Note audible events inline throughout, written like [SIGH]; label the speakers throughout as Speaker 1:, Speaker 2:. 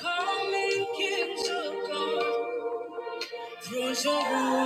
Speaker 1: Come and get your God through your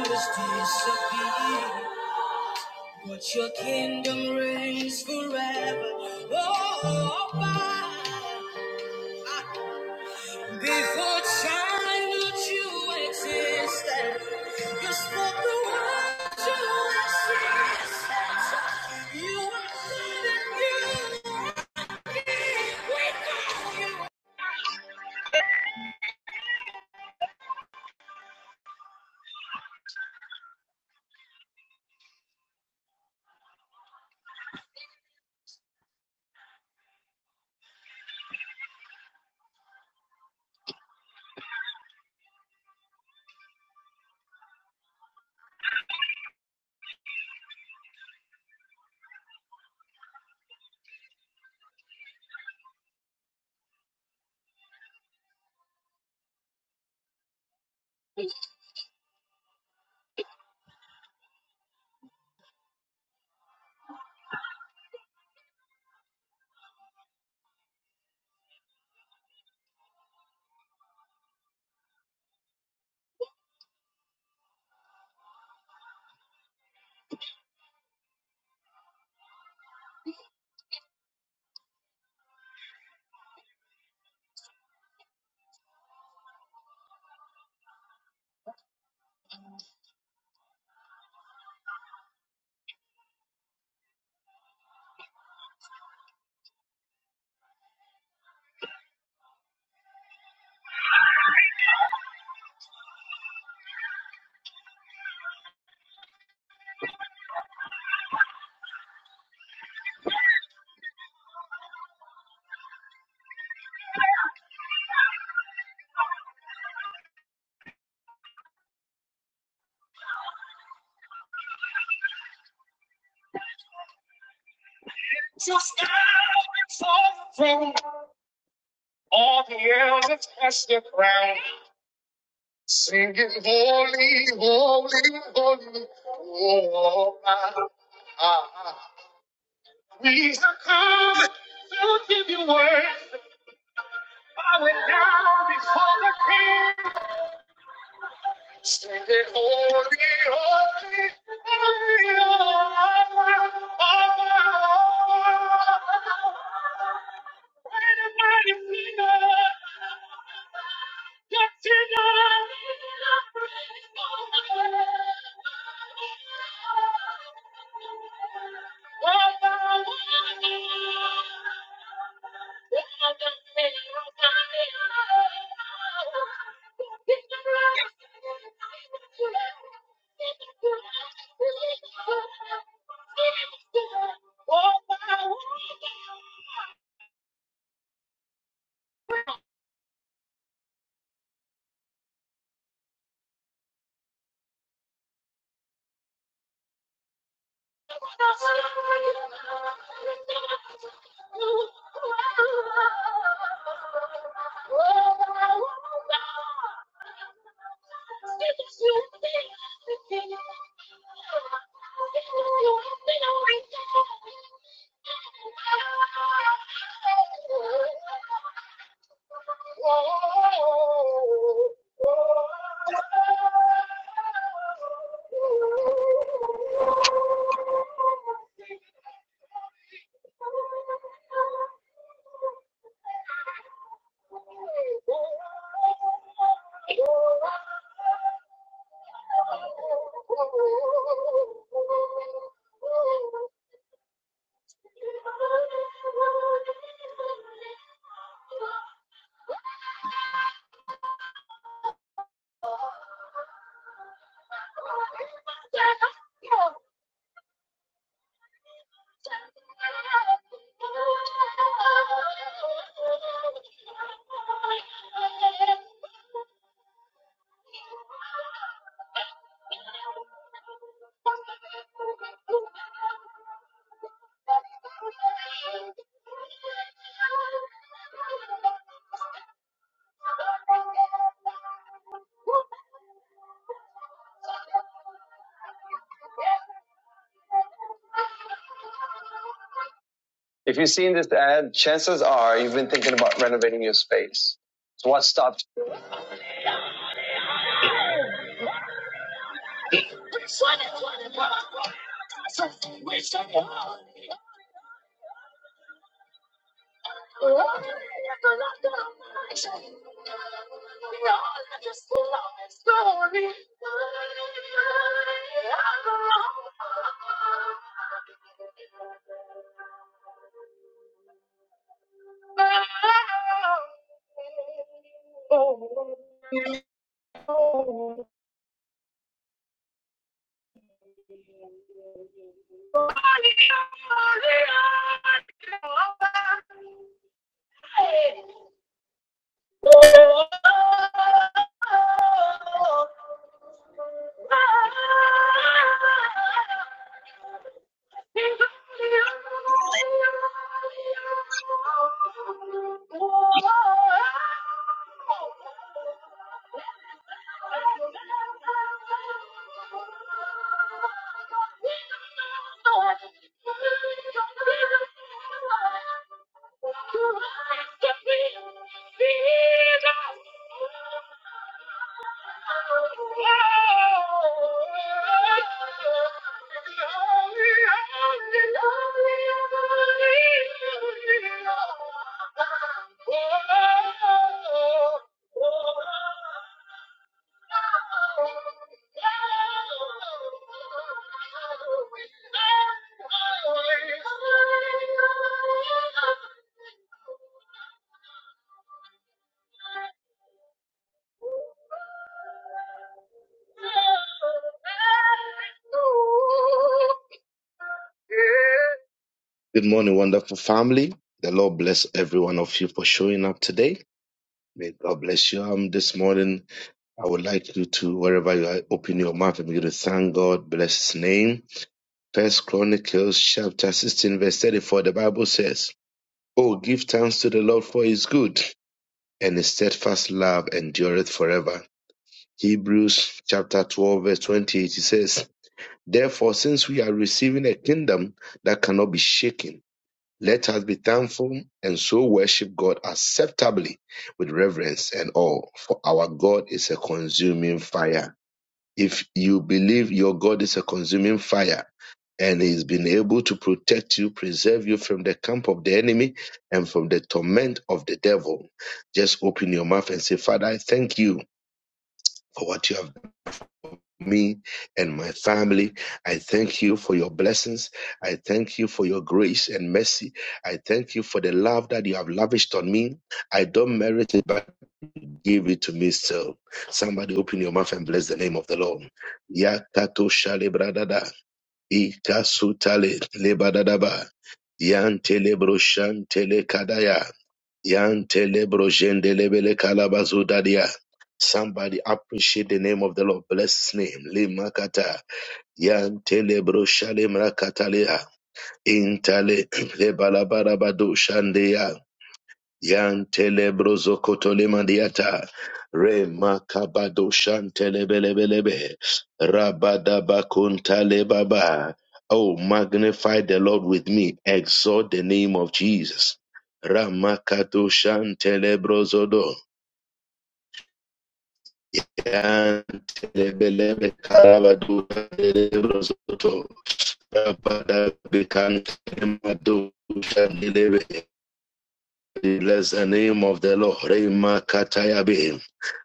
Speaker 1: Just now all the elders has their crown, singing holy, holy, holy, oh, ah, ah. We have come to give you worship, bowing down before the King. Standing holy, holy, holy, If you've seen this ad, chances are you've been thinking about renovating your space. So what stopped? Good morning, wonderful family. The Lord bless every one of you for showing up today. May God bless you um, this morning. I would like you to, wherever you are, open your mouth and begin to thank God, bless His name. First Chronicles chapter 16, verse 34, the Bible says, Oh, give thanks to the Lord for His good, and His steadfast love endureth forever. Hebrews chapter 12, verse 28, it says, Therefore, since we are receiving a kingdom that cannot be shaken, let us be thankful and so worship God acceptably with reverence and awe, for our God is a consuming fire. If you believe your God is a consuming fire and he's been able to protect you, preserve you from the camp of the enemy and from the torment of the devil, just open your mouth and say, Father, I thank you. For what you have done for me and my family. I thank you for your blessings. I thank you for your grace and mercy. I thank you for the love that you have lavished on me. I don't merit it, but Give it to me still. Somebody open your mouth and bless the name of the Lord. Yakato shale bradada. Ikasutale lebadadaba. Yantele broshantele kadaya. Yantele broshendelebele kalabazudadia. Somebody appreciate the name of the Lord. Bless his name. Limakata. Yantele broshale mrakatalea. Intale [CLEARS THROAT] lebalabarabado shandeya. Yantele brozo kotole mandiata. Re makabado shantele belebelebe. Rabada bakuntale baba. Oh, magnify the Lord with me. Exalt the name of Jesus. Ramakato shantele brozodo. Yantele belebe karabado shantele brozoto. Rabada bekantele mado shantele be. Bless the name of the Lord. Rema Katayabe.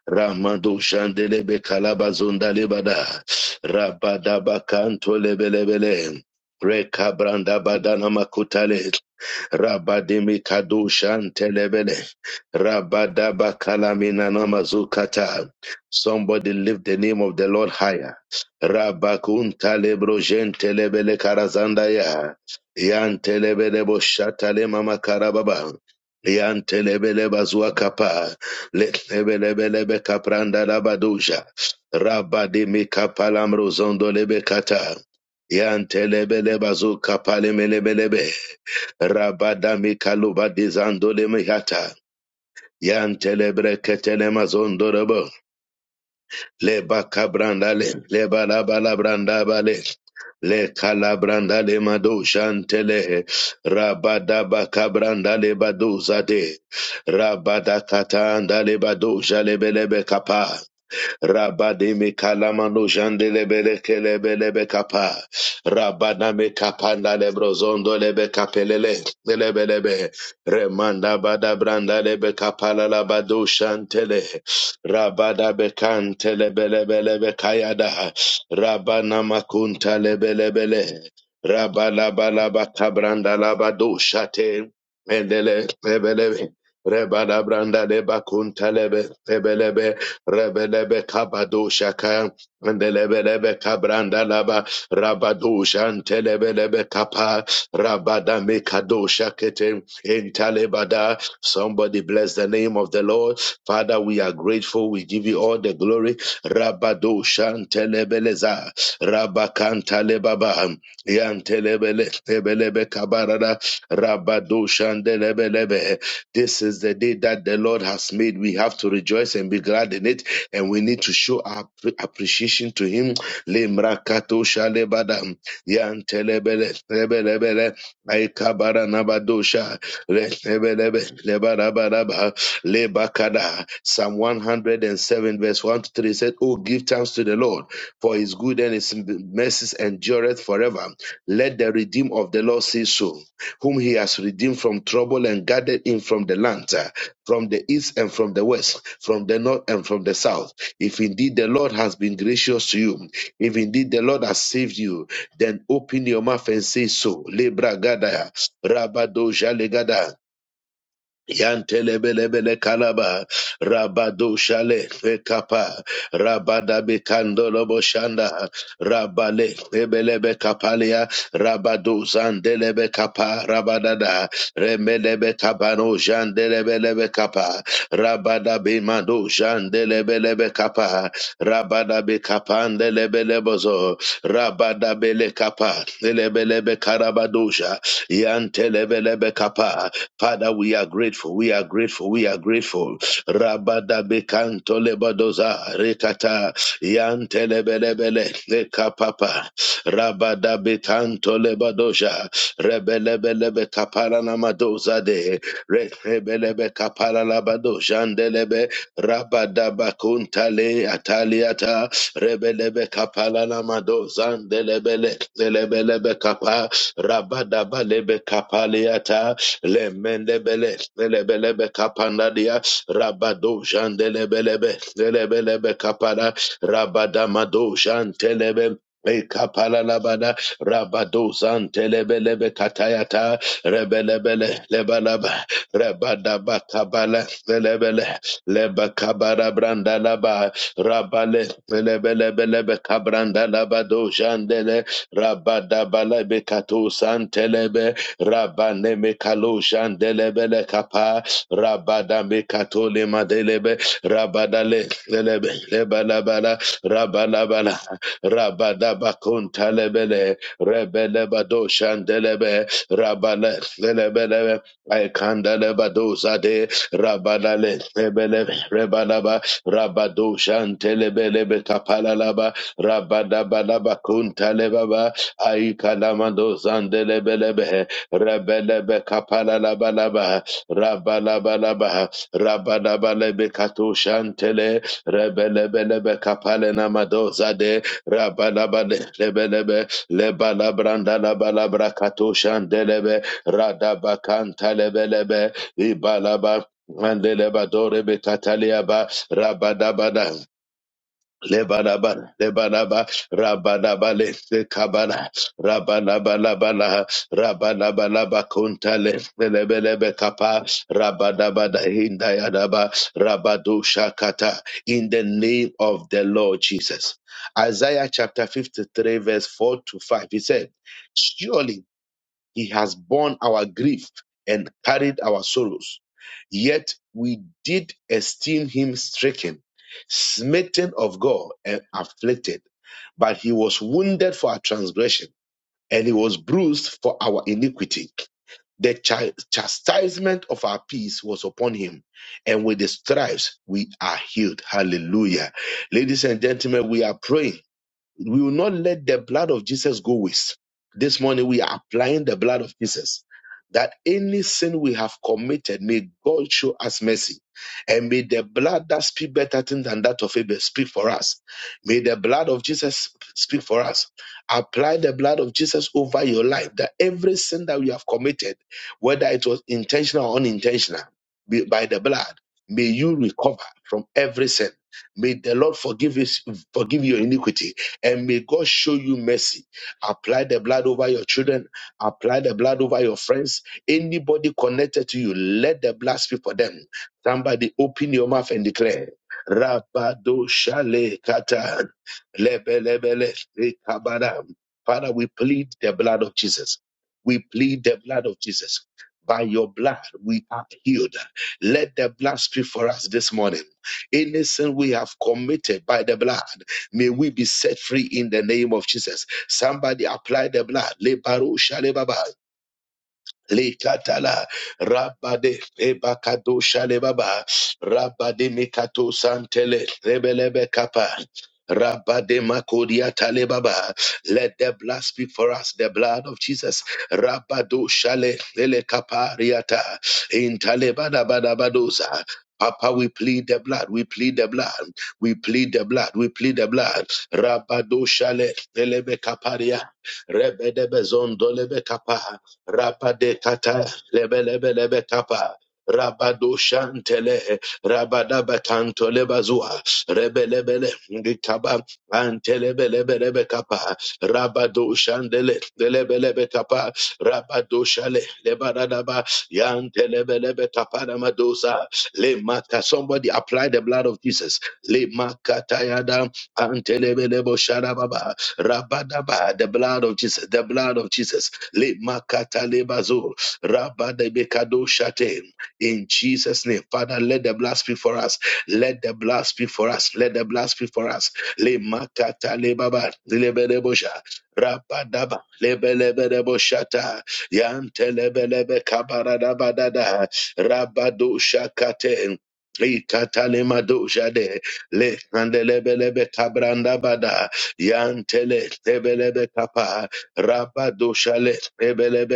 Speaker 1: Ramado Shandelebe Kalabazunda Lebada. Rabadaba Kanto Lebelebele. Rekabranda Badana Makutale. Rabadimi Kadu Shantelebele. Rabadaba Kalamina Namazukata. Somebody lift the name of the Lord higher. Rabakunta Lebro Gentelebele Karazandaya. Yantelebele Boshatale Mama Karababa. Liantelebele bazua kapa, lebelebelebe kapranda labaduja, rabade mi kapalam rozondo lebe kata, yantelebele bazu kapale melebelebe, rabada mi kaluba dizando le mihata, yantelebele leba kabrandale leba laba labrandabale le kalabrandale mado shantele rabada bakabrandale bado zade rabada katandale bado jalebelebe kapa Rabademe kalamano jandele belekele kele bele be kapa. Rabana me kapanda le brozondo le be kapelele le bele be. Remanda bada branda le be kapala la badu shantele. Rabada be kante le bele bele be kayada. Rabana makunta le bele bele. Rabala bala bakabranda la badu shate. Mendele bele be. Rebada branda deba kuntelebe tebelebe rebelebe kabado shaka ndelebelebe kabranda laba rabado shantelebelebe kapa rabada mekado shakete intalebada. Somebody bless the name of the Lord. Father, we are grateful. We give you all the glory. Rabado shantelebeleza rabakantalebaba yantelebele tebelebe kabarada rabado shandelebelebe this is the day that the Lord has made. We have to rejoice and be glad in it, and we need to show our pre- appreciation to Him. Lemrakato shalebada, yantelebele, lebelebele, aikabara nabadosha, retebelebe, lebarabaraba, lebakada. Psalm 107, verse 1 to 3 said, Oh, give thanks to the Lord, for His good and His mercies endureth forever. Let the redeemed of the Lord say so whom he has redeemed from trouble and gathered him from the lands, uh, from the east and from the west, from the north and from the south. If indeed the Lord has been gracious to you, if indeed the Lord has saved you, then open your mouth and say so. Lebra gadaya, rabado jalegada. Yantelebelebele kalaba rabado shale fekapa rabada bekando lobo shanda rabale ebelebe kapalia rabado zandelebe kapa rabadada remelebe kabano jandelebelebe kapa rabada bemado jandelebelebe kapa rabada bekapandelebelebozo rabada bele kapa Lebelebe karabadosha. Yantelebelebe kapa. Father, we are grateful. We are grateful. We are grateful. Rabada bekanto lebadoza rekata. Yantelebelebele lekapapa. Rabada bekanto lebadosha. Rebelebelebe kapara namadoza de. Rebelebe kapara labadosha ndelebe. Rabada bakunta le. Male Ataliata Rebelebe Kapalana Madozan Delebele Delebelebe Kapa Rabadaba Lebe Kapaliata Lemendebele Delebelebe Kapandadia Rabado Jan Delebelebe Delebelebe Kapala Rabadamado Jan Telebe Ekapalalabada, rabadozan telebelebe katayata, rebelebele, lebalaba, rabadabakabala, lebele, lebakabara brandalaba, rabale, lebelebelebe kabrandalaba dozhandele, rabadabalebe katosan telebe, rabaneme kaloshan delebele kapa, rabadame katolema delebe, rabadale, lelebe, lebalabala, Rabalabala, Rabadabakuntalebele, Rebelebado Shandelebe, Rabale, Lebelebe, Ikandelebado Zade, Rabalale, Lebele, Rebalaba, Rabado Shantelebelebe Kapalalaba, Rabadabalaba Kuntalebaba, Aikalamando Zandelebelebe, Rebelebe Kapalalabalaba, Rabalabalaba, Rabadabalebe Kato Shantele, rebelebelebe kapale namadoza de rabalabale lebelebe lebalabranda labalabra katoshandelebe radabakanta lebelebe ibalaba mandelebadore bekataliaba rabadabada Lebanaba, Lebanaba, Rabanaba, Leste Kabana, Rabanaba, Labana, Rabanaba, Labakunta, Leste Lebelebe Kapa, Rabanaba, Hindayadaba, Rabadu Shakata, in the name of the Lord Jesus. Isaiah chapter 53, verse 4 to 5, he said, Surely he has borne our grief and carried our sorrows. Yet we did esteem him stricken, smitten of God, and afflicted. But he was wounded for our transgression, and he was bruised for our iniquity. The chi- chastisement of our peace was upon him, and with the stripes we are healed. Hallelujah. Ladies and gentlemen, we are praying. We will not let the blood of Jesus go waste. This morning, we are applying the blood of Jesus. That any sin we have committed, may God show us mercy. And may the blood that speak better things than that of Abel speak for us. May the blood of Jesus speak for us. Apply the blood of Jesus over your life. That every sin that we have committed, whether it was intentional or unintentional, be- by the blood, may you recover from every sin. May the Lord forgive you, forgive your iniquity and may God show you mercy. Apply the blood over your children. Apply the blood over your friends. Anybody connected to you, let the blood speak for them. Somebody open your mouth and declare. Rabado shale kata lebelebele ekabada. Father, we plead the blood of Jesus. We plead the blood of Jesus. By your blood, we are healed. Let the blood speak for us this morning. Any sin we have committed by the blood. May we be set free in the name of Jesus. Somebody apply the blood. Le baro shale baba. Likatala Rabade Ebakado Shalebaba Rabade Mikato Santele Rebelebe Kappa Rabade Makodia Talebaba Let the blood speak for us, the blood of Jesus. Rabado Shale Lele Kapariata in Talebada Badabadosa. Papa, we plead the blood, we plead the blood, we plead the blood, we plead the blood. Rabado Shale Lelebe Kaparia. Rebedebe Zondolebe Kapa, Rapa de Kata, lebe lebe lebe Kapa, Rabado Shantele, rabadabatanto lebazua rebelebele ndikaba antelebelebelebe kapa rabadoshandele lebelebe kapa rabadoshale lebaradaba yantelebelebe kapa namadosa lemaka somebody apply the blood of Jesus lemakatayada antelebelebo sharababa rabadaba the blood of Jesus the blood of Jesus lemakata lebazo rabadebekado shate in Jesus' name. Father, let the blood speak for us. Let the blood speak for us. Let the blood speak for us. Le makata le baba le bedebosha rapadaba le belebedeboshata yante le belebe kabaradabadada rabadosha katen. Ikatale madosha le kandelebelebe kabranda bada yantele tebelebe kapa rabadosha le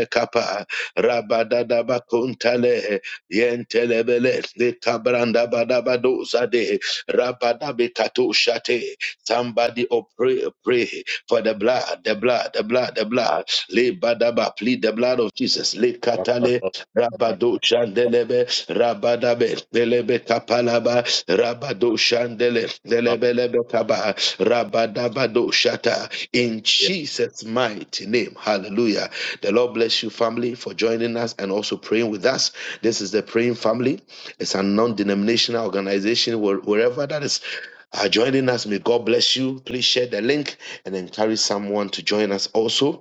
Speaker 1: kapa rabadadaba kuntale Yentelebele le kabranda badabado zade rabadabe kato shate. Somebody oh, pray, pray for the blood, the blood, the blood, the blood. Le badaba, plead the blood of Jesus. Le
Speaker 2: Rakabos,
Speaker 1: katale Rabado Shandelebe, Rabadabe, Delebe Kapalaba, Rabado Shandele, Delebelebe Kaba, Rabadabado Shata. In Jesus' mighty name, hallelujah. The Lord bless you, family, for joining us and also praying with us. This is the Praying Family. It's a non denominational organization where, wherever that is. Uh, joining us, may God bless you. Please share the link and encourage someone to join us also.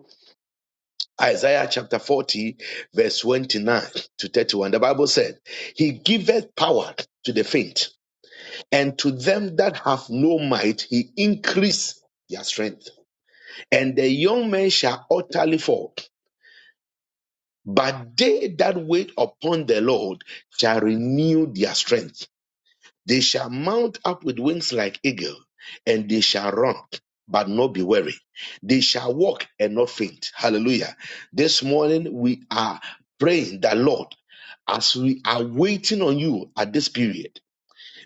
Speaker 1: Isaiah chapter 40, verse 29 to 31. The Bible said, He giveth power to the faint, and to them that have no might, He increase their strength. And the young men shall utterly fall. But they that wait upon the Lord shall renew their strength. They shall mount up with wings like eagle, and they shall run, but not be weary. They shall walk and not faint. Hallelujah. This morning we are praying that Lord, as we are waiting on you at this period,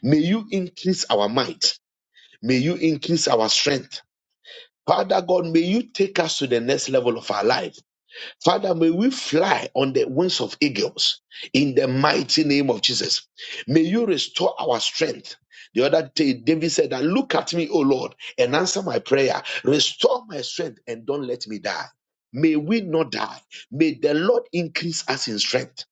Speaker 1: may you increase our might. May you increase our strength. Father God, may you take us to the next level of our life. Father, may we fly on the wings of eagles in the mighty name of Jesus. May you restore our strength. The other day, David said, that, Look at me, O Lord, and answer my prayer. Restore my strength and don't let me die. May we not die. May the Lord increase us in strength.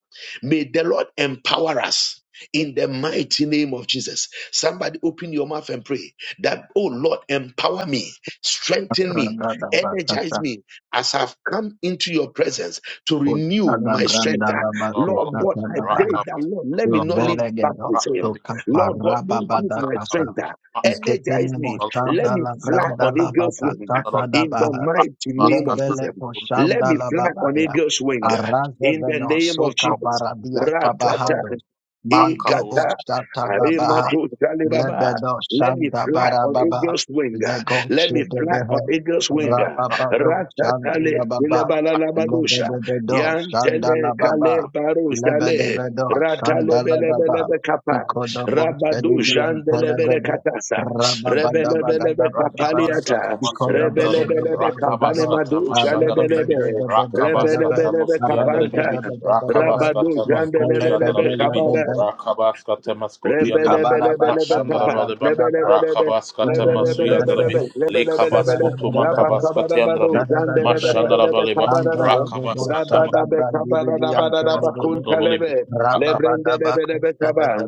Speaker 1: May the Lord empower us in the mighty name of Jesus. Somebody open your mouth and pray that, Oh Lord, empower me, strengthen me,
Speaker 3: Branda da ba ta
Speaker 1: energize
Speaker 3: ta.
Speaker 1: me, as I've come into your presence to
Speaker 3: Ko ta
Speaker 1: renew
Speaker 3: da
Speaker 1: my
Speaker 3: branda
Speaker 1: strength, ah,
Speaker 3: da ba ko
Speaker 1: Lord
Speaker 3: ta
Speaker 1: God,
Speaker 3: ta
Speaker 1: I
Speaker 3: da
Speaker 2: Rak,
Speaker 3: ba.
Speaker 1: pray that, Lord, let
Speaker 2: Rak,
Speaker 1: me not live back
Speaker 3: Velegedos
Speaker 1: the
Speaker 2: Rak,
Speaker 1: same.
Speaker 3: to
Speaker 1: Lord God, increase
Speaker 3: Caparababada
Speaker 1: my
Speaker 3: Casa.
Speaker 1: strength. ah, Energize
Speaker 3: Iketenemos
Speaker 1: me. Let
Speaker 3: Shanda
Speaker 1: me
Speaker 3: la
Speaker 1: fly
Speaker 3: Granda
Speaker 1: on
Speaker 3: la
Speaker 1: eagle's wing ah,
Speaker 3: Bacasata da
Speaker 1: in the
Speaker 3: Baha.
Speaker 1: mighty name of Jesus.
Speaker 3: Lebele
Speaker 1: Let
Speaker 3: Coshanda
Speaker 1: me
Speaker 3: la
Speaker 1: fly on
Speaker 3: Babaya.
Speaker 1: eagle's wing ah,
Speaker 3: Arraze
Speaker 1: in the name
Speaker 3: venoso
Speaker 1: of Jesus.
Speaker 3: cabaradia cabahando.
Speaker 1: Ratata,
Speaker 3: Mando
Speaker 1: ikata,
Speaker 3: boshata da Baha.
Speaker 1: arimato,
Speaker 3: Lebedo
Speaker 1: let me
Speaker 3: Shanda
Speaker 1: fly on
Speaker 3: barababa.
Speaker 1: angel's wing.
Speaker 3: Lego
Speaker 1: Let me
Speaker 3: de
Speaker 1: fly on
Speaker 3: Behe.
Speaker 1: angel's wing.
Speaker 3: Rababado Shanda
Speaker 1: Ratatale
Speaker 3: la Baba.
Speaker 1: ilabalalabadosha.
Speaker 3: Lebedo Shanda
Speaker 1: Yantele
Speaker 3: la
Speaker 1: kale
Speaker 3: Baba.
Speaker 1: barushale.
Speaker 3: Lebedebedo,
Speaker 1: Ratale bele bele
Speaker 3: Sandalababa,
Speaker 1: be kapa.
Speaker 3: Ikodobo,
Speaker 1: Rabadu
Speaker 3: Stadibian,
Speaker 1: jandele bele
Speaker 3: Pedabede,
Speaker 1: katasa.
Speaker 2: Rak,
Speaker 1: Rebele bele be
Speaker 3: Rababadabadabadabada,
Speaker 1: kapaliata.
Speaker 2: Rakabaskatamasu
Speaker 1: Rebele
Speaker 2: Yandarabi,
Speaker 1: bele be kapane
Speaker 3: Ikodabadabadabadaba,
Speaker 2: Rakabaskatamas
Speaker 1: madusha le
Speaker 2: Yandarabilibi,
Speaker 1: be. Rebele
Speaker 3: Arababadabadabadaba,
Speaker 1: bele
Speaker 2: Rakabaskatamus
Speaker 1: be kapanta.
Speaker 2: Yandarabilibi,
Speaker 3: Arababadabadabadaba,
Speaker 1: Rabadu
Speaker 2: Rakabaskatamas
Speaker 1: jandele
Speaker 2: Gutu
Speaker 1: bele be
Speaker 2: Yandarabilibi,
Speaker 1: kabara.
Speaker 3: Izalakadelabada,
Speaker 2: Rakabaskatamas Gutu Yandarab,
Speaker 3: Ikabaraba,
Speaker 1: Rebelebelebelebekapa.
Speaker 2: Mashandarabaliba,
Speaker 3: Sandabadabada,
Speaker 1: Lebelebelebe.
Speaker 2: Rakabaskatamasu Yandarabi,
Speaker 1: Lebelebelebelebe.
Speaker 3: Rabadabadabada,
Speaker 1: Lebelebelebele.
Speaker 2: Lekabaskutu
Speaker 3: Rabadabadabada,
Speaker 2: Makabaskata Yandarabi,
Speaker 1: Rabakabarabado.
Speaker 3: Rabadabadabada,
Speaker 1: Zandelebelebelebe
Speaker 2: Mashandarabaliba,
Speaker 1: kabarada.
Speaker 3: Mandolo Bobo,
Speaker 2: Rakabaskatamas
Speaker 3: Sada
Speaker 1: Rabadabe
Speaker 3: Brandibian,
Speaker 2: Yandarabilibi,
Speaker 1: kabaradabadadabakuntalebe.
Speaker 2: Rakabaskatamas
Speaker 1: Lebrendelebelebe kaba.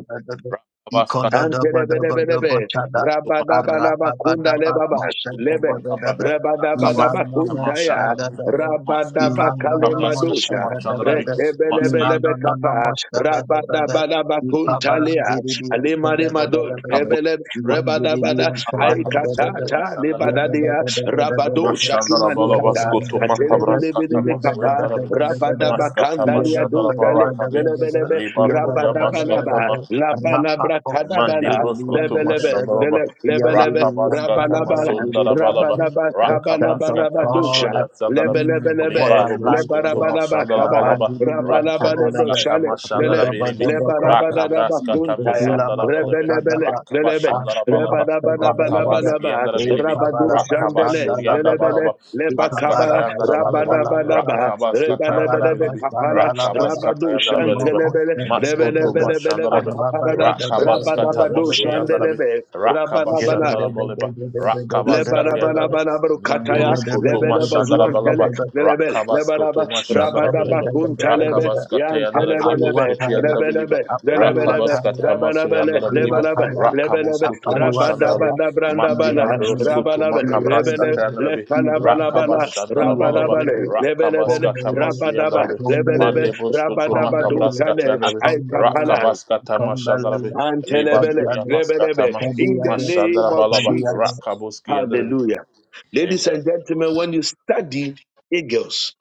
Speaker 1: Antelebelebelebe, rabadabalabakunda lebaba,
Speaker 2: Skutu
Speaker 1: lebe,
Speaker 2: makabra, rakabraska
Speaker 1: rabadabadabakuntaya,
Speaker 2: tamashandarabi, maskutu makabraska
Speaker 1: rabadabakalemadusha,
Speaker 2: tamashandarabi,
Speaker 1: retebelebelebe
Speaker 2: maskiyadarabi,
Speaker 1: kapa, rabadabadabakuntalia, alimarimado,
Speaker 2: kabul,
Speaker 1: rebelebe, rebadabada,
Speaker 2: makabraskabutu
Speaker 1: aikatata,
Speaker 2: mashandarabi,
Speaker 1: libadadia, rabado, shakimanikata,
Speaker 2: mashandarabalabaskotu makabraska
Speaker 1: atelebelebelebe kapa,
Speaker 2: tamasuandarabi,
Speaker 1: rabadabakandalia
Speaker 2: maskatamashandaraba
Speaker 1: dusha, le-
Speaker 2: rakabi,
Speaker 3: Yadadabadabadabada,
Speaker 1: lelebelebe,
Speaker 2: libaturiya
Speaker 1: Rabadabalaba,
Speaker 2: maskatama,
Speaker 3: yadadabadabadaba, rapapocha
Speaker 2: Mandi
Speaker 1: Labalabrakadabala,
Speaker 2: bruskutu
Speaker 1: Lebelebe,
Speaker 3: dididiantadadaba,
Speaker 2: mashandaraba.
Speaker 1: Lele, Lebelebe,
Speaker 2: Rakabaska
Speaker 1: Rabalabala,
Speaker 2: tamasundarabalaba.
Speaker 3: yandididiantalabrandididiante.
Speaker 1: Rabalaba,
Speaker 3: The strength
Speaker 2: Rakabraska
Speaker 3: of
Speaker 1: Kabalabalaba, Dusha,
Speaker 3: God
Speaker 2: tamashoda sandarabi.
Speaker 3: mm, upon
Speaker 1: Lebelebelebe,
Speaker 3: our
Speaker 2: Libalo
Speaker 3: life, O
Speaker 2: buskutu
Speaker 3: God.
Speaker 1: Lebarabalaba, Kaba,
Speaker 2: mashandarabalaba. Rakabaska
Speaker 3: Labandididiantadadaba,
Speaker 1: Rabalabalebrokshale, Lele,
Speaker 2: tamashandarabiribi.
Speaker 3: rababadabakosa,
Speaker 1: Lebarabalaba,
Speaker 2: Rakabraska
Speaker 1: Kuntaya,
Speaker 2: tamusandarabalebe.
Speaker 1: Rebelebele,
Speaker 3: zedulamakosadaba,
Speaker 1: Lelebe,
Speaker 2: Rakabashandarabalaba.
Speaker 3: antimasadadabada,
Speaker 1: Rabadabadabadabadaba,
Speaker 2: Rakabaskiandarabilibi.
Speaker 1: Rabado Shandele,
Speaker 3: ekabarabashandalababa,
Speaker 1: Lelebele,
Speaker 2: Rakabashuriandabalaba.
Speaker 1: Lebakaba,
Speaker 2: Maskatayandarabaleba.
Speaker 3: ekabarabashandalababa,
Speaker 1: Rabadabadaba,
Speaker 2: Rakabaska
Speaker 3: Apalwataya,
Speaker 1: Rebelebelebe
Speaker 2: tayandarabilibi.
Speaker 1: Kapala,
Speaker 2: Rakabaska
Speaker 1: Rabado
Speaker 2: tayandarabilibi.
Speaker 1: Shantelebele,
Speaker 2: Maskutu
Speaker 1: Rebelebelebelebe
Speaker 2: mashandarabe.
Speaker 1: Kaparada,
Speaker 2: Rakabaskata
Speaker 1: Rabadabado
Speaker 2: Mosu Yandarabi,
Speaker 1: Shandelebe, Rabadabala,
Speaker 2: Rakabashandara Boleba, Rakabaskata Yandarabi,
Speaker 1: Lebarabarabarabakataya,
Speaker 2: Mindorosko Toma Shandara
Speaker 1: lebelebazuantele,
Speaker 2: Balaba,
Speaker 1: lebele,
Speaker 2: Rakabasko
Speaker 1: lebaraba,
Speaker 2: Toma Shandara Beliba,
Speaker 1: rabadabakuntalebe,
Speaker 2: Rakabaskata Yandara
Speaker 1: yantelebelebe,
Speaker 2: Bilibosko to Yandara
Speaker 1: lebelebe,
Speaker 2: Beliba,
Speaker 1: lebelebe,
Speaker 2: Rakabaskata Masu
Speaker 1: rabalabele,
Speaker 2: Yandara Beliba,
Speaker 1: lebalaba, lebelebe,
Speaker 2: Rakabusko to Mashandarabi,
Speaker 1: rabadabadabrandabala,
Speaker 2: Mastigandro Scutu
Speaker 1: rabalabe,
Speaker 2: Macabrasca
Speaker 1: lebele,
Speaker 2: Tandrabi,
Speaker 1: lekalabalabala,
Speaker 2: Rakabashandarabalaba,
Speaker 1: rabalabale, lebelebele,
Speaker 2: Rakabaska
Speaker 3: Akombalele,
Speaker 1: rabadaba,
Speaker 2: Tamasuyandarabi,
Speaker 1: lebelebe,
Speaker 3: akombalele,
Speaker 2: Mandebo Scutu
Speaker 3: akombalele,
Speaker 2: Macabrasca
Speaker 1: rabadabadutale,
Speaker 2: Tandrabi,
Speaker 3: akombalele,
Speaker 1: aikapana
Speaker 2: Rakabaska Tamashandarabi,
Speaker 3: akombalele,
Speaker 1: and telebele,
Speaker 2: Libaturia
Speaker 3: asadiade,
Speaker 1: lebelebe,
Speaker 2: Maskatama,
Speaker 1: in the
Speaker 3: asadiade,
Speaker 1: name of
Speaker 2: Mashandarabalaba,
Speaker 3: asadiade.
Speaker 1: Jesus.
Speaker 2: Rakabuski Andrabi.
Speaker 1: Hallelujah. Ladies
Speaker 2: Amen.
Speaker 1: and gentlemen, when you study eagles,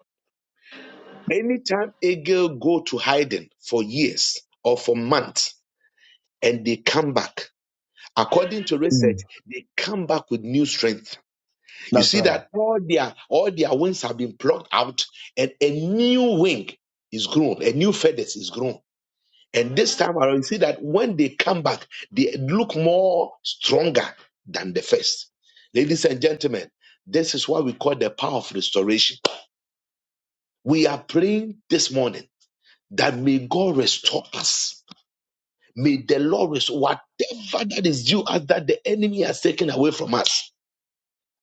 Speaker 1: anytime eagle go to hiding for years or for months and they come back, according to research,
Speaker 3: Mm.
Speaker 1: they come back with new strength. You
Speaker 3: That's
Speaker 1: see
Speaker 3: right.
Speaker 1: that all their all their wings have been plucked out and a new wing is grown, a new feathers is grown. And this time around, you see that when they come back, they look more stronger than the first. Ladies and gentlemen, this is what we call the power of restoration. We are praying this morning that may God restore us. May the Lord restore whatever that is due us that the enemy has taken away from us.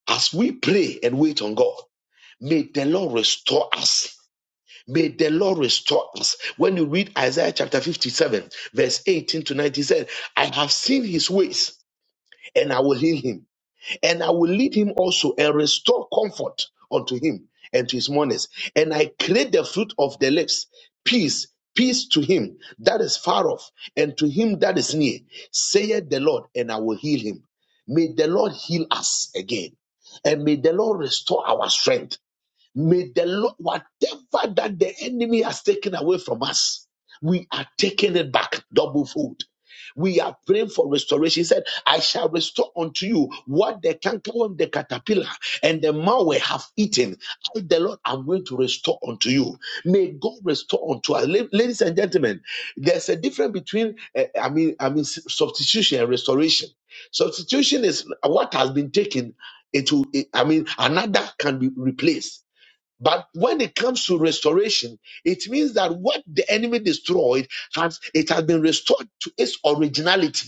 Speaker 1: As we pray and wait on God, may the Lord restore us. May the Lord restore us. When you read Isaiah chapter 57, verse 18 to 19, said, I have seen his ways, and I will heal him, and I will lead him also and restore comfort unto him and to his mourners. And I create the fruit of the lips, peace, peace to him that is far off, and to him that is near, saith the Lord, and I will heal him. May the Lord heal us again, and may the Lord restore our strength May the Lord, whatever that the enemy has taken away from us, we are taking it back double fold. We are praying for restoration. He said, I shall restore unto you what the cankerworm, the caterpillar, and the malware have eaten. I, the Lord, am going to restore unto you. May God restore unto us. Ladies and gentlemen, there's a difference between, eh, eh, I mean, I mean, substitution and restoration. Substitution is what has been taken. It will, I mean, another can be replaced but when it comes to restoration, it means that what the enemy destroyed has it has been restored to its originality.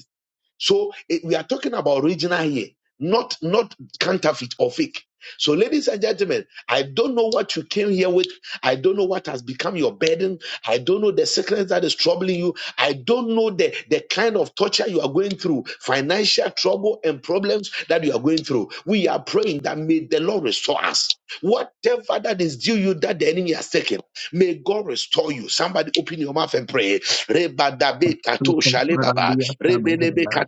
Speaker 1: So it, we are talking about original here, not not counterfeit or fake. So, ladies and gentlemen, I don't know what you came here with. I don't know what has become your burden. I don't know the sickness that is troubling you. I don't know the, the kind of torture you are going through, financial trouble and problems that you are going through. We are praying that may the Lord restore us. Whatever that is due you that the enemy has taken, May God restore you. Somebody open your mouth and pray.
Speaker 3: People Rabbi Asabahana.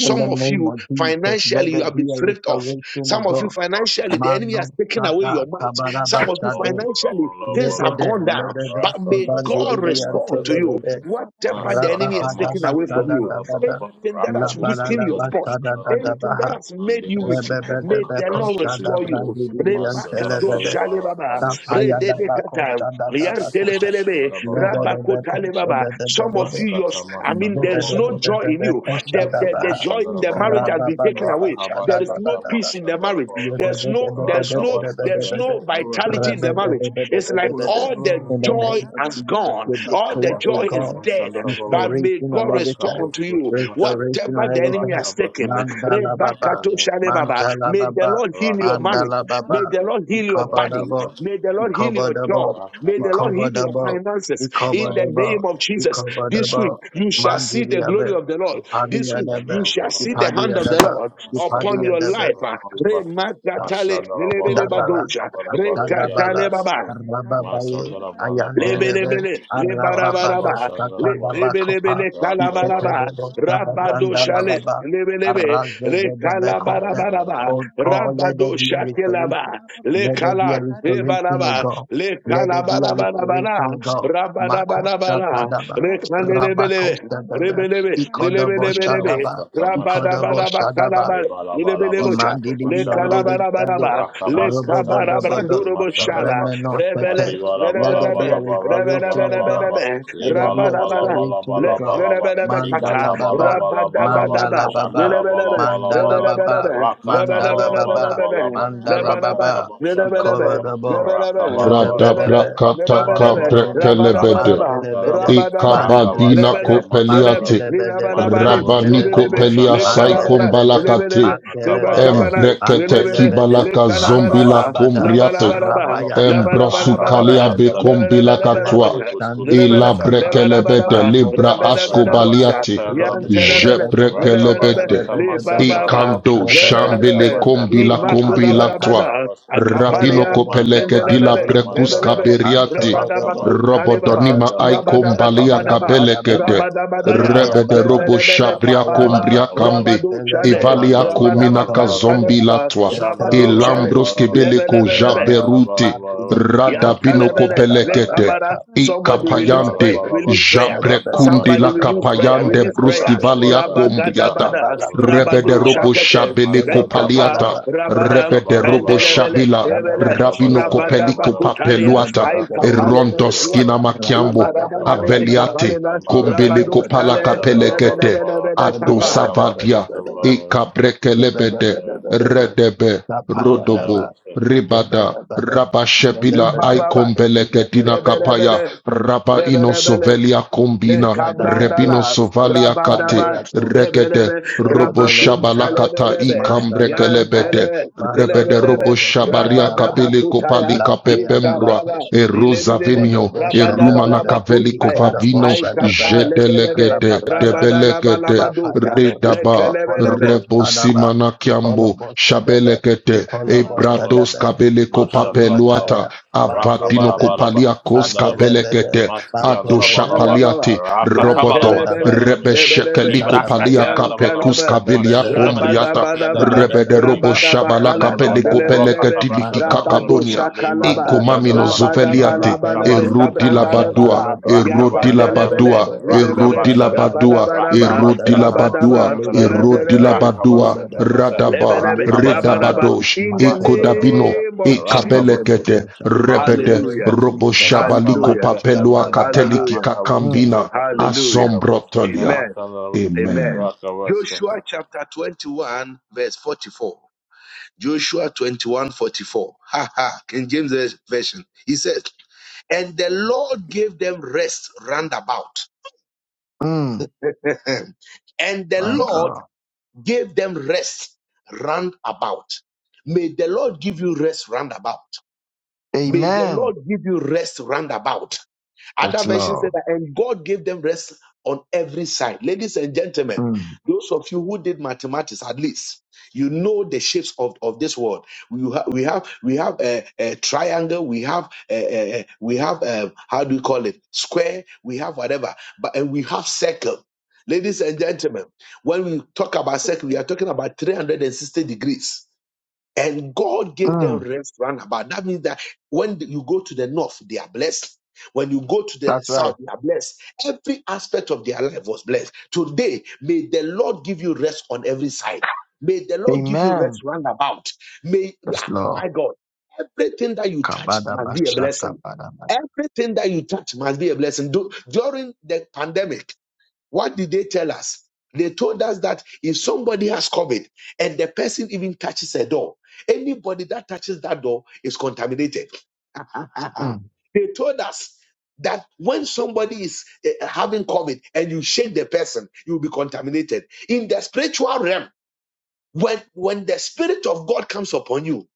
Speaker 3: In the
Speaker 1: of
Speaker 3: name
Speaker 1: you,
Speaker 3: of Jesus, let
Speaker 1: financially, you
Speaker 3: there
Speaker 1: have been
Speaker 3: be a
Speaker 1: stripped off.
Speaker 3: restoration
Speaker 1: Some
Speaker 3: of
Speaker 1: of you,
Speaker 3: God.
Speaker 1: financially, the enemy has
Speaker 3: Mano
Speaker 1: taken away
Speaker 3: Sada
Speaker 1: your might.
Speaker 3: Kabaraba
Speaker 1: Some of you,
Speaker 3: Shade.
Speaker 1: financially, things have
Speaker 3: Legede,
Speaker 1: gone down.
Speaker 3: Legede,
Speaker 1: But may
Speaker 2: Rakata
Speaker 1: God
Speaker 3: Sabandidi
Speaker 1: restore unto you.
Speaker 3: Antelegede.
Speaker 1: Whatever the enemy has taken
Speaker 3: Rababadaba
Speaker 1: away
Speaker 2: Masu
Speaker 1: from
Speaker 3: Sada
Speaker 1: you,
Speaker 3: Dabada.
Speaker 2: Yandarabalaba,
Speaker 1: anything that has
Speaker 2: Rakabuska
Speaker 1: weakened
Speaker 3: Labalada
Speaker 1: your spot,
Speaker 3: Basada
Speaker 2: Tamashandarabi.
Speaker 1: anything that has made
Speaker 2: Mande
Speaker 1: you weak,
Speaker 2: bosco to
Speaker 1: may the Lord
Speaker 2: macabrasco to
Speaker 3: Rebebebebekoshada
Speaker 2: me.
Speaker 1: restore you.
Speaker 3: brandidian
Speaker 1: Rebakato
Speaker 3: telebede
Speaker 2: Masandarabalova
Speaker 1: shalebaba,
Speaker 2: Rakabosi and
Speaker 3: tapaya
Speaker 2: Rabba
Speaker 1: rededekata,
Speaker 3: dabakoshada
Speaker 2: Maskutu
Speaker 3: dabakosha.
Speaker 1: liantelebelebe,
Speaker 2: Mashandarabalova
Speaker 1: rabakotalebaba. Some of
Speaker 3: Lebedebekoshadebedebede.
Speaker 1: you, yours,
Speaker 2: Maskata
Speaker 1: I mean, there's
Speaker 2: Mashandarabalova
Speaker 1: no joy in you. The,
Speaker 3: Lebedebedebekoshada
Speaker 2: Maskutu
Speaker 1: the, the
Speaker 3: baha.
Speaker 1: joy in the marriage
Speaker 2: Mashandarabalova
Speaker 1: has been taken away.
Speaker 3: Rababababashada
Speaker 1: There is
Speaker 2: Rakabaskata
Speaker 1: no peace in the marriage.
Speaker 3: in
Speaker 2: Mashandarabalova
Speaker 1: There's no,
Speaker 3: the
Speaker 1: there's no no there's
Speaker 2: Rakabaskata
Speaker 1: no vitality in
Speaker 2: Mashandarabalaba.
Speaker 1: the marriage. It's like all the
Speaker 2: Rakabaskata
Speaker 1: joy
Speaker 3: name of
Speaker 1: has
Speaker 3: Jesus,
Speaker 1: gone,
Speaker 3: we
Speaker 1: all the
Speaker 3: declare, oh
Speaker 1: joy
Speaker 2: Rakabaskata
Speaker 1: is
Speaker 3: God,
Speaker 1: dead. But
Speaker 2: Mashandarabalova
Speaker 1: may
Speaker 3: restoration on
Speaker 1: God
Speaker 3: every
Speaker 1: restore
Speaker 3: side.
Speaker 1: unto you
Speaker 2: Rakaboskutu Mashandarabalova
Speaker 3: Restoration
Speaker 1: whatever
Speaker 3: on
Speaker 1: the
Speaker 3: every
Speaker 1: enemy
Speaker 3: side.
Speaker 1: has taken.
Speaker 2: Rakabaskata
Speaker 3: Mandala Baba,
Speaker 1: Rebakato
Speaker 2: Makabosa
Speaker 1: shalebaba.
Speaker 3: Mandala
Speaker 1: May the
Speaker 3: Baba,
Speaker 1: Lord heal your marriage.
Speaker 3: Mandala Baba,
Speaker 1: May the
Speaker 2: Rakabaskatamasa,
Speaker 1: Lord heal your body.
Speaker 3: Ikobadabo,
Speaker 1: May the Lord heal
Speaker 2: Rakabaskatamasa,
Speaker 1: your
Speaker 3: Ikobadabo,
Speaker 1: job. May the Lord heal your
Speaker 2: Rakabaskatamasa,
Speaker 3: Ikobadabo,
Speaker 1: finances. In the
Speaker 3: Ikobadabo,
Speaker 1: name of
Speaker 2: Anamaya,
Speaker 1: Jesus, this week
Speaker 3: Ikobadabo,
Speaker 1: you
Speaker 2: Rakabasa,
Speaker 1: shall see the glory
Speaker 3: Mandiriabe,
Speaker 1: of the Lord. This week you
Speaker 3: Padiyadabe,
Speaker 1: shall see
Speaker 2: Shandarabala,
Speaker 1: the hand of the
Speaker 3: Ipadiyadabe,
Speaker 1: Lord upon your
Speaker 2: Rakabaskatamasa,
Speaker 3: Ipadiyadabe,
Speaker 1: life. ah.
Speaker 2: Rabalaba,
Speaker 1: Remakatale,
Speaker 2: Mashandarabalaba,
Speaker 3: Adabala,
Speaker 1: lelebelebadosha,
Speaker 2: Rakabarabala,
Speaker 3: Ashadabala,
Speaker 2: Diagosu,
Speaker 1: rekatalebaba,
Speaker 3: Rababaye, Ayandelebe,
Speaker 2: Masandarabalaba,
Speaker 1: lebelebele,
Speaker 3: Arababado,
Speaker 1: lebarabaraba, le-
Speaker 2: Rakabashandarabalaba,
Speaker 3: Satandabakopa,
Speaker 1: lebelebele, kalabaraba.
Speaker 3: Iketedebo,
Speaker 2: Rakabasa,
Speaker 1: Rabado
Speaker 3: Sadabranda
Speaker 1: shale
Speaker 2: Makaba,
Speaker 3: Lababa,
Speaker 1: lebe lebe le kala bara
Speaker 3: Arazegedebekose.
Speaker 1: bara ba
Speaker 2: Mandava,
Speaker 3: Oh God, let there
Speaker 1: rabado
Speaker 3: be a
Speaker 1: shake laba
Speaker 3: restoration.
Speaker 1: le
Speaker 3: Let there be
Speaker 1: kala
Speaker 3: a
Speaker 1: le bara
Speaker 3: restoration, O
Speaker 1: ba
Speaker 3: God.
Speaker 1: le
Speaker 3: Let
Speaker 1: kala
Speaker 3: there be
Speaker 1: bara
Speaker 3: a
Speaker 1: bara bara
Speaker 3: restoration, O God.
Speaker 1: rabada
Speaker 3: Mako
Speaker 1: bara bara
Speaker 3: Shatadaba,
Speaker 1: le kale lebe
Speaker 3: Rabako
Speaker 1: lebe
Speaker 3: Sadaba,
Speaker 1: lebe lebe lebe
Speaker 3: Ikodobo
Speaker 1: lebe lebe
Speaker 3: Shadaba,
Speaker 2: Andarabaskata
Speaker 1: rabada
Speaker 3: Ikodobo
Speaker 2: Mashadaraba
Speaker 1: bara kala
Speaker 3: Shadaba,
Speaker 1: ba lebe lebe cha
Speaker 3: Iman
Speaker 2: Lebalabalabaskuto
Speaker 3: di di
Speaker 1: le kala
Speaker 3: biande
Speaker 2: Mashadaraba
Speaker 3: di
Speaker 1: bara bara
Speaker 3: biande Imandidibiyandidibiyande.
Speaker 1: ba le
Speaker 2: Rakabaskata
Speaker 1: kabara bara
Speaker 3: Robobodobodo.
Speaker 2: maskutu
Speaker 1: duro bo shala
Speaker 2: mashandaraba.
Speaker 1: rebele
Speaker 3: Remenosete.
Speaker 2: Mandi bala
Speaker 1: lebe
Speaker 3: Let
Speaker 2: bala
Speaker 3: there
Speaker 1: lebe
Speaker 3: be
Speaker 2: bala
Speaker 3: a
Speaker 2: ba
Speaker 1: lebe
Speaker 3: restoration,
Speaker 2: rakabala
Speaker 3: O
Speaker 1: lebe
Speaker 2: bala bala
Speaker 3: God.
Speaker 1: lebe
Speaker 3: Let there
Speaker 2: libala
Speaker 3: be a
Speaker 1: rabada
Speaker 2: bala bala
Speaker 3: restoration, O
Speaker 2: bala
Speaker 1: Let's
Speaker 3: God.
Speaker 2: bala ba
Speaker 1: kata
Speaker 3: Mandala
Speaker 2: likata bala
Speaker 3: Baba,
Speaker 2: bala bala ba
Speaker 1: rabadabadaba
Speaker 3: Mandala Baba,
Speaker 2: shandala bala
Speaker 1: lelebelebe
Speaker 2: bala
Speaker 3: Mandala
Speaker 2: bala ba
Speaker 3: Baba,
Speaker 1: rebelebelebe
Speaker 2: rakata
Speaker 3: Mandala
Speaker 2: bala bala
Speaker 3: Baba,
Speaker 2: bala
Speaker 1: lebelebelebelebe
Speaker 2: ba
Speaker 3: Mandala
Speaker 1: lebalaba
Speaker 2: rakata
Speaker 3: Baba,
Speaker 2: ba shandala
Speaker 1: lelebelebe
Speaker 2: bala ba
Speaker 3: Ikorabo,
Speaker 2: raka
Speaker 1: lebelebe
Speaker 2: bala bala
Speaker 4: Rada
Speaker 2: ba
Speaker 1: rebele
Speaker 3: Jadabelebe,
Speaker 2: bala
Speaker 4: brakataka
Speaker 1: lelebelebe
Speaker 2: bala
Speaker 3: Mandelemene,
Speaker 4: brekelebede.
Speaker 2: rakata
Speaker 1: rabadabadaba
Speaker 2: ba shandala
Speaker 3: Mandelebede,
Speaker 2: ba
Speaker 1: rabadaba
Speaker 2: raka
Speaker 4: Ikabagina
Speaker 3: Mandelebede,
Speaker 1: lebele
Speaker 2: baskata
Speaker 1: lele
Speaker 2: mashandala
Speaker 4: kopeliate.
Speaker 3: Mandelebede,
Speaker 2: mandi
Speaker 1: lelabalabali
Speaker 4: Rabani
Speaker 2: waskata
Speaker 1: lelebelebe
Speaker 3: Mandelebede,
Speaker 4: kopelia sai
Speaker 2: mashandala ba
Speaker 1: lekalabala
Speaker 3: Mandelebede,
Speaker 1: lelebelebe
Speaker 4: kombalakate.
Speaker 3: Mandelebede,
Speaker 1: lebakabala
Speaker 4: Embrekete
Speaker 2: Akababasotomacha.
Speaker 1: lelebele
Speaker 3: mandelebede,
Speaker 4: kibalaka zombila
Speaker 1: lekalabalaba
Speaker 3: Mandalabada,
Speaker 4: kombriate.
Speaker 1: labalabalaba
Speaker 2: Rakabaskatamotsadarabalaba.
Speaker 3: Arabayada,
Speaker 1: labalabalaba
Speaker 4: Embrasukalia
Speaker 3: Arabayada,
Speaker 2: Rakabashandarabe.
Speaker 4: becom
Speaker 3: Izele
Speaker 4: bilakatua.
Speaker 1: lebelebelebelebe Lebele,
Speaker 4: Ila
Speaker 3: Kostandimia
Speaker 2: Mandebuskotomachanet.
Speaker 3: Kapa,
Speaker 1: lebele,
Speaker 4: brekelebete
Speaker 1: belebe,
Speaker 4: libra
Speaker 3: Mantolobo
Speaker 1: lebele, belebe,
Speaker 3: Sandaba,
Speaker 1: ya,
Speaker 4: ascobaliate.
Speaker 2: Maskatabaskatayandarabilibun.
Speaker 4: Je
Speaker 1: yantelebele,
Speaker 3: Rebebedebedebe,
Speaker 1: lebelebe,
Speaker 4: brekelebete.
Speaker 3: Rebebedebedebe,
Speaker 1: libababa,
Speaker 2: Rakabaskatamashandarabalaba.
Speaker 4: Ikando shambele
Speaker 1: lebelebele,
Speaker 3: Rebebedebedebe,
Speaker 4: kombila
Speaker 2: Rakabashandaba.
Speaker 4: combilatua.
Speaker 3: Ipaluataya,
Speaker 1: imakurabadabada,
Speaker 2: Machanamakabaskate.
Speaker 4: Rabino
Speaker 1: akapalia,
Speaker 3: Antolobobo,
Speaker 4: copeleke di la
Speaker 1: rendelebele,
Speaker 4: brecus
Speaker 3: Antolobobo,
Speaker 1: lebelebe,
Speaker 2: Mandabaskatamashandaba.
Speaker 4: caberiate.
Speaker 3: Antolobobo,
Speaker 1: rebadabakuntalebaba,
Speaker 4: Robodonima
Speaker 2: Rakabaskatamashandaba.
Speaker 4: ai
Speaker 3: Zedebedebebe,
Speaker 4: combalia
Speaker 1: rabadabakabadaba,
Speaker 3: Rapaya
Speaker 2: Rakabaskatama.
Speaker 4: cabelekete.
Speaker 3: Baba,
Speaker 1: rabadabadaya,
Speaker 3: Rapaya
Speaker 4: Rebede
Speaker 3: Baba,
Speaker 4: robo
Speaker 2: Rakabashandaba.
Speaker 1: rebelebele
Speaker 4: shabria
Speaker 3: Rapaya
Speaker 1: kapala,
Speaker 3: Baba,
Speaker 4: combria cambi.
Speaker 3: Izele
Speaker 1: rabaduchale,
Speaker 3: Goba,
Speaker 4: Evalia
Speaker 2: Manda bala
Speaker 4: comina
Speaker 2: bala
Speaker 3: Yantala
Speaker 2: bala ba.
Speaker 3: baba,
Speaker 4: kazombi
Speaker 1: rabadabakantalebaba,
Speaker 4: latua.
Speaker 2: Shanda
Speaker 3: yantala
Speaker 2: bala
Speaker 1: rabaduchale,
Speaker 3: baba,
Speaker 4: Elambros
Speaker 2: bala ba.
Speaker 4: kebeleko
Speaker 3: yantala
Speaker 1: lebelebelebe,
Speaker 3: baba.
Speaker 2: Manda la bala
Speaker 4: jaberute
Speaker 2: bala ba.
Speaker 3: Mabiri yandı,
Speaker 2: Raka
Speaker 1: Yantalebele,
Speaker 2: basta
Speaker 3: şada bala
Speaker 2: temata.
Speaker 4: Radabinokopelekete,
Speaker 1: Lekabara.
Speaker 3: baka.
Speaker 1: Somebody
Speaker 3: Yabada
Speaker 1: release
Speaker 2: Bala
Speaker 3: bada
Speaker 1: prayer,
Speaker 4: Ikapayande,
Speaker 3: bada,
Speaker 2: bala ba.
Speaker 1: release prayer.
Speaker 3: nada
Speaker 2: Raka
Speaker 3: bada
Speaker 4: Jabrekunde
Speaker 3: bada
Speaker 1: Somebody
Speaker 4: la
Speaker 2: basta
Speaker 3: bada,
Speaker 2: nara
Speaker 1: release
Speaker 2: bala
Speaker 1: prayer,
Speaker 2: ba.
Speaker 4: Capayande,
Speaker 1: release
Speaker 3: yabada
Speaker 4: Bruski
Speaker 1: prayer.
Speaker 3: bada
Speaker 2: Raka
Speaker 3: bada
Speaker 4: Valia
Speaker 3: bada.
Speaker 2: basta. Raka
Speaker 4: Combriata,
Speaker 1: Rabagadabada,
Speaker 3: Yabala paya
Speaker 4: Rebede
Speaker 1: Rabado
Speaker 2: mara
Speaker 3: boşa,
Speaker 4: Robo
Speaker 2: ba.
Speaker 1: Shakete.
Speaker 4: Shabele
Speaker 3: yele
Speaker 2: Mashanda
Speaker 3: do
Speaker 2: la
Speaker 1: Lekapa,
Speaker 3: bala
Speaker 2: bala ba.
Speaker 4: Copaliata,
Speaker 3: ba.
Speaker 1: Rabada,
Speaker 2: Raka
Speaker 4: Rebede
Speaker 2: bala
Speaker 4: Robo
Speaker 2: bala ba.
Speaker 1: Wendelebele,
Speaker 4: Shabila,
Speaker 2: Yada
Speaker 3: Yabada
Speaker 1: Ebele,
Speaker 2: basta
Speaker 3: bada
Speaker 4: Rabino
Speaker 2: basta
Speaker 3: bada bada,
Speaker 4: Copelico
Speaker 2: bala ba.
Speaker 1: Rabadabakutalia,
Speaker 3: yabada
Speaker 4: Papeluata,
Speaker 3: bada
Speaker 2: Raka
Speaker 3: bada
Speaker 2: basta
Speaker 3: bada
Speaker 4: Erondo
Speaker 3: bada.
Speaker 4: Skina
Speaker 1: Aitapalemenezuata.
Speaker 2: bala,
Speaker 3: Rabba
Speaker 4: Makiambo,
Speaker 3: bada
Speaker 2: Raka
Speaker 3: bada bada
Speaker 1: Imarabanabebe
Speaker 2: basta.
Speaker 3: bada,
Speaker 4: Aveliate,
Speaker 1: kapalela,
Speaker 2: Mara.
Speaker 4: Combele
Speaker 3: yabada
Speaker 1: Rabado
Speaker 3: bada
Speaker 4: Copala
Speaker 3: bada
Speaker 1: Shale,
Speaker 3: bada
Speaker 2: Mashanda la
Speaker 3: bada,
Speaker 2: bala
Speaker 4: Capelekete,
Speaker 2: bala.
Speaker 1: Rebelebelebele
Speaker 4: Ato
Speaker 3: yabada
Speaker 1: kapa.
Speaker 2: Raka
Speaker 3: bada bada bada
Speaker 4: Savadia,
Speaker 2: basta
Speaker 3: bada,
Speaker 2: bala.
Speaker 3: yabada
Speaker 4: Ikabrekelebede,
Speaker 3: bada bada bada.
Speaker 4: Redebe,
Speaker 3: Sapaya
Speaker 4: Rodobo,
Speaker 2: Mandaraba Seta,
Speaker 4: Ribada
Speaker 3: Yabadabada,
Speaker 4: Rabba Shebila
Speaker 3: yadabadaba,
Speaker 1: Ibababa,
Speaker 4: Ikombelekedina
Speaker 3: yadabada,
Speaker 4: Kapaya
Speaker 1: Lebelebele,
Speaker 4: Rabba
Speaker 1: Lebelebele,
Speaker 4: inosovelia Sovelia
Speaker 1: Le
Speaker 4: Kombina Rebino
Speaker 3: yadayadosh,
Speaker 1: kabrandala,
Speaker 4: Sovalia Kate
Speaker 1: rabadaba,
Speaker 3: yadayadosh,
Speaker 4: Regede
Speaker 1: lebelebe,
Speaker 4: Robo
Speaker 1: rabakun
Speaker 3: yadabelekepa,
Speaker 4: Shabalakata
Speaker 1: telebelebe, yan
Speaker 3: mananabanai,
Speaker 4: Ikambrekelebete
Speaker 1: tele,
Speaker 4: Rebede
Speaker 1: lelebelebe,
Speaker 4: Robo
Speaker 3: manonomoko
Speaker 4: Shabaria
Speaker 1: rabadaba
Speaker 3: shararabaha,
Speaker 4: Kapele
Speaker 1: kutaya,
Speaker 4: Kopalika Pepembra
Speaker 1: ikabala,
Speaker 3: lapayadabakoshe,
Speaker 1: ilebelebe,
Speaker 4: Erosavenio
Speaker 1: rabadaba
Speaker 4: Erumana
Speaker 3: kodoboshadabada,
Speaker 4: Kaveli
Speaker 1: labakuntaya,
Speaker 4: Kovavino
Speaker 1: aikapa
Speaker 3: ikodoboshadabada,
Speaker 1: lebelebe,
Speaker 4: Jedelegede
Speaker 3: rababadaba,
Speaker 1: rabadana
Speaker 4: Debelegede
Speaker 1: balabadusha,
Speaker 3: lapayadosh,
Speaker 4: Redaba
Speaker 1: lekelebelebe,
Speaker 3: koloboshadaba,
Speaker 4: Rebosimana Kiambo
Speaker 3: ikoloboshadaba,
Speaker 4: Shabelekete
Speaker 2: Mandaraba,
Speaker 4: Ebratos
Speaker 3: ikoloboshadaba,
Speaker 4: Kabeleko
Speaker 2: Mashandarabalaba,
Speaker 4: Papeluata
Speaker 3: Paluataya,
Speaker 4: Avatino
Speaker 3: Mandelebede,
Speaker 2: Rakabarabalaba,
Speaker 4: Kopaliakos
Speaker 2: Sandaraba,
Speaker 3: Mantelebede,
Speaker 4: Kabelekete
Speaker 2: Maski
Speaker 4: Ato
Speaker 3: Mantelebede,
Speaker 2: Andarabalaba,
Speaker 1: Kalabala,
Speaker 4: Shapaliati
Speaker 1: Yan
Speaker 4: Robodo
Speaker 2: Rakatabalaba,
Speaker 1: Telebele,
Speaker 3: Stadabayade,
Speaker 2: Sandarabili,
Speaker 1: Lebelebe,
Speaker 4: Rebeshekeliko Palia
Speaker 3: Stadabayade,
Speaker 1: Yan
Speaker 2: Libraskatayandarabalaba,
Speaker 4: Kapekus
Speaker 1: Kalaba,
Speaker 4: Kavelia
Speaker 3: Stadabelebe,
Speaker 4: Combriata
Speaker 2: Masharabadayaskoti
Speaker 1: Rabadabadaba,
Speaker 2: Andarabili,
Speaker 3: Stadabelebe,
Speaker 4: Rebede Robo Shabala
Speaker 1: Rabadabakala,
Speaker 2: Libraskatayandarabalaba,
Speaker 4: Kapeliko
Speaker 3: Magadabaya,
Speaker 1: Lebelebe, Rabadu
Speaker 2: Rokatabrashandarabalaba,
Speaker 4: Peleketilikikabonia
Speaker 3: Makatolobo,
Speaker 2: Leva
Speaker 1: Shakalaba,
Speaker 4: Ekomamino
Speaker 3: Magadolobo,
Speaker 2: Puyandarabalaba,
Speaker 4: Zoveliate
Speaker 1: Rabadabalabalebe,
Speaker 3: Magadolobo,
Speaker 2: Rakabaskatama
Speaker 4: Erodila
Speaker 2: Shandaraba,
Speaker 4: badua,
Speaker 1: Kabrandalabada,
Speaker 3: Magadolobo,
Speaker 4: erodila
Speaker 2: Rakabaskatama,
Speaker 1: Yasatelebele,
Speaker 4: badua,
Speaker 3: Magadolobo,
Speaker 1: Lebele,
Speaker 4: erodila
Speaker 2: Rakabashandaba,
Speaker 3: Libadabada,
Speaker 4: badua,
Speaker 1: Rabadabalaba,
Speaker 4: erodila
Speaker 3: Libadabada,
Speaker 2: Rakabaskatama
Speaker 4: badua,
Speaker 1: Rabadaba, Yan
Speaker 2: Suyandaraba,
Speaker 4: erodila
Speaker 3: Libadabada,
Speaker 1: Telebe,
Speaker 4: badua,
Speaker 2: Rakabaskata Masha,
Speaker 3: Libadabada,
Speaker 4: radaba,
Speaker 1: Lebelebe,
Speaker 2: Rakabaskata
Speaker 3: Libadabada,
Speaker 1: Rabadaba,
Speaker 4: redabadosh,
Speaker 1: in the
Speaker 2: Maskata
Speaker 4: ekodavino,
Speaker 3: Makodobodo,
Speaker 2: Masha,
Speaker 1: name of Jesus.
Speaker 3: Makododobo
Speaker 4: ekabelekete,
Speaker 2: Rakabaskata,
Speaker 3: Kosha. In
Speaker 2: Mande
Speaker 3: the
Speaker 4: rebede,
Speaker 3: name
Speaker 1: Hallelujah,
Speaker 3: of
Speaker 2: Raskata,
Speaker 3: Jesus,
Speaker 4: roboshabaliko
Speaker 1: hallelujah,
Speaker 3: Makosha
Speaker 4: papelua
Speaker 2: Rakabaskata,
Speaker 3: Kalabaha.
Speaker 4: kateliki
Speaker 1: hallelujah,
Speaker 3: Mm,
Speaker 2: Makabuskata,
Speaker 4: kakambina,
Speaker 1: hallelujah.
Speaker 2: Makabuskata
Speaker 4: asombrotolia.
Speaker 1: Amen.
Speaker 2: Masala,
Speaker 1: Amen.
Speaker 4: Amen.
Speaker 2: Rakabaskata.
Speaker 1: Joshua chapter 21, verse 44. Joshua twenty-one, forty-four. 44. Ha ha. King James Version. He says, And the Lord gave them rest round about.
Speaker 3: mm,
Speaker 1: [LAUGHS] and the
Speaker 3: my
Speaker 1: Lord
Speaker 3: God.
Speaker 1: gave them rest round about. May the Lord give you rest round about. May the
Speaker 3: Amen.
Speaker 1: Lord give you rest round about. Other
Speaker 3: That's
Speaker 1: version said
Speaker 3: love.
Speaker 1: that, and God gave them rest on every side. Ladies and gentlemen,
Speaker 3: Mm,
Speaker 1: those of you who did mathematics at least, you know the shapes of, of this world. We have we have we have a, a triangle. We have a, a- we have um how do you call it square? We have whatever, but and we have circle. Ladies and gentlemen, when we talk about circle, we are talking about 360 degrees. And God gave them
Speaker 3: mm,
Speaker 1: rest round about. That means that when you go to the north, they are blessed. When you go to the
Speaker 3: that's right.
Speaker 1: south, they are blessed. Every aspect of their life was blessed. Today, may the Lord give you rest on every side. May the Lord give you rest
Speaker 3: Amen.
Speaker 1: round about. May,
Speaker 3: Yes,
Speaker 1: ah,
Speaker 3: Lord.
Speaker 1: my God, everything that you touch
Speaker 3: Kabada
Speaker 1: must be a
Speaker 3: bashata
Speaker 1: blessing.
Speaker 3: badabada.
Speaker 1: Everything that you touch must be a blessing. Du- During the pandemic, what did they tell us? They told us that if somebody has COVID and the person even touches a door, anybody that touches that door is contaminated. [LAUGHS]
Speaker 3: Mm.
Speaker 1: they told us that when somebody is eh, having COVID and you shake the person, you'll be contaminated. In the spiritual realm, when, when the Spirit of God comes upon you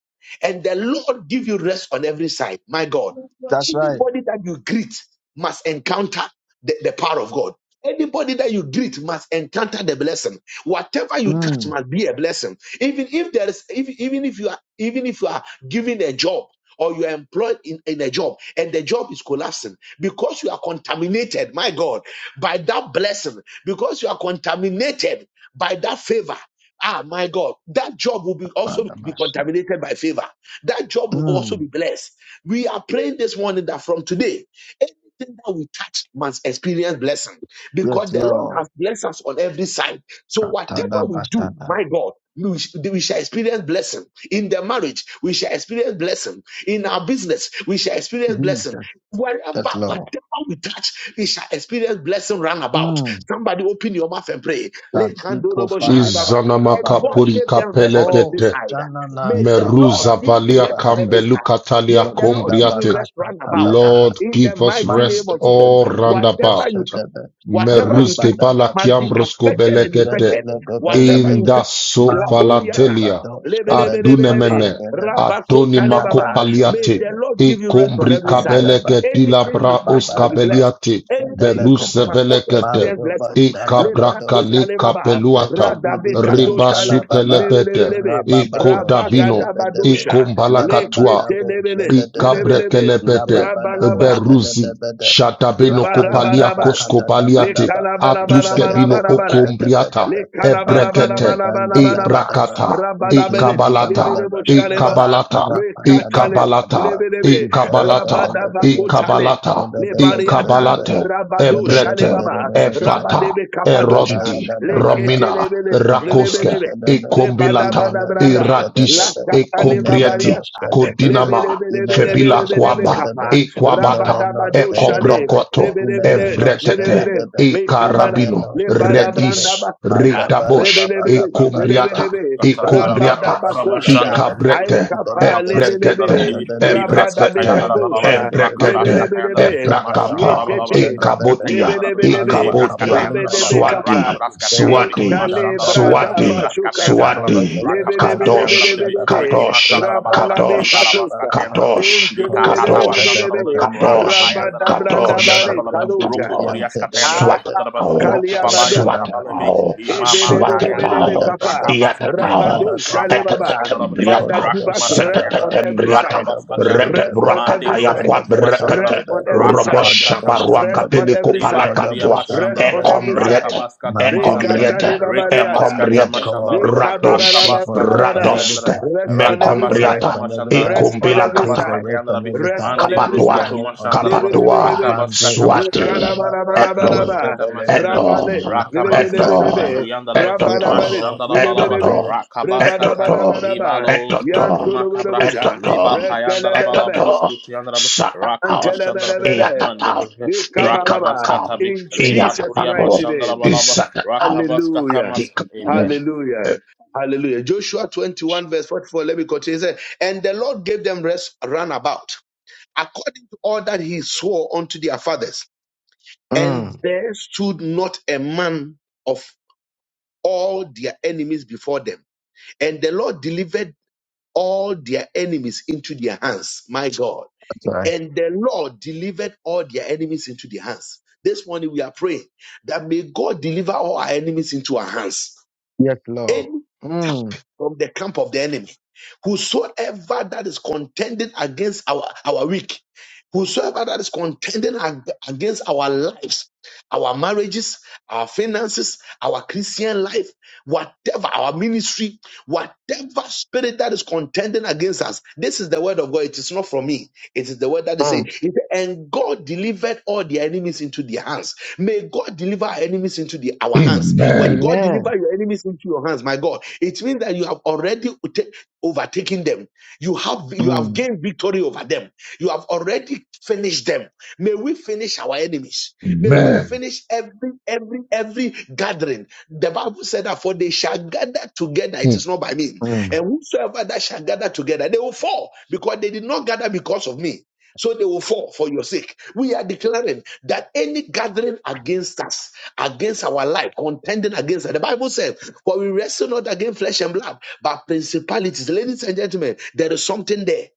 Speaker 1: and the Lord give you rest on every side, my God,
Speaker 3: That's right.
Speaker 1: anybody that you greet must encounter the, the power of God Anybody that you greet must encounter the blessing. Whatever you touch
Speaker 3: Mm.
Speaker 1: must be a blessing. Even if there is, if, even if you are, even if you are given a job or you are employed in, in a job and the job is collapsing because you are contaminated, my God, by that blessing, because you are contaminated by that favor. Ah, my God, that job will be also
Speaker 3: Bada
Speaker 1: be
Speaker 3: bashata.
Speaker 1: contaminated by favor. That job will also
Speaker 3: Mm.
Speaker 1: be blessed. We are praying this morning that from today. Anything that we touch must experience blessing because
Speaker 3: Yes,
Speaker 1: the Lord
Speaker 3: Lord.
Speaker 1: has blessed us on every side. So
Speaker 3: Katada
Speaker 1: whatever we do,
Speaker 3: bashata.
Speaker 1: my God, we, sh- we shall experience blessing in the marriage. We shall experience blessing in our business. We shall experience blessing
Speaker 3: Jesus.
Speaker 1: wherever,
Speaker 3: Yes, Lord.
Speaker 1: whatever we touch, we shall experience blessing round about.
Speaker 3: Mm.
Speaker 1: Somebody open your mouth and pray.
Speaker 3: Tadiko
Speaker 1: Lekandorobo shane baba.
Speaker 3: fahadas
Speaker 4: Izanama
Speaker 1: And God
Speaker 4: kapuri
Speaker 3: kabadosh.
Speaker 1: gave them rest on every
Speaker 3: Oh,
Speaker 4: kapelekete,
Speaker 1: side. May
Speaker 3: shananai
Speaker 1: the Lord
Speaker 4: Meruza
Speaker 1: give
Speaker 3: kabaradi
Speaker 1: you
Speaker 4: valia
Speaker 1: rest on every
Speaker 3: kibahandos.
Speaker 4: kambelu
Speaker 1: side. May
Speaker 4: katalia
Speaker 1: the
Speaker 3: Lebi
Speaker 1: Lord give you
Speaker 4: kumbriate.
Speaker 1: rest
Speaker 3: labakasa
Speaker 1: round about
Speaker 4: Lord,
Speaker 1: in the
Speaker 4: give us
Speaker 1: mighty
Speaker 3: Man
Speaker 1: name
Speaker 4: rest
Speaker 1: of Jesus.
Speaker 4: all round
Speaker 3: Belebe
Speaker 1: Whatever
Speaker 4: about.
Speaker 3: Posha
Speaker 1: you do,
Speaker 3: Debe,
Speaker 1: whatever you
Speaker 4: Meruzke
Speaker 1: touch
Speaker 3: Rabada
Speaker 4: bala
Speaker 1: must be
Speaker 3: Batosha,
Speaker 4: kiambrosko
Speaker 1: affected and
Speaker 4: belekete
Speaker 1: infected.
Speaker 3: Zedelego
Speaker 1: Whatever
Speaker 4: in
Speaker 1: you
Speaker 3: Belegade,
Speaker 4: the
Speaker 1: touch, La
Speaker 3: man Mandibelebelebekoshedebe.
Speaker 1: Oriada.
Speaker 4: sovalatelia
Speaker 3: Rabadabakoshe.
Speaker 1: lebelebelebelebe, lebe,
Speaker 3: Zedelegobelegede.
Speaker 4: adunemene
Speaker 3: Mandizagadoshkebedikapandelebe.
Speaker 1: Rabakota lebaba. May
Speaker 4: adonimakopaliate
Speaker 1: the
Speaker 3: Rabebedebedebe.
Speaker 1: Lord give you rest on every side.
Speaker 3: Sakayadaba.
Speaker 4: ikombrikabeleke
Speaker 1: Anything
Speaker 4: dilabra
Speaker 1: you touch must be
Speaker 3: Rababadaba.
Speaker 1: blessed.
Speaker 4: oskabeliate
Speaker 1: Anything you touch
Speaker 3: Delekope,
Speaker 1: must also
Speaker 4: berusebelekete
Speaker 1: experience
Speaker 3: Mando
Speaker 1: blessing.
Speaker 3: Bashanda Badoshe,
Speaker 4: ekabrakale
Speaker 1: Lebrakota lebaba.
Speaker 3: Izete
Speaker 4: ikabrakalekapeluata
Speaker 1: Radabe
Speaker 3: Bidi
Speaker 1: katosha le
Speaker 3: Antala Baba,
Speaker 1: lebe
Speaker 4: ribasukelebete
Speaker 3: Rababado Shede
Speaker 4: ekodavino
Speaker 3: Bedebe,
Speaker 1: rabagadabadosha
Speaker 4: ikombalakatua
Speaker 1: lekete
Speaker 3: Lababadabo
Speaker 1: lebe le
Speaker 3: Shede Debede,
Speaker 4: Rikabrekelepete,
Speaker 3: Lababadabo
Speaker 1: Rabalaba.
Speaker 3: Shede
Speaker 4: Beruzi,
Speaker 3: Debede,
Speaker 4: Shatabeno Kopalia
Speaker 3: Rapayada
Speaker 1: Ibarabarabat.
Speaker 3: Bakada
Speaker 4: Koskopaliate,
Speaker 3: Dabadaba,
Speaker 4: Atuskebino
Speaker 3: Labedebeko
Speaker 1: Lekalabarabarabarabarabara.
Speaker 3: Shede
Speaker 4: Okombriata,
Speaker 3: Bedebe, Mantinin
Speaker 4: Ebrekete,
Speaker 3: Banda
Speaker 1: Lekalabarabarabarabarabara.
Speaker 3: Dabadaba,
Speaker 4: Ebrakata,
Speaker 1: Rabadabelet.
Speaker 3: Intinimiga
Speaker 4: Ekabalata,
Speaker 3: Badabadaba,
Speaker 1: Lebeleboshalebaba.
Speaker 4: Ekabalata,
Speaker 3: Rapayada
Speaker 1: Rekatale.
Speaker 4: Ekabalata,
Speaker 3: Bayadaba,
Speaker 1: Lebelebe.
Speaker 3: Izele
Speaker 4: Ekabalata,
Speaker 3: Bedele
Speaker 1: Rabadabakotale.
Speaker 4: Ekabalata,
Speaker 1: Lebariata.
Speaker 3: Bedele,
Speaker 4: Ekabalate,
Speaker 3: Imenano
Speaker 4: Ebrete,
Speaker 1: Rabadoshalebaba.
Speaker 4: Efata,
Speaker 1: Rabadebe kabadosha.
Speaker 4: Erondi, Romina,
Speaker 1: Leketelebele.
Speaker 4: Rakoske,
Speaker 1: Lebelebe.
Speaker 4: Ekombilata,
Speaker 1: Rebadabadabranda.
Speaker 4: Eradis, Ekobrieti,
Speaker 1: Lakatalebabariata.
Speaker 4: Kodinama, Febila
Speaker 1: Lebelebelebelebelebelebe
Speaker 4: Kwaba,
Speaker 1: kapa.
Speaker 4: Equabata,
Speaker 1: Rabadabadoshale.
Speaker 4: Ekobrokoto,
Speaker 1: Rebelebele,
Speaker 4: Evretete,
Speaker 1: lebelele, mekabala,
Speaker 4: Ekarabino, Redis,
Speaker 1: lebarabrandaba, ta,
Speaker 4: Retabosh,
Speaker 1: rebelebele,
Speaker 4: Ekumbriata,
Speaker 1: lebelebe,
Speaker 2: Katabaraba
Speaker 4: Ekumbriata,
Speaker 2: Rakabashanda
Speaker 1: rabadabakosha,
Speaker 2: mashanda, mashanda,
Speaker 4: Ikabrete,
Speaker 1: aikapa,
Speaker 4: Ebrekete,
Speaker 1: lebelebe,
Speaker 4: Ebrekete,
Speaker 2: Balava
Speaker 1: rabadabekabosha,
Speaker 2: rakatayanda, Rakabraskiandarabi Libraskatayandarabalaba
Speaker 4: Ebrekete,
Speaker 2: Rakabraskatayandarabi
Speaker 1: lebelebelebe,
Speaker 4: Ebrakapa,
Speaker 2: Mashandarabalaba
Speaker 1: yetete,
Speaker 4: Ekabotia,
Speaker 2: Rakatayandarabi
Speaker 1: lebelebelebe,
Speaker 4: Ekabotia,
Speaker 2: Libraskatayandarabalabru
Speaker 3: Paluakapaliagaba,
Speaker 4: Swati,
Speaker 1: rebedebekapa,
Speaker 2: Rakabraskatayandarabi
Speaker 4: Swati,
Speaker 2: Mashandarabalubi
Speaker 4: Swati,
Speaker 3: Velekoshandabarababa,
Speaker 1: ekalebradabashukata,
Speaker 2: Libraskatayandarabalaba
Speaker 4: Swati, Kadosh,
Speaker 2: Rakabraskatayandarabi
Speaker 3: Velegedoshedebedigagaba,
Speaker 1: lebelebelebelebe,
Speaker 2: Riki
Speaker 4: Kadosh,
Speaker 2: Mashandarabalabra
Speaker 4: Kadosh,
Speaker 1: rabalabekatusa,
Speaker 3: Labragadabadabakapa,
Speaker 2: Libarabaskatayandarabi
Speaker 4: Kadosh,
Speaker 3: Kodobosha da
Speaker 4: Kadosh,
Speaker 3: da
Speaker 2: Likatatabashandarabalu
Speaker 1: Inkelelelelelelele.
Speaker 3: brenda da
Speaker 4: Kadosh,
Speaker 3: da da.
Speaker 4: Kadosh,
Speaker 3: Koda da
Speaker 1: Rabadabrandabarek.
Speaker 3: brenda di
Speaker 1: Kadocha.
Speaker 4: Kadosh.
Speaker 2: Rapapayandarabalubruskiandarabalabra
Speaker 3: biante da da
Speaker 1: Ah,
Speaker 2: Kayandaraba
Speaker 3: da
Speaker 4: Swat it
Speaker 3: da.
Speaker 2: Shandaraba,
Speaker 4: out,
Speaker 2: Roku
Speaker 3: Rapa
Speaker 2: Baba
Speaker 3: yaga
Speaker 1: Kaliabados.
Speaker 3: da
Speaker 4: swat
Speaker 2: Yandaraba
Speaker 3: bata.
Speaker 2: Libi,
Speaker 4: oh, out,
Speaker 2: Limama
Speaker 4: swat it
Speaker 3: Ankodobosha
Speaker 1: Ebelebelebelebe
Speaker 2: Kayandaraba,
Speaker 3: da
Speaker 4: out,
Speaker 3: da
Speaker 1: kapa.
Speaker 3: da.
Speaker 2: Rakabas
Speaker 4: yat it
Speaker 2: Katayandarabi,
Speaker 4: out,
Speaker 3: Ivala
Speaker 1: Rabadosha
Speaker 2: Rakabas
Speaker 3: kodabaya.
Speaker 1: lebaba.
Speaker 2: Shandarabi,
Speaker 1: Father,
Speaker 4: tetatembriata,
Speaker 1: give us
Speaker 2: Rakamas
Speaker 3: Ikodobosha
Speaker 1: rest
Speaker 3: da ba.
Speaker 1: on
Speaker 2: Katayandarabi,
Speaker 1: every
Speaker 4: setatembriata,
Speaker 1: side.
Speaker 2: Rakabas
Speaker 3: Ikodobosha
Speaker 2: Katayandarabi,
Speaker 3: da
Speaker 1: Rest
Speaker 3: ba.
Speaker 1: on
Speaker 2: Mande
Speaker 1: every
Speaker 4: retebrakataya
Speaker 2: Bros
Speaker 1: side.
Speaker 2: Kutuma
Speaker 3: Ikodobosha
Speaker 1: Rest
Speaker 3: da
Speaker 2: Shandarabi,
Speaker 4: quabrekate,
Speaker 3: ba.
Speaker 1: on every side.
Speaker 2: Rakabas Katama
Speaker 3: Ikodobosha
Speaker 4: roboshabaruaka
Speaker 1: Rest
Speaker 3: da
Speaker 2: Shandarabi,
Speaker 3: ba.
Speaker 1: on every
Speaker 2: Liba
Speaker 1: side.
Speaker 2: Turiyama
Speaker 4: pelicopalacatwa,
Speaker 3: Ikodobosha
Speaker 1: Rest
Speaker 3: da
Speaker 1: on
Speaker 2: Shandaraba,
Speaker 3: ba.
Speaker 1: every side.
Speaker 4: ecombriete,
Speaker 2: Rakabas Katama
Speaker 3: Mandiri
Speaker 2: Shandarabi,
Speaker 3: and
Speaker 1: Rekata
Speaker 4: ecombriete,
Speaker 3: Nana Baba.
Speaker 2: Rikamas
Speaker 1: lebabariada.
Speaker 3: Oh
Speaker 4: ecombriete,
Speaker 2: Katama
Speaker 3: God,
Speaker 2: Shandarabi,
Speaker 3: we pray
Speaker 2: Rakabas
Speaker 4: Radosh,
Speaker 3: for rest
Speaker 2: Katama
Speaker 3: on
Speaker 1: Rekabarabarabarabara.
Speaker 3: every
Speaker 4: Radost,
Speaker 2: Siyandarabi,
Speaker 3: side.
Speaker 1: Rest
Speaker 3: We
Speaker 1: on
Speaker 3: pray
Speaker 1: every
Speaker 2: Rakabas
Speaker 3: for rest
Speaker 1: side.
Speaker 4: Mekombriata,
Speaker 2: Katama
Speaker 3: on every
Speaker 2: Shandarabi,
Speaker 3: side.
Speaker 1: Rest on
Speaker 3: We
Speaker 1: every
Speaker 3: pray
Speaker 2: Rakabas
Speaker 4: Ikumbilakata,
Speaker 3: for
Speaker 1: side.
Speaker 3: rest on
Speaker 2: Katayandarabi,
Speaker 3: every
Speaker 1: Rest
Speaker 3: side.
Speaker 1: on
Speaker 2: Mande
Speaker 1: every
Speaker 2: Bros
Speaker 3: In the
Speaker 4: kabadwa,
Speaker 1: side.
Speaker 2: Kutuma
Speaker 3: name of
Speaker 1: Lebe,
Speaker 2: Shandaraba,
Speaker 3: Jesus.
Speaker 1: lebe,
Speaker 4: kabadwa,
Speaker 1: lebe.
Speaker 2: Rakabas
Speaker 3: Mando do
Speaker 2: Katama
Speaker 4: Swati,
Speaker 2: Shandarabi,
Speaker 3: Shadaba.
Speaker 4: Eto,
Speaker 3: Mando
Speaker 1: Rekalabarabarabara.
Speaker 2: Rakabaskata
Speaker 3: Belegede.
Speaker 4: Eto,
Speaker 2: masandarabi.
Speaker 1: Rabale.
Speaker 3: La
Speaker 1: Lebe,
Speaker 4: Eto,
Speaker 3: Payada
Speaker 1: lebe,
Speaker 2: Rakabaskata
Speaker 1: lebe.
Speaker 3: Bagada. We
Speaker 2: masuyandaraba.
Speaker 3: pray, oh
Speaker 4: Etoto,
Speaker 1: Rabarabare.
Speaker 3: God,
Speaker 1: Lebe,
Speaker 2: Mashandarabalaba.
Speaker 3: for
Speaker 1: lebe.
Speaker 4: Etoto,
Speaker 3: rest.
Speaker 2: Rakabaskata
Speaker 4: Etoto,
Speaker 1: Rebarabarabaraba.
Speaker 2: libalo
Speaker 4: Etoto,
Speaker 2: skutu makabra.
Speaker 1: Yantuluburubuja.
Speaker 2: Liba
Speaker 4: Etoto,
Speaker 2: payandarabala
Speaker 1: Rekelebelebe.
Speaker 4: Etoto,
Speaker 2: broskutu yandaraba.
Speaker 4: Sakakao,
Speaker 2: Rakabashandarabi.
Speaker 1: Antelebelebele.
Speaker 4: Iakatao,
Speaker 2: Mandebabi.
Speaker 1: Lekabababa.
Speaker 4: Ikakakao,
Speaker 2: Rakabaskatabi.
Speaker 1: In
Speaker 2: Liba
Speaker 1: Jesus'
Speaker 2: turiyama
Speaker 4: Iakapapao,
Speaker 1: mighty name.
Speaker 2: shandarabalaba.
Speaker 4: Isakakao,
Speaker 2: Rakabaskata
Speaker 1: Hallelujah.
Speaker 2: mas.
Speaker 4: Tikapono,
Speaker 2: Amen.
Speaker 1: Hallelujah. Hallelujah. Joshua 21, verse 44. Let me continue. He said, And the Lord gave them rest round about, according to all that he swore unto their fathers. And
Speaker 3: Mm,
Speaker 1: there stood not a man of all their enemies before them. And the Lord delivered all their enemies into their hands. My God.
Speaker 3: that's right.
Speaker 1: And the Lord delivered all their enemies into their hands. This morning we are praying that may God deliver all our enemies into our hands.
Speaker 3: Yes, Lord.
Speaker 1: Any
Speaker 3: Mm,
Speaker 1: attack from the camp of the enemy, whosoever that is contending against our, our week, whosoever that is contending ag- against our lives, our marriages, our finances, our Christian life, whatever, our ministry, Whatever spirit that is contending against us, this is the word of God. It is not from me. It is the word that is saying,
Speaker 3: mm.
Speaker 1: it- and God delivered all their enemies into their hands. May God deliver our enemies into the, our hands. When
Speaker 4: Amen.
Speaker 1: God
Speaker 3: Amen.
Speaker 1: deliver your enemies into your hands, my God, it means that you have already ta- overtaken them. You have you have
Speaker 3: Mm,
Speaker 1: gained victory over them. You have already finished them. May we finish our enemies. May we
Speaker 4: Amen.
Speaker 1: finish every every every gathering. The Bible said that for they shall gather together. It
Speaker 4: Hmm.
Speaker 1: is not by me.
Speaker 3: mm.
Speaker 1: And whosoever that shall gather together, they will fall because they did not gather because of me. So they will fall for your sake. We are declaring that any gathering against us, against our life, contending against us. The Bible says, For we wrestle not against flesh and blood, but principalities. Ladies and gentlemen, there is something there.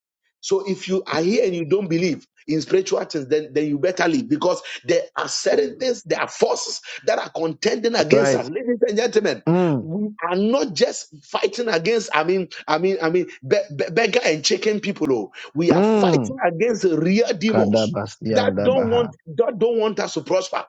Speaker 1: So if you are here and you don't believe in spiritual things, then, then you better leave because there are certain things, there are forces that are contending
Speaker 3: That's
Speaker 1: against
Speaker 3: right.
Speaker 1: us. Ladies and gentlemen,
Speaker 3: Mm,
Speaker 1: we are not just fighting against, I mean, I mean, I mean, be- be- beggar and chicken people. Oh. We are
Speaker 3: mm.
Speaker 1: fighting against real demons
Speaker 3: Kadabasi
Speaker 1: that
Speaker 3: and
Speaker 1: don't
Speaker 3: Dabaha.
Speaker 1: want that don't want us to prosper.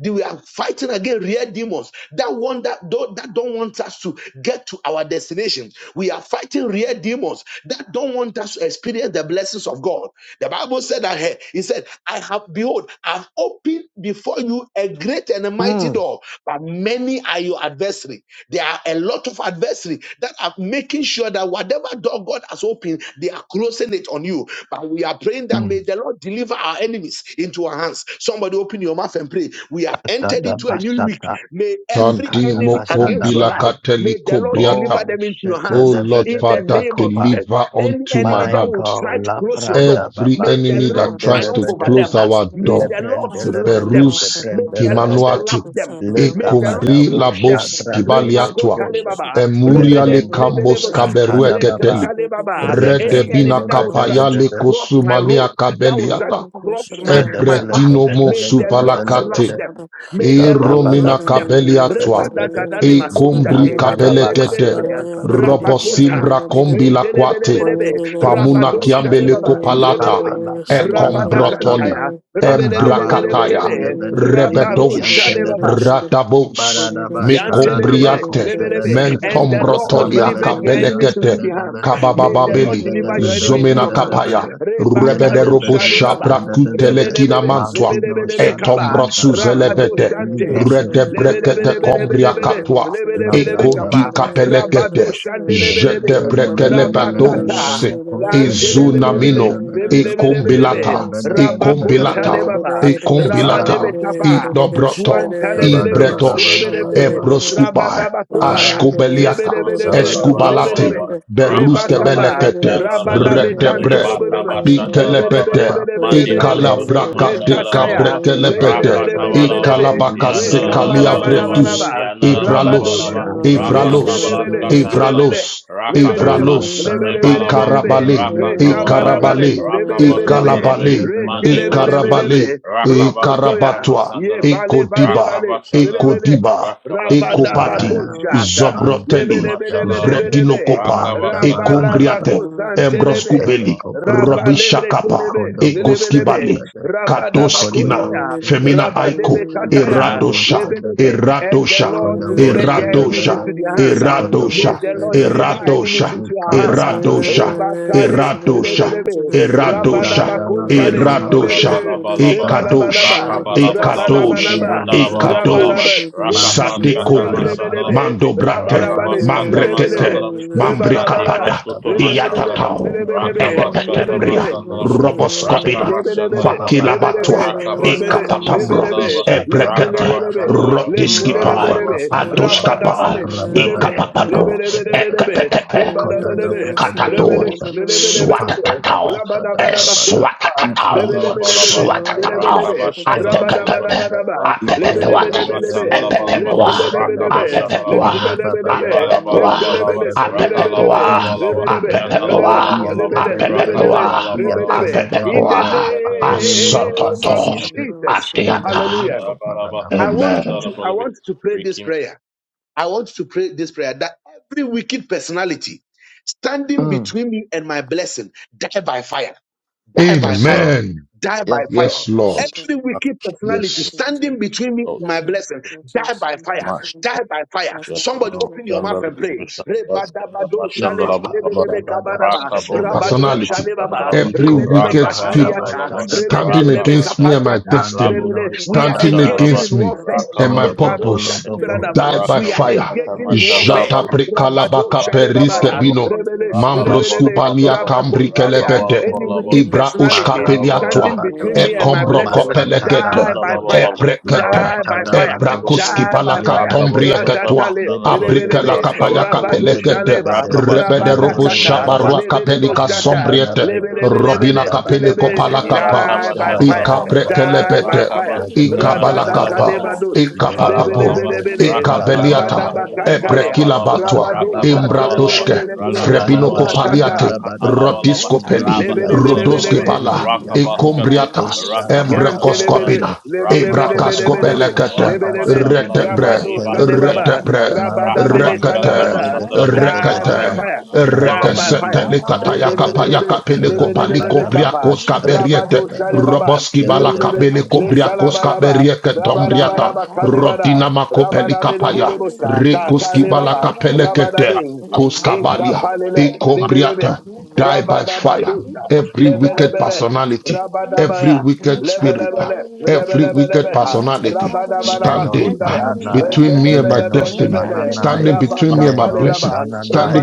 Speaker 1: They were fighting against real demons that want that don't, that don't want us to get to our destination. We are fighting real demons that don't want us to experience the blessings of God. The Bible said that here, He said, I have behold, I've opened before you a great and a mighty
Speaker 3: Mm,
Speaker 1: door, but many are your adversary. There are a lot of adversary that are making sure that whatever door God has opened, they are closing it on you. But we are praying that
Speaker 3: mm.
Speaker 1: may the Lord deliver our enemies into our hands. Somebody open your mouth and pray. We have entered
Speaker 3: Dada
Speaker 1: into a new week.
Speaker 3: Basata
Speaker 1: May every
Speaker 4: Santi
Speaker 3: Ikada
Speaker 1: enemy against
Speaker 3: Basada
Speaker 1: your
Speaker 4: mokombila
Speaker 3: Baha.
Speaker 1: life, may the
Speaker 4: kateliko
Speaker 1: Lord deliver
Speaker 4: briata.
Speaker 3: Oh
Speaker 1: them into your
Speaker 3: Sheta
Speaker 4: Oh
Speaker 1: hands
Speaker 3: de
Speaker 4: Lord
Speaker 3: Bede
Speaker 1: in the
Speaker 3: Bede
Speaker 4: Father,
Speaker 1: name of
Speaker 3: Kopa.
Speaker 1: Jesus.
Speaker 4: deliver
Speaker 1: Any
Speaker 4: unto my
Speaker 1: enemy that
Speaker 3: My
Speaker 4: hand
Speaker 1: will
Speaker 3: God,
Speaker 1: try to
Speaker 3: La
Speaker 1: close your door,
Speaker 3: Branda
Speaker 4: every
Speaker 3: Baba
Speaker 1: May the
Speaker 3: de
Speaker 4: enemy
Speaker 1: Lord
Speaker 4: that tries
Speaker 5: Thank
Speaker 3: Brendele
Speaker 1: triumph
Speaker 4: to
Speaker 1: over
Speaker 3: Bede,
Speaker 1: them.
Speaker 4: close our
Speaker 1: May
Speaker 3: Le
Speaker 4: door.
Speaker 1: the Lord
Speaker 3: Brendele
Speaker 1: slap them.
Speaker 3: Bede, De
Speaker 4: Berus
Speaker 1: May the
Speaker 3: Brendele
Speaker 1: Lord
Speaker 3: Bede,
Speaker 1: slap
Speaker 4: kimanuati.
Speaker 1: them.
Speaker 3: Le
Speaker 1: May the Lord
Speaker 3: Gabada
Speaker 4: Ekumbri
Speaker 1: slap
Speaker 3: Bosha
Speaker 1: them.
Speaker 4: labos
Speaker 3: Brande
Speaker 4: kibaliatwa.
Speaker 1: Rebakota
Speaker 3: Bosha,
Speaker 1: lebaba.
Speaker 3: Le
Speaker 4: Emuriale
Speaker 1: Rebele
Speaker 3: Brendo,
Speaker 4: kambos
Speaker 1: lebelebosha.
Speaker 3: Antada Baba,
Speaker 4: kaberueketeli.
Speaker 1: Rekatale baba.
Speaker 3: Le
Speaker 1: Any
Speaker 3: Brende
Speaker 4: Redebina
Speaker 1: enemy
Speaker 3: de
Speaker 1: that will
Speaker 3: Bede
Speaker 1: try to
Speaker 3: Bede
Speaker 4: kapayale
Speaker 3: Bede,
Speaker 1: cross my
Speaker 4: kosumania
Speaker 1: road, that will try to
Speaker 4: kabeliata.
Speaker 1: cross my,
Speaker 3: De
Speaker 1: my path,
Speaker 3: Belega
Speaker 4: Ebredinomo
Speaker 1: may the
Speaker 3: de
Speaker 1: Lord
Speaker 3: Belega
Speaker 1: slap
Speaker 4: suvalakate.
Speaker 1: them. May
Speaker 4: E
Speaker 1: the Lord
Speaker 4: romina
Speaker 1: slap
Speaker 3: Arabados,
Speaker 1: them.
Speaker 4: kabeliatwa.
Speaker 1: Rebada gadani
Speaker 4: E kumbri
Speaker 1: mahotate.
Speaker 4: kabelekete.
Speaker 1: Rebelebelebe. Rabakota.
Speaker 4: Robosimbra kombi la kwate.
Speaker 1: Lentelebelebelebe.
Speaker 4: Famuna
Speaker 1: Rabado
Speaker 4: kiambele
Speaker 1: shalebaba.
Speaker 4: kopalata.
Speaker 1: Lebelebe.
Speaker 4: E
Speaker 1: Rabada
Speaker 4: kombrotoli.
Speaker 5: you.
Speaker 1: kantaya.
Speaker 5: Thank you.
Speaker 4: Embrakataya.
Speaker 1: Rebelebelebelebe.
Speaker 3: the
Speaker 1: Rabao
Speaker 3: bedes,
Speaker 4: Rebedosh.
Speaker 1: shalebaba.
Speaker 3: the
Speaker 4: Radabos.
Speaker 3: Baradaba Sharadaba
Speaker 1: Yantelebele,
Speaker 4: Mekombriate.
Speaker 1: lebelebe.
Speaker 3: Shadadabada
Speaker 1: And the Lord
Speaker 4: Mentomrotoli
Speaker 1: delivered their
Speaker 3: Rababadabada
Speaker 1: enemies into
Speaker 4: akabelekete.
Speaker 1: the hands.
Speaker 3: Shadadabada
Speaker 1: May the Lord
Speaker 4: Kababababeli.
Speaker 1: deliver your
Speaker 3: Yadadabada
Speaker 1: enemy into
Speaker 4: Zomena
Speaker 1: your hands.
Speaker 4: kabaya.
Speaker 3: Shadadabada
Speaker 1: Rebakalo
Speaker 4: Rebederobo
Speaker 3: Yadadabada
Speaker 1: sharebaba.
Speaker 4: shabrakutele
Speaker 3: Shadadabada
Speaker 1: Rebelebele,
Speaker 4: kinamantua
Speaker 3: Mantino
Speaker 1: lebelebelebe kaba.
Speaker 3: Shadabranda
Speaker 4: etomrasu
Speaker 3: Lababa
Speaker 1: Rabado
Speaker 4: zelebete
Speaker 1: shante.
Speaker 3: Librando
Speaker 4: rete
Speaker 3: the Boy
Speaker 4: brekete
Speaker 3: Manto the
Speaker 4: kombria
Speaker 1: Lebelebelebelebele,
Speaker 3: Baba
Speaker 4: katwa
Speaker 1: lebelebelebe
Speaker 3: Labranda
Speaker 4: ekondi
Speaker 1: kaba.
Speaker 3: Bada
Speaker 4: kapelekete
Speaker 1: Rabado shante
Speaker 3: Yada de
Speaker 4: jete
Speaker 1: lebelebe.
Speaker 3: Bella
Speaker 4: brekele
Speaker 3: Bella Bella
Speaker 4: patos
Speaker 3: Bella
Speaker 1: Rabakata.
Speaker 3: Bella Shada de Beda
Speaker 4: ezunamino
Speaker 1: Yantelebelebele,
Speaker 3: Beda Beda
Speaker 4: ekombilata
Speaker 1: lebelebelebelebe.
Speaker 3: Yada Beda Beda Beda
Speaker 5: Mm-hmm.
Speaker 4: ekombilata
Speaker 3: Beda
Speaker 1: Rabakontalebaba.
Speaker 4: ekombilata
Speaker 3: Ah,
Speaker 1: Rabadebe kaba.
Speaker 4: idobroto
Speaker 3: da ba da
Speaker 1: Swantalebelebe,
Speaker 3: ba da
Speaker 4: imbretosh
Speaker 3: ba da ba da
Speaker 1: lebelebe,
Speaker 4: ebroskupai
Speaker 3: ba.
Speaker 1: rabadabakobaya,
Speaker 4: ashkobeliata
Speaker 1: lebelebelebe,
Speaker 2: Maskata bala
Speaker 4: eskubalate
Speaker 2: bala,
Speaker 1: lebelebe,
Speaker 2: ba,
Speaker 3: Shabada
Speaker 2: rakata
Speaker 1: rebataba,
Speaker 2: baskata
Speaker 4: beruskebelekete
Speaker 2: andala bala ba,
Speaker 4: rete
Speaker 2: lebata
Speaker 1: rabadabekantolobelebe,
Speaker 2: Maskatabalaba, Rakatabaskatanabalaba, Lebatabashandalabalaba,
Speaker 4: bre
Speaker 2: Mandi
Speaker 1: lebelebelebelebelebe,
Speaker 2: Broskutu
Speaker 1: rekataya,
Speaker 2: Mashandalabalaba,
Speaker 4: Ikalabrakatikabratelepete.
Speaker 1: lebelebelebelebe,
Speaker 2: bala, Yandalabalabalaba,
Speaker 4: Ikalabakasekaliabretus.
Speaker 1: rekabarabaraba,
Speaker 4: Ibralos.
Speaker 1: rabadosha,
Speaker 2: Yandalabalabalaba,
Speaker 4: Ibralos.
Speaker 1: lekelebele,
Speaker 2: Rakatabalaskatanalaba,
Speaker 4: Ibralos.
Speaker 1: lebele. Lebelebe,
Speaker 2: Rakatabra,
Speaker 4: Ibralos.
Speaker 2: Lebalaba,
Speaker 1: lebelebelebelebe,
Speaker 4: Ikarabale.
Speaker 2: Rakatabalaba,
Speaker 1: rekabarabale,
Speaker 4: Ikarabale.
Speaker 1: lebelebelebe,
Speaker 2: Rakabashandalabe,
Speaker 4: Ikalabale.
Speaker 2: Mandi Broskutu,
Speaker 4: Ikarabale.
Speaker 1: rekelebelebelebe, rokotoya,
Speaker 4: Ikarabatwa.
Speaker 1: ye
Speaker 2: Rakabaskatamasandalabe,
Speaker 1: bale bale
Speaker 4: Ikodiba.
Speaker 1: bale,
Speaker 2: Rakabashandalaba,
Speaker 1: lebele,
Speaker 4: Ikodiba.
Speaker 2: Rakabashandalaba,
Speaker 4: Ekopati,
Speaker 1: rabadabako shata,
Speaker 3: Mando
Speaker 4: Zobroteli.
Speaker 2: Makabuskutuma
Speaker 3: boshka debede,
Speaker 1: lebelebelebelebe,
Speaker 4: Vredinokopa.
Speaker 3: manda
Speaker 2: Rakabaskatamat.
Speaker 3: balakata,
Speaker 4: Ekombriate.
Speaker 1: rabalabako santelebe,
Speaker 4: Embroskubeli.
Speaker 3: zetebeko padaba,
Speaker 4: Robishakapa.
Speaker 1: rabalebrekelebe,
Speaker 3: ikodo boshka
Speaker 1: lebelebe,
Speaker 4: Ekoskibale,
Speaker 3: debede, ikodo
Speaker 4: Katoskina,
Speaker 1: rabadabakonaya,
Speaker 3: boshka
Speaker 4: Femina
Speaker 3: debede,
Speaker 5: Thank
Speaker 4: Aiko,
Speaker 3: ikodo
Speaker 1: rabadebekataya,
Speaker 3: boshka
Speaker 4: Eratosha,
Speaker 1: lebelebe,
Speaker 3: debede,
Speaker 1: and the
Speaker 4: Eratosha,
Speaker 1: Lord
Speaker 3: ikodo
Speaker 1: delivered
Speaker 3: boshka
Speaker 1: their enemies
Speaker 3: debede,
Speaker 4: Eratosha,
Speaker 1: into their hands.
Speaker 3: ikodo
Speaker 1: May
Speaker 4: Eratosha,
Speaker 1: the
Speaker 3: boshka
Speaker 1: Lord deliver
Speaker 3: debede,
Speaker 1: our enemies
Speaker 4: Eratosha,
Speaker 1: into our hands. ah.
Speaker 4: Eratosha,
Speaker 3: ikabadabadaba,
Speaker 1: Rebakale, lelebelebe,
Speaker 4: Eratosha, Eratosha,
Speaker 1: rabadabakontale,
Speaker 3: zadalababalaba,
Speaker 2: Maskata
Speaker 4: Eratosha,
Speaker 1: lelebelebe,
Speaker 2: Balabalaba.
Speaker 4: Ekadosh,
Speaker 1: rebalabalaba,
Speaker 3: zabalababalaba,
Speaker 2: Rakabalabalaba.
Speaker 4: Ekadosh,
Speaker 1: rabalabalaba,
Speaker 3: ikedebebele kosha,
Speaker 2: Yandalabalabalaba.
Speaker 1: rabalabe,
Speaker 4: Ekadosh,
Speaker 1: lele-
Speaker 3: mandi
Speaker 4: Sate
Speaker 2: Rakataskata
Speaker 4: Kumri,
Speaker 1: lelebelebelebe,
Speaker 4: Mando
Speaker 2: Mashandalabalubi.
Speaker 4: Brate,
Speaker 1: rabalabale,
Speaker 3: Nababado,
Speaker 2: Rakabaskata
Speaker 1: lelebelebe,
Speaker 4: Mambrekete,
Speaker 3: Nababada,
Speaker 2: Masandalabi. Mande
Speaker 1: rebalabala,
Speaker 3: Ikapata,
Speaker 4: Mambrekapada,
Speaker 2: Broskutuma
Speaker 1: rebelebele,
Speaker 3: Nababada,
Speaker 2: Shandalaba.
Speaker 4: Iyatatao,
Speaker 1: lelebelebe,
Speaker 3: Ikodabosha,
Speaker 2: Rakabaskata
Speaker 4: Etetemria,
Speaker 1: rebelebe,
Speaker 2: Masandalaba.
Speaker 3: Nababadabosha,
Speaker 4: Roboskopina,
Speaker 1: Lebelebele,
Speaker 2: Rakabashandalabalaba.
Speaker 1: lebelebe,
Speaker 4: Fakilabatwa,
Speaker 1: rebele,
Speaker 2: Rakabaskata
Speaker 3: Rababadabadabadabadabosha,
Speaker 4: Ekapapamra,
Speaker 1: rebelebe,
Speaker 2: Masandalaba.
Speaker 5: you.
Speaker 4: Ebrekete,
Speaker 1: lekelebelebe,
Speaker 3: Ishatadabadabada,
Speaker 2: Rakabashandalaba.
Speaker 5: Should
Speaker 4: Rodiskipai,
Speaker 3: Impalua
Speaker 1: lekelebelebe,
Speaker 2: Rakabaskata
Speaker 3: Kapaladada,
Speaker 4: Atoshkapai,
Speaker 1: rabadabale, lelebe,
Speaker 2: Masandalaba.
Speaker 4: Ekapapapo,
Speaker 3: Rababadabakosha,
Speaker 1: lebelebelebelebe,
Speaker 3: Nabada,
Speaker 4: Ekapetepe,
Speaker 1: rebadabelebe, rebele,
Speaker 4: Katato,
Speaker 3: Kodadabadabadabosha,
Speaker 1: lelebelebelebe,
Speaker 4: swatatatao, eh,
Speaker 3: Ipadadabashadadabada,
Speaker 1: rabadabadabasunda,
Speaker 4: swatatatao,
Speaker 2: Masandara
Speaker 3: Impalua
Speaker 2: balaba,
Speaker 1: rebelebelebele,
Speaker 3: Katadabaya,
Speaker 4: swatatatao,
Speaker 2: Rakabashandarabalaba,
Speaker 4: atekekebe,
Speaker 3: Peledebele,
Speaker 2: Rakabaskata
Speaker 4: apepepewate,
Speaker 3: Impeledebele,
Speaker 2: Masandarabalaba,
Speaker 4: epepepewa,
Speaker 3: Impelebelebele,
Speaker 2: Rakabashandarabalebe,
Speaker 4: apepepewa,
Speaker 3: Rababadaba,
Speaker 4: apepepewa,
Speaker 2: Libalabalabalaba,
Speaker 3: Mm.
Speaker 4: apepepewa,
Speaker 2: Rakalabalabalaba,
Speaker 4: apepepewa,
Speaker 2: Yandalabalabalaba,
Speaker 4: apepepewa,
Speaker 2: Rakatabalabalaba,
Speaker 1: in the
Speaker 4: apepepewa,
Speaker 2: Rakabaskata, uh,
Speaker 1: name of
Speaker 4: asototo,
Speaker 1: Jesus.
Speaker 4: atiata.
Speaker 1: Hallelujah.
Speaker 2: Balabalaba,
Speaker 1: I want you to
Speaker 4: Amen.
Speaker 1: I
Speaker 2: Shandarabalebe,
Speaker 1: want you to pray this
Speaker 2: Rikim,
Speaker 1: prayer. I want to pray this prayer that every wicked personality standing between me and my blessing die by fire, die by
Speaker 3: Yes,
Speaker 1: fire,
Speaker 3: Lord.
Speaker 4: Amen.
Speaker 1: die by
Speaker 3: Yes,
Speaker 1: fire.
Speaker 4: Yes,
Speaker 3: Lord.
Speaker 4: Lord.
Speaker 1: Every wicked personality
Speaker 4: Yes.
Speaker 1: standing between me
Speaker 2: Oh,
Speaker 1: and my blessing, die by fire,
Speaker 5: have.
Speaker 2: Mash.
Speaker 1: die by fire.
Speaker 5: That's
Speaker 2: Yes,
Speaker 5: why I'm
Speaker 1: Somebody
Speaker 2: no.
Speaker 5: always
Speaker 1: open your mouth
Speaker 2: Shandala
Speaker 5: trying
Speaker 1: and
Speaker 5: to
Speaker 1: pray.
Speaker 2: Sivishana Baskata
Speaker 1: Rebadabado
Speaker 5: do the best I
Speaker 1: shalet
Speaker 2: Mashandala
Speaker 5: can
Speaker 3: Ikapa
Speaker 5: do.
Speaker 2: Baba
Speaker 1: lebelebe
Speaker 5: I'm always
Speaker 3: dabada
Speaker 1: kabanaba,
Speaker 2: Raka
Speaker 5: trying to
Speaker 1: rabado
Speaker 2: Bosketa
Speaker 3: shadabahada.
Speaker 5: do
Speaker 4: Personality.
Speaker 5: the job
Speaker 1: shalebaba,
Speaker 5: I'm
Speaker 2: Mashandala
Speaker 5: doing. I'm always
Speaker 4: Every
Speaker 5: trying
Speaker 3: Iko
Speaker 5: to
Speaker 1: rebelebe
Speaker 2: Raka
Speaker 4: wicked
Speaker 5: do the best
Speaker 4: spirit
Speaker 3: dabahada
Speaker 2: Bala
Speaker 1: katariata,
Speaker 2: Balaba
Speaker 4: standing
Speaker 3: bashadabahada.
Speaker 2: Raka
Speaker 1: rebelebelebe
Speaker 5: I
Speaker 4: against
Speaker 5: can
Speaker 4: me
Speaker 5: do.
Speaker 4: and my
Speaker 2: Bashadaba
Speaker 1: kapatiata,
Speaker 4: destiny,
Speaker 5: I'm
Speaker 2: Rabos
Speaker 1: rebele.
Speaker 3: Mandino
Speaker 2: Kutu
Speaker 1: We
Speaker 5: always trying
Speaker 1: are
Speaker 5: to
Speaker 4: standing
Speaker 5: do
Speaker 1: engaging
Speaker 3: shadadaya.
Speaker 5: the
Speaker 2: Mashandala
Speaker 1: in
Speaker 4: against me
Speaker 1: warfare
Speaker 5: best I can
Speaker 2: Raka
Speaker 5: do.
Speaker 4: and my
Speaker 3: Itola
Speaker 2: Baskata
Speaker 3: bobo
Speaker 4: purpose,
Speaker 5: I'm
Speaker 2: Mashandala
Speaker 3: lobo.
Speaker 4: die
Speaker 5: always
Speaker 4: by
Speaker 5: trying
Speaker 2: Raka
Speaker 5: to
Speaker 1: we are
Speaker 5: do the
Speaker 4: fire.
Speaker 5: best I can do. I'm doing what
Speaker 2: Baskata
Speaker 5: I trying to
Speaker 1: engaging in
Speaker 5: do
Speaker 1: warfare.
Speaker 4: Jata
Speaker 2: Mashandala
Speaker 5: the best I
Speaker 1: Rabado
Speaker 5: can do.
Speaker 4: brikalabaka periske
Speaker 1: Shalebabara,
Speaker 4: bino,
Speaker 2: Balabalabalaba,
Speaker 1: Rebele,
Speaker 4: mambros
Speaker 1: Rebelebe,
Speaker 5: I'm
Speaker 4: kubalia
Speaker 2: rakalabalabalaba,
Speaker 4: kambri
Speaker 1: Rabakontalia,
Speaker 4: kelebete,
Speaker 1: any
Speaker 2: rakabalabalaba,
Speaker 1: wicked
Speaker 4: ibra ushka
Speaker 1: personality
Speaker 3: Makata
Speaker 2: shalabalabalaba,
Speaker 4: beliatwa,
Speaker 1: standing between
Speaker 3: Dabados,
Speaker 4: e
Speaker 1: me and my
Speaker 4: kombro
Speaker 1: blessing,
Speaker 2: rakabalabalaba,
Speaker 3: Makata
Speaker 4: kopelekete,
Speaker 1: die by
Speaker 3: Dabados,
Speaker 4: e
Speaker 1: fire,
Speaker 2: mandalabalaba,
Speaker 4: brekete,
Speaker 1: die
Speaker 3: Makata
Speaker 1: by
Speaker 4: e
Speaker 1: fire,
Speaker 3: Dabados,
Speaker 4: brakuski
Speaker 1: die by
Speaker 4: balaka
Speaker 1: fire.
Speaker 3: Yebedebede,
Speaker 4: tombrieketwa,
Speaker 1: Radatale,
Speaker 2: rakabashandalabalaba,
Speaker 4: abrike
Speaker 2: rakabaskatamasandalaba,
Speaker 5: always
Speaker 1: Lebelebe,
Speaker 3: Yedebedebede,
Speaker 5: trying to
Speaker 4: lakapayaka
Speaker 2: rakabakaba,
Speaker 1: Rabado
Speaker 5: Thank
Speaker 4: pelekete,
Speaker 1: Shaleba,
Speaker 3: Yedebedebede,
Speaker 5: you.
Speaker 4: rebede robo
Speaker 1: Rabadakata,
Speaker 2: rakabaskatamasuriandaba,
Speaker 3: Yedebedebede,
Speaker 4: shabarua
Speaker 1: Lebelebo
Speaker 4: kapelika
Speaker 1: Shata,
Speaker 4: sombriete,
Speaker 3: Mandabadabaya,
Speaker 4: Robina
Speaker 1: Lebelebelebele,
Speaker 4: kapele
Speaker 1: Lelebe,
Speaker 4: kopala
Speaker 3: Mandabadabadaba,
Speaker 4: kapa.
Speaker 1: die
Speaker 2: Ibataba
Speaker 1: by
Speaker 2: Shandra
Speaker 1: fire,
Speaker 4: Ika
Speaker 2: Balaba,
Speaker 3: Dabadabadabadaba,
Speaker 1: die by
Speaker 4: prekelebete.
Speaker 2: Rakaba
Speaker 1: fire.
Speaker 4: Ika
Speaker 2: Skatama Shandra
Speaker 4: balakapa.
Speaker 3: Yatulabadabadaba,
Speaker 2: Balaba,
Speaker 1: Radada
Speaker 4: Ika papapo.
Speaker 2: Ibarabalaba,
Speaker 3: zebedebedebe,
Speaker 1: Lebelebelebele,
Speaker 4: Ika beliata.
Speaker 2: Rakatabalaba,
Speaker 3: rababadabadabadaba,
Speaker 1: Rabadabakantalea,
Speaker 4: Ebrekila
Speaker 2: Libalabalaba,
Speaker 4: batwa.
Speaker 1: Rabado
Speaker 3: makabababadaba,
Speaker 2: Rakabalabalaba,
Speaker 4: Imbratoshke.
Speaker 1: Shakelebelebelebele,
Speaker 4: Frebino
Speaker 2: Ralabalabalaba,
Speaker 1: Rakata,
Speaker 4: kopaliate.
Speaker 3: labalabashadadabadaba,
Speaker 2: Rakatalabalaba,
Speaker 4: rodisko peli.
Speaker 2: Rabba
Speaker 3: zidibiyante
Speaker 2: Shandra
Speaker 4: Rodoske
Speaker 2: Balaba,
Speaker 1: Lebelebelebelebe,
Speaker 4: pala.
Speaker 3: debrandidibiyante,
Speaker 2: Rakabaskate,
Speaker 4: Ekombriata.
Speaker 2: Rakabaskataba,
Speaker 1: Yantelebele,
Speaker 3: eshatadabakose,
Speaker 4: Embrekoskopina. Ebrakasko
Speaker 2: Rakabaskatama,
Speaker 1: lebelebelebelebelebe,
Speaker 3: ipodobobo
Speaker 6: Yes,
Speaker 4: belekete.
Speaker 1: lebelebe,
Speaker 2: Rakabashandarabi,
Speaker 4: Retebre.
Speaker 1: rabado
Speaker 3: shadabrandidibiyante levede,
Speaker 1: kalebaba,
Speaker 4: Retebre.
Speaker 2: Libaturiamasa,
Speaker 1: rabadabele
Speaker 4: Rekete.
Speaker 2: Rakabaskatama
Speaker 1: kalabada,
Speaker 2: Sandrabi,
Speaker 1: die
Speaker 4: Rekete.
Speaker 1: by
Speaker 3: mandidibiyandebedebekedebedebede,
Speaker 1: fire,
Speaker 2: Rakabashandra Balaba,
Speaker 1: die by
Speaker 2: Rakabashandra
Speaker 4: Rekesete
Speaker 1: fire.
Speaker 3: mandidibiyante
Speaker 4: likatayaka
Speaker 3: bedebede,
Speaker 1: Lebelebelebe,
Speaker 4: payaka peleko paliko
Speaker 1: lebelebelebe kapa,
Speaker 4: briakos kaberiete.
Speaker 1: rabado
Speaker 3: rababadabakoshkadabedebede,
Speaker 1: salebaba,
Speaker 4: Roboski balaka
Speaker 1: lebelebe,
Speaker 3: Zebedebeko
Speaker 4: beleko
Speaker 1: le
Speaker 4: briakos
Speaker 3: shabadabada.
Speaker 1: kalabalaba,
Speaker 4: kaberieke tombriata.
Speaker 1: rabalabalaba
Speaker 3: Ipapalabada.
Speaker 1: kalebada,
Speaker 4: Rodina mako pelika paya.
Speaker 1: rabadabelebelebosa,
Speaker 4: Rekoski
Speaker 1: kakalebaba,
Speaker 4: balaka pelekete.
Speaker 1: rabadabe,
Speaker 5: Thank
Speaker 4: Koskabalia.
Speaker 1: ekapalele, lebelebe,
Speaker 4: Ekombriata. Die by fire.
Speaker 1: Rabadabakuta,
Speaker 4: Every wicked
Speaker 1: Lebelebele,
Speaker 4: personality. Every
Speaker 1: Rabadabaya,
Speaker 7: Thank you.
Speaker 4: wicked spirit. ah,
Speaker 1: Lebelebele,
Speaker 4: Every wicked
Speaker 1: Lebelebelebeha,
Speaker 4: personality.
Speaker 3: Imeno
Speaker 4: Standing ah,
Speaker 1: Rabadabanabakundaya,
Speaker 3: Shananai,
Speaker 4: between me and my
Speaker 3: Imeno
Speaker 4: destiny.
Speaker 1: Ekebelebelebele,
Speaker 4: Standing
Speaker 3: Shananai,
Speaker 4: and my
Speaker 3: Imeno
Speaker 4: blessing
Speaker 1: Rabakapalelaba,
Speaker 4: standing
Speaker 3: Shananai,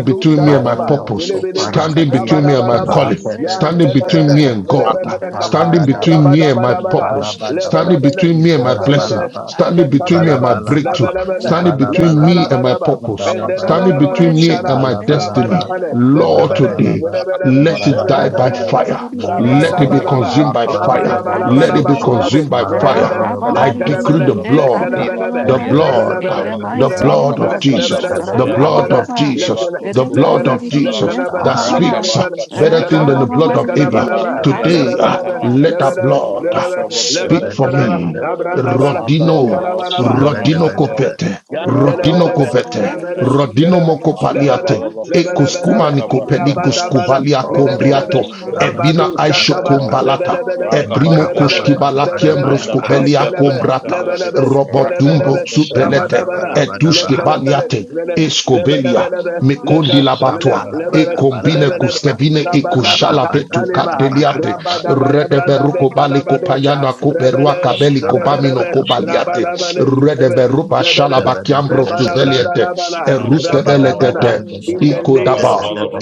Speaker 4: my
Speaker 3: Maminos
Speaker 4: purpose,
Speaker 1: Yelebele,
Speaker 4: standing
Speaker 3: Coparagadia,
Speaker 4: between my
Speaker 1: Rabadabanaba,
Speaker 4: calling,
Speaker 3: Antedeco
Speaker 4: standing between
Speaker 1: Yantelebele,
Speaker 4: me
Speaker 3: Skedebe,
Speaker 4: and God,
Speaker 1: Lebelebekapa,
Speaker 4: standing
Speaker 3: Ivalagadaba,
Speaker 4: between me and my
Speaker 1: Rabadabadabada,
Speaker 4: purpose,
Speaker 3: Ivalabadaba,
Speaker 4: standing
Speaker 1: Lebelebele,
Speaker 6: Thank
Speaker 4: between me and my blessing,
Speaker 1: Lebelebe,
Speaker 3: Ivalabalaba,
Speaker 4: standing between me and
Speaker 1: Lebekabalaba,
Speaker 4: my
Speaker 3: Ivalabalaba,
Speaker 4: breakthrough,
Speaker 1: lebalabala,
Speaker 4: standing between me
Speaker 3: Ivalabalaba,
Speaker 1: lekalabalaba,
Speaker 4: my purpose,
Speaker 2: Balaba,
Speaker 4: standing
Speaker 3: Ivalabalaba,
Speaker 1: mendelebelebelo
Speaker 4: between me
Speaker 1: shara,
Speaker 4: and my destiny.
Speaker 1: rabadabale,
Speaker 3: Ivalabalaba,
Speaker 4: Lord,
Speaker 1: lekebele,
Speaker 4: today,
Speaker 3: Ivalabalaba,
Speaker 1: yelebelebe,
Speaker 6: In
Speaker 4: let
Speaker 6: the
Speaker 4: it
Speaker 2: Rakabaskata
Speaker 4: die by
Speaker 3: Ivalabalaba,
Speaker 1: lebelebelebele,
Speaker 4: fire. Let it be
Speaker 2: Mashandarababa,
Speaker 3: Mandobolobo,
Speaker 1: rabadabalaba,
Speaker 4: consumed by fire.
Speaker 2: Rakabaskata
Speaker 4: Let it be
Speaker 3: Mandobolobo,
Speaker 2: Masuriandaraba,
Speaker 1: rabalabalabalabakulabe,
Speaker 4: consumed by
Speaker 3: Manda
Speaker 4: fire.
Speaker 1: lebele,
Speaker 3: bala
Speaker 2: Rakabaskata
Speaker 4: I
Speaker 3: bala bala,
Speaker 4: decree
Speaker 1: lekelebele,
Speaker 4: the
Speaker 2: Masandarabi,
Speaker 5: you.
Speaker 4: blood,
Speaker 1: lekelebelebe,
Speaker 4: the
Speaker 3: yada
Speaker 2: Libaturia
Speaker 5: Thank
Speaker 3: bala
Speaker 4: blood,
Speaker 1: lebelebele,
Speaker 2: Mashandaraba,
Speaker 3: bala,
Speaker 5: you.
Speaker 4: the
Speaker 1: lele,
Speaker 6: mighty
Speaker 4: blood
Speaker 6: name
Speaker 1: lele,
Speaker 4: of
Speaker 6: of
Speaker 2: Rakabaskata
Speaker 4: Jesus,
Speaker 6: Jesus,
Speaker 1: lebele,
Speaker 3: shkaba
Speaker 7: Jesus.
Speaker 4: the
Speaker 3: da
Speaker 4: blood
Speaker 2: Masuriandarabi,
Speaker 3: yadabalabalaba,
Speaker 4: of
Speaker 6: Rakababa,
Speaker 4: Jesus, the
Speaker 1: Le
Speaker 2: Libatuskutu
Speaker 4: blood
Speaker 1: kana,
Speaker 4: of
Speaker 1: le
Speaker 2: Mashandaraba,
Speaker 4: Jesus
Speaker 1: kanaba,
Speaker 4: that
Speaker 1: le
Speaker 4: speaks uh,
Speaker 1: kanaba,
Speaker 2: Rakabaskata
Speaker 1: le
Speaker 4: better thing than
Speaker 1: kanaba,
Speaker 4: the
Speaker 2: Mashandarabi,
Speaker 4: blood
Speaker 1: le
Speaker 4: of
Speaker 1: kanaba
Speaker 4: Abel.
Speaker 1: naba,
Speaker 3: shabadabadaba, ah,
Speaker 2: Libaturia
Speaker 3: bala
Speaker 1: le
Speaker 4: Today,
Speaker 1: naba
Speaker 3: bala,
Speaker 4: uh,
Speaker 2: Maskata
Speaker 1: naba,
Speaker 6: Rekababa,
Speaker 1: le
Speaker 4: let
Speaker 2: Mashandarabi,
Speaker 4: that blood uh,
Speaker 1: lekana
Speaker 6: Rekababa,
Speaker 1: le lekanaba le lekanabanaba lebanaba lebanaba
Speaker 2: Rakabaskata
Speaker 1: lebanaba
Speaker 3: shkaba
Speaker 4: speak for
Speaker 3: da
Speaker 2: Mashan,
Speaker 1: lebanaba
Speaker 4: me.
Speaker 3: dabadabadaba,
Speaker 6: Rekababa,
Speaker 1: abrandabara
Speaker 4: Rodino,
Speaker 6: it's the
Speaker 1: lekanabanaba
Speaker 6: mighty
Speaker 2: Mandarabaskata
Speaker 6: name
Speaker 4: Rodino
Speaker 3: shabadabadaba,
Speaker 2: Mashandaraba,
Speaker 4: Copete, Rodino
Speaker 1: Yantelebelebe,
Speaker 2: Rakabaskata
Speaker 4: covete,
Speaker 1: rebele,
Speaker 2: Mashan,
Speaker 4: rodino
Speaker 1: lelebe,
Speaker 4: moco
Speaker 1: lebele,
Speaker 4: paliate,
Speaker 2: Mandarabalaba,
Speaker 4: ecuskuma
Speaker 1: lebelebelebe,
Speaker 4: nicopelicus
Speaker 2: Rakabaskata
Speaker 1: rabadabala,
Speaker 4: cuvalia
Speaker 3: oh,
Speaker 1: lelebelebe,
Speaker 4: combriato,
Speaker 6: of Jesus.
Speaker 1: rabadu,
Speaker 4: evina
Speaker 2: Manda
Speaker 4: aisho
Speaker 6: It
Speaker 1: chakaba,
Speaker 6: is It
Speaker 3: tabadabadabadaba,
Speaker 2: balaba,
Speaker 4: combalata,
Speaker 1: lebelebelebe,
Speaker 2: raka
Speaker 4: ebrimo
Speaker 1: lelebelebe,
Speaker 2: basketema,
Speaker 4: koshkibala
Speaker 1: lebelebe,
Speaker 6: is
Speaker 4: kiembros
Speaker 6: It
Speaker 2: manda
Speaker 3: makapapapabadabadabadabaha,
Speaker 4: cobelia
Speaker 2: braskete
Speaker 1: lekelebe,
Speaker 4: combrata,
Speaker 2: maşandrabi,
Speaker 1: lebelebe,
Speaker 2: raka
Speaker 4: robotumbo
Speaker 1: lelebelebe,
Speaker 3: oh,
Speaker 2: baskete
Speaker 4: subelete,
Speaker 1: rabadabala,
Speaker 2: maşandrabi,
Speaker 6: is
Speaker 4: etushke
Speaker 3: shabadabadabadabaha,
Speaker 1: lekelebele,
Speaker 6: It
Speaker 4: baliate,
Speaker 6: is The love
Speaker 4: escobelia,
Speaker 6: It
Speaker 1: lebelebelebe, leke,
Speaker 4: mecondi
Speaker 6: is It
Speaker 4: labatua,
Speaker 2: maşandrabi,
Speaker 6: is It
Speaker 4: e
Speaker 1: lebele,
Speaker 4: combine
Speaker 1: lebelebe,
Speaker 3: shapalabadabalagadaba,
Speaker 4: cuscevine e
Speaker 1: rabadaba,
Speaker 4: cusciala vetu
Speaker 1: kaleba,
Speaker 4: cateliate,
Speaker 3: rababadagadabagadaba,
Speaker 1: rabadabada, brandabe,
Speaker 4: redeberuco balico
Speaker 1: kalabadosha,
Speaker 4: payana coberua
Speaker 1: rebele,
Speaker 6: is
Speaker 4: cabeli cobamino
Speaker 1: lelebelebe,
Speaker 6: It
Speaker 4: cobaliate,
Speaker 3: shabadabadabadabadaba.
Speaker 6: is
Speaker 5: Thank
Speaker 1: rabalabale,
Speaker 6: Thank
Speaker 4: redeberu
Speaker 1: lebe,
Speaker 3: In the
Speaker 4: Bashalabakam Rosuveliete,
Speaker 1: Lebalabrandalabala,
Speaker 2: maşandra balaba,
Speaker 1: rabadabada,
Speaker 4: Eruskebelekete,
Speaker 1: In the
Speaker 2: raka
Speaker 1: name
Speaker 2: bala
Speaker 1: of
Speaker 4: Ikodaba,
Speaker 1: Jesus.
Speaker 2: balaba,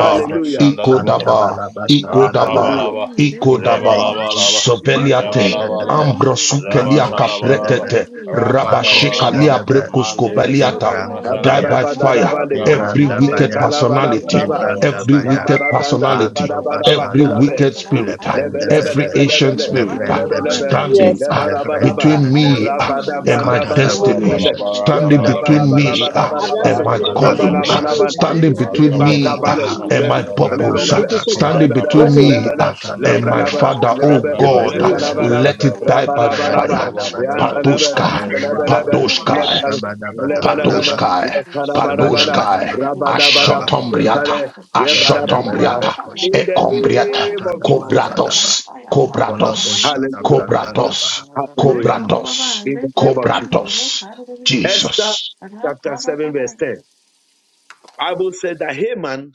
Speaker 2: ya maşandra balaba,
Speaker 4: Ikodaba,
Speaker 2: raka
Speaker 4: Ikodaba,
Speaker 1: Hallelujah.
Speaker 2: balaba, le bala
Speaker 4: Ikodaba,
Speaker 3: name of
Speaker 2: balaba,
Speaker 3: Jesus,
Speaker 2: le
Speaker 3: Marco
Speaker 4: Soveliate,
Speaker 2: bala
Speaker 3: Shadabe,
Speaker 2: balaba, le
Speaker 4: Ambrosukelia
Speaker 3: Marco
Speaker 2: başara balaba,
Speaker 3: Shadabe,
Speaker 4: Capretete,
Speaker 2: raka da
Speaker 3: Marco
Speaker 2: balaba,
Speaker 4: Rabashikalia
Speaker 3: Shadabe,
Speaker 2: manda
Speaker 4: Brecuskobeliata,
Speaker 2: yuskete
Speaker 3: Libranda
Speaker 4: die
Speaker 2: maşandrabi,
Speaker 3: Baya,
Speaker 4: by fire.
Speaker 1: Kabarabadadabale,
Speaker 2: raka
Speaker 4: Every
Speaker 3: Libranda
Speaker 2: baskete,
Speaker 4: wicked
Speaker 3: Baya,
Speaker 4: personality,
Speaker 1: lekalabalabalaba,
Speaker 2: Mandala,
Speaker 3: Libranda
Speaker 4: every
Speaker 6: you.
Speaker 3: Baya,
Speaker 4: wicked
Speaker 6: In the
Speaker 4: personality,
Speaker 3: Mando
Speaker 6: mighty name
Speaker 4: every
Speaker 6: of
Speaker 3: Bashada,
Speaker 1: labarabrandalebadabadabakulabe.
Speaker 6: Jesus.
Speaker 4: wicked
Speaker 2: mandala,
Speaker 4: spirit,
Speaker 3: Lebrende
Speaker 4: every
Speaker 3: Bede,
Speaker 4: ancient
Speaker 6: In
Speaker 1: Lebelebelebelebele.
Speaker 6: the
Speaker 4: spirit
Speaker 6: mighty
Speaker 3: Lebrende
Speaker 1: Lebelebe.
Speaker 6: name
Speaker 3: Bede,
Speaker 6: of
Speaker 7: Yes,
Speaker 4: standing
Speaker 6: Jesus.
Speaker 4: uh,
Speaker 3: Lebrende
Speaker 1: Lebarabaraba.
Speaker 4: between
Speaker 3: Bede,
Speaker 4: me. uh, and my
Speaker 1: Rabadabrandabale.
Speaker 3: Sikatada
Speaker 2: mashandala,
Speaker 5: you.
Speaker 7: Mimi,
Speaker 4: destiny,
Speaker 2: bala,
Speaker 1: Lebe.
Speaker 3: Bakoshe,
Speaker 2: bala,
Speaker 4: standing
Speaker 2: kabala, bala,
Speaker 4: between
Speaker 3: Lebrendosha.
Speaker 4: me ah,
Speaker 2: mande,
Speaker 7: abrante,
Speaker 1: Lebarabarabarabarabaraba.
Speaker 4: and my
Speaker 7: mimi
Speaker 2: boskoto,
Speaker 3: Ifala
Speaker 7: nimepita
Speaker 4: calling, ah,
Speaker 2: mashandala,
Speaker 7: nimepita
Speaker 1: Rabalabalabala.
Speaker 3: koshande,
Speaker 7: utishoni
Speaker 4: standing
Speaker 2: bala,
Speaker 7: mimi.
Speaker 4: between
Speaker 3: ikonda
Speaker 4: me
Speaker 7: Hata
Speaker 4: ah,
Speaker 2: rakabaskata,
Speaker 1: Ibakabale.
Speaker 7: niseme
Speaker 3: baha,
Speaker 4: and
Speaker 7: mtu.
Speaker 1: Le-
Speaker 4: my
Speaker 2: mashandala, bala,
Speaker 4: purpose, ah,
Speaker 1: Lebelebe.
Speaker 3: rababada
Speaker 7: Maandikisho
Speaker 3: kosha,
Speaker 4: standing
Speaker 1: Lebelebe.
Speaker 4: between
Speaker 7: wote
Speaker 4: me
Speaker 2: rakabaskata,
Speaker 1: Lebele.
Speaker 4: ah,
Speaker 3: ikatada
Speaker 4: and
Speaker 2: mashandala,
Speaker 4: my
Speaker 3: badaba,
Speaker 1: Lekalabash.
Speaker 2: bala,
Speaker 4: Father, oh
Speaker 1: Lelebe.
Speaker 4: God,
Speaker 3: zebede
Speaker 4: ah,
Speaker 7: nitachiniwa.
Speaker 2: rakabaskata,
Speaker 3: bede bede
Speaker 1: Lekalabalaba.
Speaker 4: let
Speaker 3: be,
Speaker 4: it
Speaker 2: mashandala, bala,
Speaker 4: die by
Speaker 3: zebede
Speaker 1: Rabarabaraba.
Speaker 4: fire.
Speaker 3: bede bede be,
Speaker 2: rakabaskata,
Speaker 1: Yandanebe.
Speaker 4: Patoshkai,
Speaker 2: mashandala,
Speaker 3: yebede bede
Speaker 1: Lebelebe.
Speaker 3: be,
Speaker 4: Patoshkai,
Speaker 2: bala.
Speaker 1: Lekal.
Speaker 3: shabada bada bada
Speaker 1: Lebelebele.
Speaker 3: ba,
Speaker 4: Patuskai,
Speaker 3: shabada
Speaker 1: Lekalabarabara.
Speaker 3: bada
Speaker 4: Patuskai,
Speaker 3: ba,
Speaker 1: Rabadabarab.
Speaker 3: rababada ba,
Speaker 4: Ashotombriata,
Speaker 6: Thank
Speaker 1: Intare.
Speaker 6: you. Adam
Speaker 3: yebede
Speaker 5: Thank
Speaker 6: died
Speaker 5: you.
Speaker 3: bede
Speaker 1: Yebarababa.
Speaker 3: be
Speaker 6: on
Speaker 4: Ashotombriata,
Speaker 6: fire,
Speaker 3: kosha,
Speaker 1: In the
Speaker 6: only
Speaker 4: Ecombriata,
Speaker 6: woman,
Speaker 1: name of
Speaker 3: ikatada
Speaker 6: oh,
Speaker 1: Jesus.
Speaker 6: died
Speaker 3: basada ba,
Speaker 6: on
Speaker 4: Cobratos,
Speaker 6: fire, what is
Speaker 3: kolo
Speaker 6: on the
Speaker 4: Cobratos,
Speaker 6: mighty
Speaker 3: boshada
Speaker 1: Hallelujah.
Speaker 6: name
Speaker 3: branda
Speaker 6: of
Speaker 3: da
Speaker 6: Jesus?
Speaker 4: Cobratos,
Speaker 3: baha.
Speaker 6: Red
Speaker 1: Hallelujah.
Speaker 6: cover,
Speaker 3: Mm.
Speaker 6: red
Speaker 4: Cobratos,
Speaker 6: cover,
Speaker 1: In the
Speaker 6: red
Speaker 1: name of Jesus.
Speaker 4: Cobratos,
Speaker 6: cover, red
Speaker 1: Esther
Speaker 4: Jesus.
Speaker 6: cover, red
Speaker 1: chapter 7, verse
Speaker 6: cover,
Speaker 1: 10. Bible said that Haman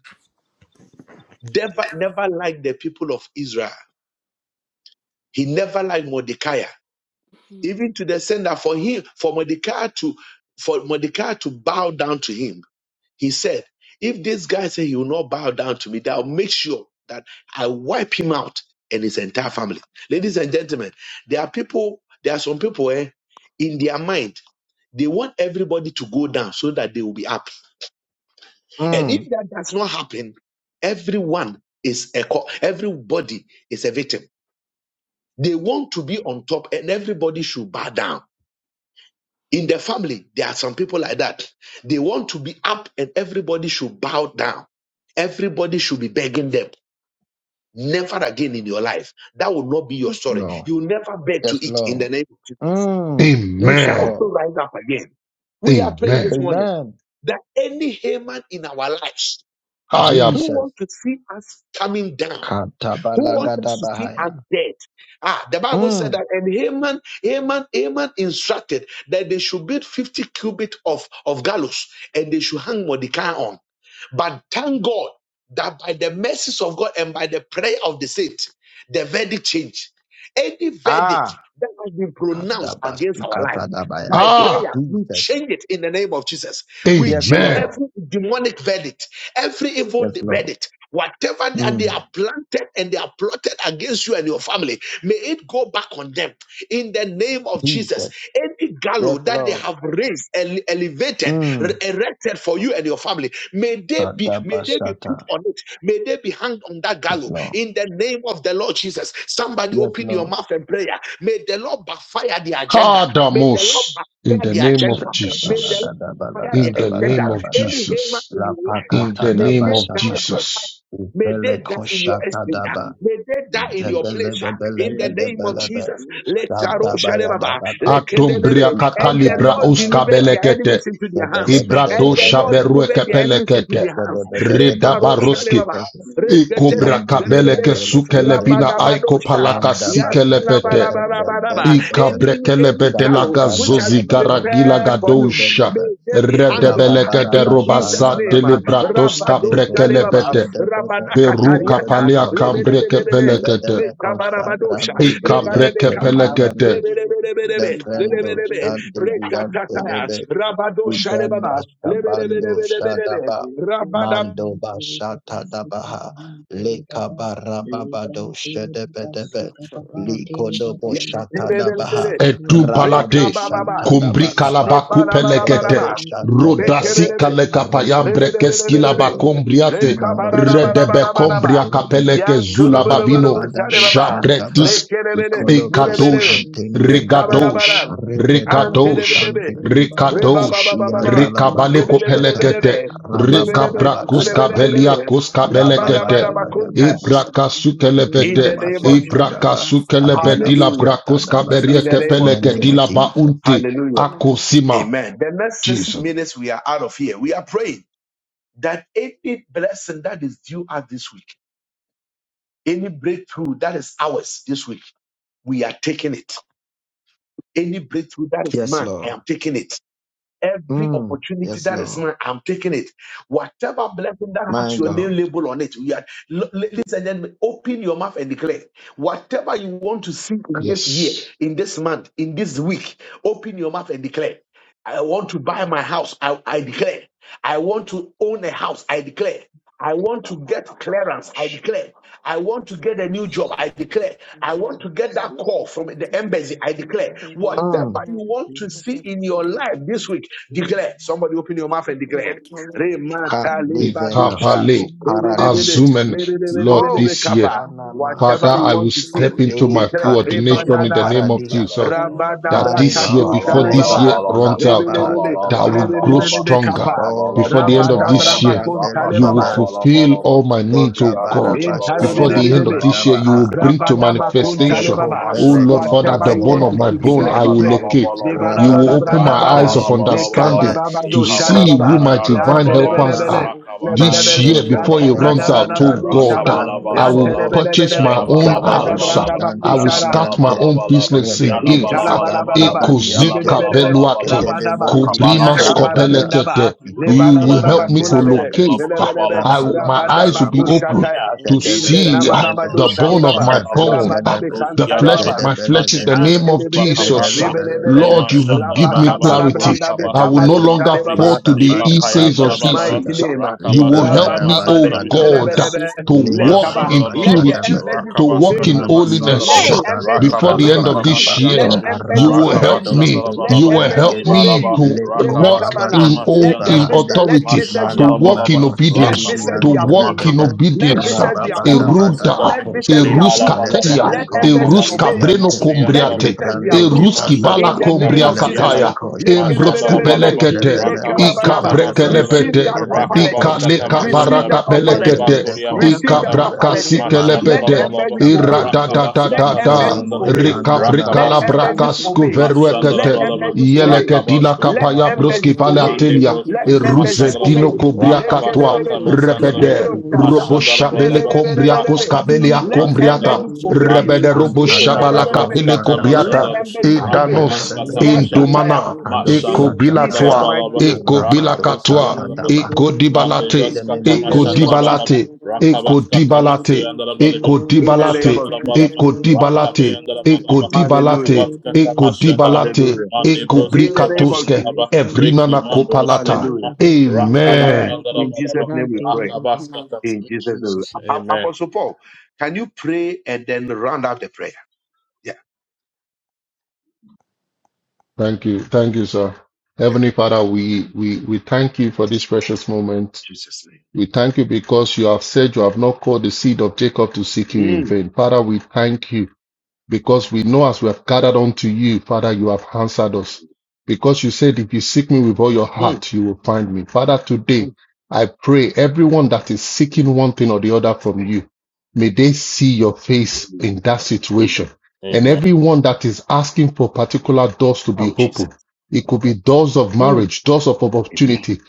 Speaker 1: never, never liked the people of Israel. He never liked Mordecai. Even to the extent that for him, for Mordecai to for Mordecai to bow down to him, He said, if this guy say he will not bow down to me, then I'll make sure that I wipe him out and his entire family. Ladies and gentlemen, there are people, there are some people eh, in their mind, they want everybody to go down so that they will be up. And if
Speaker 3: Mm.
Speaker 1: that does not happen, everyone is a co- everybody is a victim. They want to be on top and everybody should bow down. In the family, there are some people like that. They want to be up and everybody should bow down. Everybody should be begging them. Never again in your life. That will not be your
Speaker 3: Yes,
Speaker 1: story.
Speaker 3: Lord.
Speaker 1: You will never beg to
Speaker 3: Yes,
Speaker 1: eat in the
Speaker 3: Lord.
Speaker 1: name of Jesus.
Speaker 3: Mm.
Speaker 1: You
Speaker 3: Yes,
Speaker 1: shall
Speaker 4: Amen.
Speaker 1: also
Speaker 3: Lord.
Speaker 1: rise up again. We are praying this
Speaker 4: Amen.
Speaker 1: morning
Speaker 3: Amen.
Speaker 1: that any Haman in our lives
Speaker 4: Ayab.
Speaker 1: who
Speaker 3: Jesus.
Speaker 1: want to see us coming down, who want us to see as
Speaker 3: Katabalagadabaha.
Speaker 1: dead. Ah, the Bible said
Speaker 3: Mm.
Speaker 1: that, and Haman, Haman, Haman instructed that they should build 50 cubits of, of gallows and they should hang Mordecai on. But thank God that by the mercies of God and by the prayer of the saints, the verdict changed. Any
Speaker 3: Ah.
Speaker 1: verdict that has been pronounced against our life
Speaker 3: Kadabasukatadabaya.
Speaker 1: by
Speaker 4: Ah,
Speaker 1: prayer, we
Speaker 3: Jesus.
Speaker 1: change it in the name of Jesus. We
Speaker 3: Yes,
Speaker 1: change
Speaker 4: amen.
Speaker 3: Lord.
Speaker 1: every demonic verdict, every evil
Speaker 3: Yes, Lord.
Speaker 1: verdict, whatever that they are
Speaker 3: Mm.
Speaker 1: planted and they are plotted against you and your family, may it go back on them in the name of Jesus.
Speaker 3: Jesus.
Speaker 1: Any
Speaker 3: Yes,
Speaker 1: gallows that they
Speaker 3: Lord.
Speaker 1: have raised raised, ele- elevated, re-
Speaker 3: Mm.
Speaker 1: erected for you and your family. May they be, may they be put
Speaker 3: Kadabashata.
Speaker 1: on it. May they be hung on that
Speaker 3: Yes,
Speaker 1: gallows
Speaker 3: Lord.
Speaker 1: in the name of the Lord Jesus. Somebody
Speaker 3: Yes,
Speaker 1: open your
Speaker 3: Lord.
Speaker 1: mouth and prayer. May the Lord backfire the agenda. May the Lord
Speaker 4: Kadamus. In
Speaker 1: backfire
Speaker 4: the
Speaker 1: the
Speaker 4: name
Speaker 1: agenda.
Speaker 4: of
Speaker 1: May the
Speaker 4: Jesus.
Speaker 1: Lord fire the
Speaker 4: In the
Speaker 1: agenda.
Speaker 4: name of
Speaker 3: Shadabalagadabalagadabagadabada.
Speaker 1: Any Haman
Speaker 4: Jesus.
Speaker 1: in your life, uh,
Speaker 4: In the
Speaker 1: may
Speaker 4: name
Speaker 1: they
Speaker 4: of
Speaker 1: die
Speaker 3: Rapakatadabashata.
Speaker 1: by fire
Speaker 4: Jesus.
Speaker 1: May they die in your
Speaker 7: Backfire by
Speaker 1: estate. ah.
Speaker 3: Ivelekoshata
Speaker 7: thunder
Speaker 1: May
Speaker 7: in the
Speaker 1: they
Speaker 7: name of
Speaker 1: die in your
Speaker 7: Jesus.
Speaker 1: place. ah.
Speaker 7: The
Speaker 1: In the
Speaker 7: land will
Speaker 1: name
Speaker 7: be
Speaker 1: of
Speaker 3: Zedelegebelegedebelegede.
Speaker 1: Jesus.
Speaker 7: destroyed by
Speaker 1: Let Taro
Speaker 7: by
Speaker 1: Shalebaba,
Speaker 7: thunder in the
Speaker 1: let
Speaker 3: Shantabayadabakose.
Speaker 7: name
Speaker 4: Atombria
Speaker 1: Kendelebe. And the
Speaker 4: katalibra
Speaker 1: Lord
Speaker 7: of
Speaker 1: delivered
Speaker 7: Jesus.
Speaker 3: Ikabrandalababa.
Speaker 1: their
Speaker 4: uskabelekete.
Speaker 1: enemies into their hands.
Speaker 7: Against
Speaker 4: Ibrato
Speaker 1: And
Speaker 7: my against
Speaker 1: the
Speaker 7: my
Speaker 1: Lord delivered
Speaker 4: shaberueke
Speaker 3: Zebedegedebedebedegedebe.
Speaker 1: their
Speaker 7: against
Speaker 1: enemies into
Speaker 4: pelekete.
Speaker 1: their hands.
Speaker 7: my against
Speaker 1: Let
Speaker 4: Reda
Speaker 1: Baro
Speaker 7: my
Speaker 4: baroski.
Speaker 1: Shalebaba.
Speaker 3: Zebedegedebedebedebedebe.
Speaker 7: The name of
Speaker 1: Reketele,
Speaker 4: Ikobra
Speaker 7: Father, in
Speaker 4: kabeleke
Speaker 1: Lelebelebe,
Speaker 7: the name of
Speaker 4: sukelebina
Speaker 3: Ziyandidiyandelebrendelebre.
Speaker 7: Jesus,
Speaker 4: aiko
Speaker 7: Lord,
Speaker 1: Rabadabadosha,
Speaker 7: we
Speaker 4: palaka
Speaker 7: pray you will
Speaker 3: Mandabakose
Speaker 4: sikelebete.
Speaker 7: attend that we can watch it
Speaker 1: Yakalabarabaraba.
Speaker 7: in the mighty
Speaker 3: debrendelebebe.
Speaker 7: name of
Speaker 1: Any any
Speaker 7: Jesus.
Speaker 4: Ikabrekelebete
Speaker 1: gallow
Speaker 4: laka
Speaker 1: which has
Speaker 4: zozi
Speaker 1: been
Speaker 3: Shadabrandalabako
Speaker 7: Libram
Speaker 4: garagila
Speaker 1: prepared for you,
Speaker 4: gadosha.
Speaker 3: shadabrandelebe.
Speaker 1: may they be hanged on ah,
Speaker 4: Redebelekete
Speaker 1: in Jesus'
Speaker 4: robasa
Speaker 1: name. ah.
Speaker 3: Lababarabashandalababa.
Speaker 4: telebratoska
Speaker 1: Rabadosha
Speaker 3: Libebo
Speaker 1: Lebaba.
Speaker 4: brekelebete.
Speaker 3: shadebebe.
Speaker 4: Beruka
Speaker 1: Rabadakatariata,
Speaker 3: Libebebe
Speaker 4: palia kambreke
Speaker 1: lebelebelebele,
Speaker 4: pelekete.
Speaker 3: Ibadaba Koshadran
Speaker 1: metabarabadosha,
Speaker 3: Dividian
Speaker 4: Ikabreke
Speaker 1: rebadebekapa,
Speaker 4: pelekete.
Speaker 3: Pedibiandos, the
Speaker 1: rebelebelebelebe,
Speaker 3: Brando
Speaker 1: lebelebe, rekatataya,
Speaker 3: Shan
Speaker 1: rabadosha
Speaker 3: Libranda
Speaker 1: lebaba,
Speaker 3: Shabando
Speaker 1: lebelebelebelebe,
Speaker 3: Shadaba
Speaker 1: rabada-
Speaker 3: Mando Bashata Dabaha Leka Barababado
Speaker 7: Tere baba,
Speaker 3: Shedebedebe
Speaker 7: sika bahan tere
Speaker 3: Likodobo
Speaker 7: baba,
Speaker 3: Shata
Speaker 7: libros ki han
Speaker 3: Dabaha
Speaker 1: lebelebele,
Speaker 4: Edu
Speaker 7: tere Libra,
Speaker 3: Rabado
Speaker 4: Etumpalate,
Speaker 7: in
Speaker 1: rekabababa,
Speaker 3: Shanta
Speaker 7: the name
Speaker 4: Kumbri
Speaker 3: Dabakapa
Speaker 4: Kalabaku Pelekete,
Speaker 1: lebalabalaba,
Speaker 3: Ikodobo Shanta Debede
Speaker 4: Rodasi
Speaker 1: bekebelebe,
Speaker 3: Rebebe
Speaker 4: Kalekapayambre
Speaker 1: Rebebebebebebe.
Speaker 4: Keskilaba
Speaker 3: Kontebedebe
Speaker 4: Combriate,
Speaker 3: Imano
Speaker 4: Redebe
Speaker 3: Sheneme
Speaker 1: Rekabarabarabarabaraba.
Speaker 4: Combria
Speaker 3: Kompelebede
Speaker 4: Kapeleke
Speaker 1: Yanturuburuburubu
Speaker 4: Zulababino,
Speaker 3: Rababadabo
Speaker 1: şaribaba.
Speaker 3: Shantaba
Speaker 4: Shabretus
Speaker 1: Rekerebele.
Speaker 3: Ikoloboshi
Speaker 1: Yelebelebe.
Speaker 4: Ekadosh,
Speaker 3: Anteni Migabe
Speaker 4: Rigadosh,
Speaker 1: Rekabarabaram.
Speaker 3: Redebe
Speaker 4: rekadosh
Speaker 1: Antelebelebe.
Speaker 3: Koshanti Migabe
Speaker 4: Rikadosh,
Speaker 1: Rebababababa.
Speaker 3: Yandala
Speaker 4: Rikabaleko
Speaker 3: Bakoshata,
Speaker 1: Lebelebelebelebe.
Speaker 4: Pelekete,
Speaker 1: Rebelebe.
Speaker 3: Rababada
Speaker 4: Rikabrakus
Speaker 3: Bagada
Speaker 4: Kabelia
Speaker 1: Yelebelebelebe.
Speaker 3: Bagada,
Speaker 4: Kus Kabelekete,
Speaker 3: Rababada Bada
Speaker 1: Rabadabadabakunta.
Speaker 3: Bakosha,
Speaker 1: In
Speaker 3: Antina
Speaker 4: Ibrakasukelepete,
Speaker 1: the name of
Speaker 3: Masata
Speaker 1: Jesus.
Speaker 3: Daba, Antina
Speaker 4: Ibrakasukelebetila
Speaker 1: Hallelujah.
Speaker 3: Masata Dabada,
Speaker 1: In the name
Speaker 7: of
Speaker 3: in
Speaker 1: of
Speaker 3: the name
Speaker 1: Jesus.
Speaker 7: Jesus.
Speaker 3: of
Speaker 4: brakoskaberiekepeleketila
Speaker 3: Jesus.
Speaker 4: baunte
Speaker 1: Hallelujah.
Speaker 4: akosima.
Speaker 1: Amen. The next six
Speaker 4: Jesus.
Speaker 1: minutes we are out of here. We are praying. that any blessing that is due us this week, any breakthrough that is ours this week, we are taking it. Any breakthrough that is
Speaker 3: Yes,
Speaker 1: mine, I
Speaker 3: Lord.
Speaker 1: am taking it. Every
Speaker 3: Mm,
Speaker 1: opportunity
Speaker 3: yes,
Speaker 1: that is
Speaker 3: Lord.
Speaker 1: mine, I'm taking it. Whatever blessing that has
Speaker 3: My
Speaker 1: your name
Speaker 3: God.
Speaker 1: label on it, we are, l- l- ladies and gentlemen, open your mouth and declare. Whatever you want to see in this
Speaker 4: Yes.
Speaker 1: year, in this month, in this week, open your mouth and declare. I want to buy my house. I, I declare. I want to own a house. I declare. I want to get clearance. I declare. I want to get a new job.
Speaker 7: Jesus.
Speaker 1: I declare. I want
Speaker 7: So
Speaker 1: to get
Speaker 7: this
Speaker 5: Thank
Speaker 1: that
Speaker 7: is the
Speaker 1: call from
Speaker 7: same
Speaker 1: the
Speaker 7: logic
Speaker 1: embassy. I
Speaker 7: that
Speaker 1: declare.
Speaker 7: Jesus
Speaker 1: Whatever
Speaker 3: Mm.
Speaker 1: you want
Speaker 7: did
Speaker 1: to
Speaker 7: in the
Speaker 1: see in your life this week, declare. Somebody open your mouth and declare.
Speaker 3: Ha,
Speaker 7: Jesus.
Speaker 1: Remata
Speaker 3: Livenos,
Speaker 1: lebadosha.
Speaker 4: Ikabale
Speaker 3: O
Speaker 7: Men being
Speaker 1: Rebelebele.
Speaker 7: beggars,
Speaker 3: Paradises.
Speaker 4: azumene.
Speaker 7: people
Speaker 4: Lord,
Speaker 7: behind
Speaker 3: Oh,
Speaker 1: Lebelebelebele
Speaker 4: this
Speaker 7: daily
Speaker 4: year.
Speaker 7: beggars,
Speaker 1: kapa.
Speaker 3: Shana
Speaker 4: Father,
Speaker 1: Whatever you
Speaker 3: Mahades.
Speaker 4: I
Speaker 7: behind
Speaker 4: will
Speaker 1: want to see,
Speaker 7: daily
Speaker 4: step into
Speaker 7: beggars,
Speaker 4: my
Speaker 3: E
Speaker 7: people
Speaker 1: declare.
Speaker 4: full
Speaker 7: behind
Speaker 2: Rakata
Speaker 3: Kadilo
Speaker 4: ordination
Speaker 3: Ko
Speaker 7: daily
Speaker 4: in the
Speaker 1: Rebadada.
Speaker 4: name
Speaker 7: beggars,
Speaker 4: of
Speaker 3: Paradias.
Speaker 4: Jesus.
Speaker 7: men
Speaker 1: Rabada
Speaker 4: That
Speaker 7: daily
Speaker 3: My
Speaker 4: this year,
Speaker 1: brakatu
Speaker 7: beggars,
Speaker 3: God,
Speaker 4: before
Speaker 7: people
Speaker 1: shale
Speaker 3: my
Speaker 4: this year
Speaker 1: baba.
Speaker 7: behind
Speaker 3: God.
Speaker 7: daily
Speaker 3: La
Speaker 4: runs
Speaker 1: Rebe
Speaker 4: out,
Speaker 7: beggars,
Speaker 1: rebe
Speaker 4: uh,
Speaker 1: rebe
Speaker 4: that I
Speaker 3: Babala
Speaker 4: will
Speaker 1: rebe
Speaker 7: behind
Speaker 4: grow
Speaker 1: rebe
Speaker 7: daily
Speaker 1: rebe
Speaker 4: stronger.
Speaker 1: kapa.
Speaker 4: Before
Speaker 3: Oh,
Speaker 4: the end
Speaker 7: men
Speaker 4: of
Speaker 1: Rabada
Speaker 3: Shada
Speaker 4: this
Speaker 7: daily
Speaker 4: year,
Speaker 1: brabakun
Speaker 7: beggars,
Speaker 1: tale
Speaker 4: you
Speaker 7: people
Speaker 4: will
Speaker 1: baba.
Speaker 3: Brandelebede,
Speaker 4: fulfill all my
Speaker 3: De
Speaker 4: needs, oh God.
Speaker 3: Gabaraba
Speaker 1: In tale rebe
Speaker 4: Before
Speaker 3: Shanda
Speaker 1: rebe
Speaker 4: the end of
Speaker 1: rebe.
Speaker 4: this year,
Speaker 7: daily
Speaker 4: you will
Speaker 3: Dabadabaha,
Speaker 7: beggars,
Speaker 4: bring to
Speaker 1: Rabada
Speaker 7: people
Speaker 1: bakun
Speaker 3: De
Speaker 7: behind
Speaker 1: tale
Speaker 4: manifestation.
Speaker 1: baba.
Speaker 4: Oh
Speaker 3: Kofele
Speaker 4: Lord, Father, the
Speaker 1: Whatever you
Speaker 7: daily
Speaker 4: bone
Speaker 3: Dizegede,
Speaker 1: want
Speaker 4: of
Speaker 1: to
Speaker 4: my
Speaker 1: see,
Speaker 7: beggars,
Speaker 4: bone,
Speaker 1: declare,
Speaker 4: I will
Speaker 3: Gedibiande,
Speaker 1: declare.
Speaker 4: locate.
Speaker 1: Rebada
Speaker 4: You
Speaker 5: you.
Speaker 4: will
Speaker 1: bada
Speaker 7: Thank
Speaker 4: open my
Speaker 1: branda
Speaker 3: Rababadaba
Speaker 7: you.
Speaker 1: bada.
Speaker 4: eyes of understanding
Speaker 3: Kojigibede,
Speaker 1: Rekabada
Speaker 4: to
Speaker 1: bado shale
Speaker 4: see
Speaker 1: baba.
Speaker 4: who
Speaker 3: Ikapala
Speaker 4: my divine
Speaker 1: Rante
Speaker 3: Babala
Speaker 1: rebe rebe
Speaker 4: helpers
Speaker 3: Baba,
Speaker 4: are.
Speaker 1: rebe. Rebe
Speaker 4: This
Speaker 1: rebe.
Speaker 2: Rakabaskata
Speaker 3: Mando
Speaker 4: year, before it
Speaker 1: Ratada
Speaker 4: runs
Speaker 2: Masandalabalaba,
Speaker 4: out,
Speaker 3: Boshanda
Speaker 1: bada
Speaker 4: oh
Speaker 3: da
Speaker 1: bado
Speaker 4: God, uh,
Speaker 1: shaba.
Speaker 3: Librondo
Speaker 4: I
Speaker 1: Rante
Speaker 4: will
Speaker 1: rebe
Speaker 2: Ratabalabalaba,
Speaker 3: Bobo,
Speaker 1: rebe
Speaker 4: purchase
Speaker 1: rebe.
Speaker 4: my own
Speaker 1: Rabada
Speaker 3: Ikedele
Speaker 4: house.
Speaker 1: branda
Speaker 2: Yalabalabalabalaba,
Speaker 4: I
Speaker 3: Boshandi
Speaker 4: will
Speaker 1: bakushara.
Speaker 4: start my
Speaker 3: Bibiante,
Speaker 4: own business
Speaker 1: in
Speaker 4: again.
Speaker 3: Rebeduske Bante
Speaker 1: Talabarabaraba,
Speaker 2: Yalabalabalabalaba,
Speaker 3: Bibiante,
Speaker 4: Ekozika
Speaker 1: Lebedebedebe,
Speaker 4: beluate,
Speaker 2: Yalabalabalabalaba,
Speaker 3: Iketede
Speaker 1: Rabadaba,
Speaker 3: Boshi
Speaker 4: kobrimas
Speaker 2: rakabala.
Speaker 3: Antadavada,
Speaker 1: Yakabarabendaba,
Speaker 4: kobeletete. You
Speaker 3: Ikonde
Speaker 4: will
Speaker 1: Lebarabaraba
Speaker 4: help me to
Speaker 1: Kulabere,
Speaker 3: Biandelebede,
Speaker 4: locate.
Speaker 1: Lebedebe,
Speaker 4: I, will- my eyes
Speaker 1: Rabadaba
Speaker 4: will be
Speaker 3: Tapalabalaba,
Speaker 4: open
Speaker 1: Kushataya,
Speaker 4: to
Speaker 1: in
Speaker 3: Gadabella,
Speaker 1: the
Speaker 4: see uh,
Speaker 3: Gadabella,
Speaker 1: Namarabadu
Speaker 4: the
Speaker 5: Thank
Speaker 4: bone of
Speaker 1: Shadebaba,
Speaker 4: my bone, uh,
Speaker 1: Rabadabe
Speaker 3: Gadabella,
Speaker 4: the flesh of
Speaker 1: Kantalebaba,
Speaker 4: my flesh in the name of
Speaker 1: Antelebelebe,
Speaker 4: Jesus.
Speaker 3: Gadabella,
Speaker 4: uh.
Speaker 1: lebelebelebe,
Speaker 4: Lord,
Speaker 2: Lema
Speaker 3: Gadabella,
Speaker 4: you will give me
Speaker 2: Shandarabalaba,
Speaker 3: Mando
Speaker 4: clarity.
Speaker 1: rabakabarabrandebe,
Speaker 3: boshka
Speaker 4: I
Speaker 3: da
Speaker 4: will
Speaker 2: Rakabasko
Speaker 4: no
Speaker 2: to
Speaker 3: bada,
Speaker 4: longer
Speaker 2: Makabri,
Speaker 1: kabarusadebaba.
Speaker 4: fall to
Speaker 3: leba
Speaker 4: the
Speaker 2: Lepa
Speaker 1: In
Speaker 4: he
Speaker 3: bada
Speaker 4: says or
Speaker 3: bashka
Speaker 1: Jesus'
Speaker 4: she
Speaker 3: da
Speaker 2: Payandarabalaba,
Speaker 1: mighty
Speaker 3: bada,
Speaker 4: says. uh.
Speaker 1: name,
Speaker 4: You will
Speaker 3: leba
Speaker 4: help
Speaker 2: Rakabaskata
Speaker 3: bada
Speaker 4: me,
Speaker 1: Rabadabale,
Speaker 4: oh
Speaker 3: bashka
Speaker 2: Masandarabi,
Speaker 3: da
Speaker 4: God
Speaker 3: bada,
Speaker 1: lelebelebe,
Speaker 4: to
Speaker 3: leba
Speaker 4: walk
Speaker 1: lekaba.
Speaker 3: bada
Speaker 4: in
Speaker 1: let
Speaker 3: bashka
Speaker 1: the
Speaker 2: Mashandarabalaba,
Speaker 4: purity,
Speaker 1: embassies
Speaker 4: to
Speaker 1: obey
Speaker 4: walk in
Speaker 2: Rakabaskata
Speaker 1: you.
Speaker 3: Mandino
Speaker 1: Let
Speaker 2: Masandarabe,
Speaker 4: holiness.
Speaker 1: the
Speaker 3: Koshanta
Speaker 1: embassies
Speaker 4: Before the
Speaker 1: obey
Speaker 4: end
Speaker 2: Rakabaskata
Speaker 4: of
Speaker 1: you.
Speaker 4: this
Speaker 3: Balabakaba
Speaker 7: Hey!
Speaker 1: Let
Speaker 4: year,
Speaker 2: Masiandarabe,
Speaker 4: you
Speaker 1: embassies
Speaker 3: Araba
Speaker 4: will
Speaker 1: obey
Speaker 4: help
Speaker 1: you.
Speaker 4: me.
Speaker 3: Badoste de
Speaker 1: Let
Speaker 4: You
Speaker 2: Rakabashandarabalaba,
Speaker 4: will
Speaker 1: embassies
Speaker 4: help
Speaker 3: Belegede
Speaker 1: obey
Speaker 4: me
Speaker 2: Libalaba,
Speaker 5: you.
Speaker 1: you.
Speaker 4: to
Speaker 3: Leko
Speaker 4: walk
Speaker 2: Rakabaskata
Speaker 1: Rebakabala,
Speaker 4: in
Speaker 3: Valadi
Speaker 5: Should
Speaker 3: de
Speaker 1: Let
Speaker 4: all
Speaker 1: the
Speaker 4: in
Speaker 2: Masiandarabe,
Speaker 1: visa,
Speaker 3: Bahande
Speaker 1: let
Speaker 4: authority,
Speaker 1: visas be
Speaker 4: to
Speaker 3: Mandi
Speaker 4: walk
Speaker 1: approved.
Speaker 2: Mashandarabalaba,
Speaker 4: in
Speaker 3: Manoska
Speaker 1: Let
Speaker 4: obedience,
Speaker 1: visas
Speaker 7: Thank
Speaker 4: to
Speaker 3: Bidian
Speaker 1: be
Speaker 2: Rakamotutu
Speaker 7: you.
Speaker 1: approved.
Speaker 4: walk in
Speaker 2: Makaba,
Speaker 3: Televede
Speaker 1: Let
Speaker 4: obedience.
Speaker 1: visas
Speaker 3: Araba
Speaker 1: be
Speaker 2: Rakabaskata
Speaker 1: approved.
Speaker 3: Badabadaba
Speaker 4: Eruda,
Speaker 1: Let
Speaker 2: Masandarabe,
Speaker 1: visas
Speaker 3: Kosha
Speaker 1: be approved.
Speaker 2: Libalabalaba,
Speaker 4: eruskatelia,
Speaker 3: Lebele
Speaker 1: Let embassies
Speaker 3: Kosha
Speaker 1: obey
Speaker 2: Rakabaskata
Speaker 1: you.
Speaker 4: eruskabreno
Speaker 3: Didiante
Speaker 1: Let
Speaker 2: Masiandarabe,
Speaker 4: combriate,
Speaker 1: vessels be
Speaker 3: Librando
Speaker 2: Riki
Speaker 1: approved
Speaker 2: Maskoto
Speaker 1: in
Speaker 4: eruskibala
Speaker 3: Shadaba
Speaker 1: the name of Jesus.
Speaker 3: Lebele
Speaker 4: combriacataya,
Speaker 2: Makabraskiandarabe,
Speaker 1: Let
Speaker 3: Kosha Debe
Speaker 2: Mashandarabalaba,
Speaker 1: kelebelebelebe,
Speaker 4: embroskubelekete,
Speaker 3: Lebele
Speaker 2: Rakabaskata
Speaker 3: Kosha Debe
Speaker 2: Masandarabe,
Speaker 1: Receive
Speaker 4: ikabrekelebete,
Speaker 1: that offer
Speaker 3: Yebede
Speaker 1: letter.
Speaker 4: Ika
Speaker 2: Rakabaskata
Speaker 4: Ikalika
Speaker 3: Kosha
Speaker 1: Receive
Speaker 2: Mashandarabe,
Speaker 1: that
Speaker 4: baraka
Speaker 1: offer letter.
Speaker 4: belekete.
Speaker 3: Yedebede
Speaker 2: Libatoria
Speaker 1: Receive
Speaker 4: Ika
Speaker 1: that
Speaker 2: Maskatama,
Speaker 3: koşedebe.
Speaker 1: offer
Speaker 4: braka
Speaker 1: letter.
Speaker 3: Mandi
Speaker 1: Let
Speaker 4: sikelepete.
Speaker 3: boş
Speaker 2: Mashandarabalaba,
Speaker 1: embassies obey.
Speaker 4: Ira da
Speaker 3: kabahande.
Speaker 4: da da
Speaker 1: Let
Speaker 4: da
Speaker 2: Rakabaskata
Speaker 4: da.
Speaker 1: embassies
Speaker 3: İkonomo
Speaker 2: Masandarabe,
Speaker 1: obey.
Speaker 4: Rika
Speaker 3: şanlanay.
Speaker 4: brika
Speaker 1: Let
Speaker 4: la
Speaker 2: Rakabaskatama,
Speaker 4: braka
Speaker 1: embassies obey. Let
Speaker 4: skuveruekete.
Speaker 2: Mashandarabalaba,
Speaker 1: embassies obey.
Speaker 4: Yeleke dila
Speaker 2: Rakabaskutu
Speaker 1: Let
Speaker 4: kapaya
Speaker 2: Makabe,
Speaker 4: broski
Speaker 1: embassies
Speaker 4: vale
Speaker 1: obey.
Speaker 2: Mande
Speaker 4: atelia.
Speaker 1: Let
Speaker 2: Broskutu
Speaker 1: embassies
Speaker 4: Eruze
Speaker 2: Mashandaraba,
Speaker 4: dino
Speaker 1: obey.
Speaker 4: kobria
Speaker 1: Let
Speaker 4: katwa.
Speaker 2: Rakabaskata
Speaker 1: kelebele,
Speaker 2: Masandarabe,
Speaker 4: Rebede.
Speaker 1: lebros chapter.
Speaker 4: Robo shabele
Speaker 2: Mashandarabalaba,
Speaker 4: kombria
Speaker 1: Lebelebelebelebe.
Speaker 4: koskabele
Speaker 2: Rakabaskata
Speaker 1: Let
Speaker 4: akombriata.
Speaker 2: Masiandarabe,
Speaker 1: embassies obey you.
Speaker 2: Mande
Speaker 7: Mantiri
Speaker 4: Rebede
Speaker 7: Baba
Speaker 4: robo
Speaker 2: Broskutu
Speaker 3: Antada
Speaker 4: shabala
Speaker 7: Sukata
Speaker 3: bako
Speaker 4: kapele
Speaker 2: Makabraskata
Speaker 7: Vantiri
Speaker 1: Let
Speaker 4: kobriata.
Speaker 3: şadabada.
Speaker 7: Baba
Speaker 2: Mashandarabe,
Speaker 1: embassies obey.
Speaker 4: Edanos.
Speaker 2: Rakabaskata
Speaker 3: Antelebele kode.
Speaker 7: Mantiri
Speaker 2: Mashandarabe,
Speaker 1: Ratataya.
Speaker 4: Indomana.
Speaker 7: Baba
Speaker 3: Kadoş
Speaker 7: Sukata
Speaker 1: In
Speaker 7: Vantiri
Speaker 1: Jesus'
Speaker 3: katadaba.
Speaker 4: Ekobilatwa.
Speaker 1: mighty
Speaker 2: Mashandalabalaba,
Speaker 7: Baba
Speaker 1: name.
Speaker 4: Eko
Speaker 5: have
Speaker 3: Arabado
Speaker 2: Rakabuski
Speaker 4: bilakatwa.
Speaker 2: and the
Speaker 3: şatadaba.
Speaker 4: Eko
Speaker 7: Yantiri Baba
Speaker 4: dibalate.
Speaker 5: Amen.
Speaker 3: The name
Speaker 7: Sukata
Speaker 2: Mandevaskata
Speaker 3: of
Speaker 1: In the
Speaker 4: Eko
Speaker 1: name
Speaker 3: Jesus.
Speaker 1: of
Speaker 7: Vantiri
Speaker 1: Jesus.
Speaker 2: Mashandalabalaba,
Speaker 7: Baba
Speaker 4: dibalate. Eko
Speaker 2: Rakabaskata Masu
Speaker 4: dibalate.
Speaker 2: and the
Speaker 7: Mantiri
Speaker 4: Eko
Speaker 2: Balibin,
Speaker 7: Baba
Speaker 1: In the name
Speaker 7: Sukata
Speaker 4: dibalate.
Speaker 1: of Jesus.
Speaker 2: Mashandalabalaba,
Speaker 4: Eko
Speaker 7: Vantiri Baba
Speaker 2: Rakabi
Speaker 4: dibalate.
Speaker 2: and the
Speaker 4: Eko
Speaker 2: Balaba,
Speaker 4: dibalate.
Speaker 1: Hallelujah.
Speaker 7: Mantiri
Speaker 2: Rakabaskata
Speaker 7: Baba
Speaker 4: Eko
Speaker 2: Mashandalaba,
Speaker 7: Sukata
Speaker 4: dibalate.
Speaker 1: Hallelujah.
Speaker 7: Vantiri
Speaker 4: Eko
Speaker 7: Baba
Speaker 1: In the
Speaker 2: broskuto
Speaker 1: name of
Speaker 4: blikatoske.
Speaker 1: Jesus.
Speaker 2: Mashandalaba, Riki
Speaker 7: Librantiri
Speaker 4: Evrimana
Speaker 7: Baba
Speaker 4: kopalata.
Speaker 7: Sukata
Speaker 1: Hallelujah.
Speaker 2: Mandoroskutuma,
Speaker 7: Vantiri Baba
Speaker 4: Amen.
Speaker 1: Amen. In
Speaker 7: Libuski
Speaker 1: Jesus'
Speaker 2: Rakabashandalabalaba,
Speaker 1: name we
Speaker 7: Hantiri
Speaker 1: pray.
Speaker 7: Baba
Speaker 2: Rakabaskata.
Speaker 1: In Jesus'
Speaker 7: In
Speaker 1: name.
Speaker 7: Jesus' name.
Speaker 1: A-
Speaker 2: Amen.
Speaker 1: Apostle Paul, can you pray and then have the prayer?
Speaker 4: Thank you. Thank you, sir. Heavenly Father, we, we, we thank you for this precious moment. We thank you because you have said you have not called the seed of Jacob to seek you in vain. Father, we thank you because we know as we have gathered unto you, Father, you have answered us. Because you said, if you seek me with all your
Speaker 1: Mm.
Speaker 4: heart, you will find me. Father, today, I pray everyone that is seeking one thing or the other from you, may they see your face in that
Speaker 1: Amen.
Speaker 4: situation. And
Speaker 2: Amen.
Speaker 4: everyone that is asking for particular doors to be
Speaker 1: Oh, Jesus.
Speaker 4: opened, it could be doors of
Speaker 1: Mm.
Speaker 4: marriage, doors of
Speaker 1: Amen.
Speaker 4: opportunity,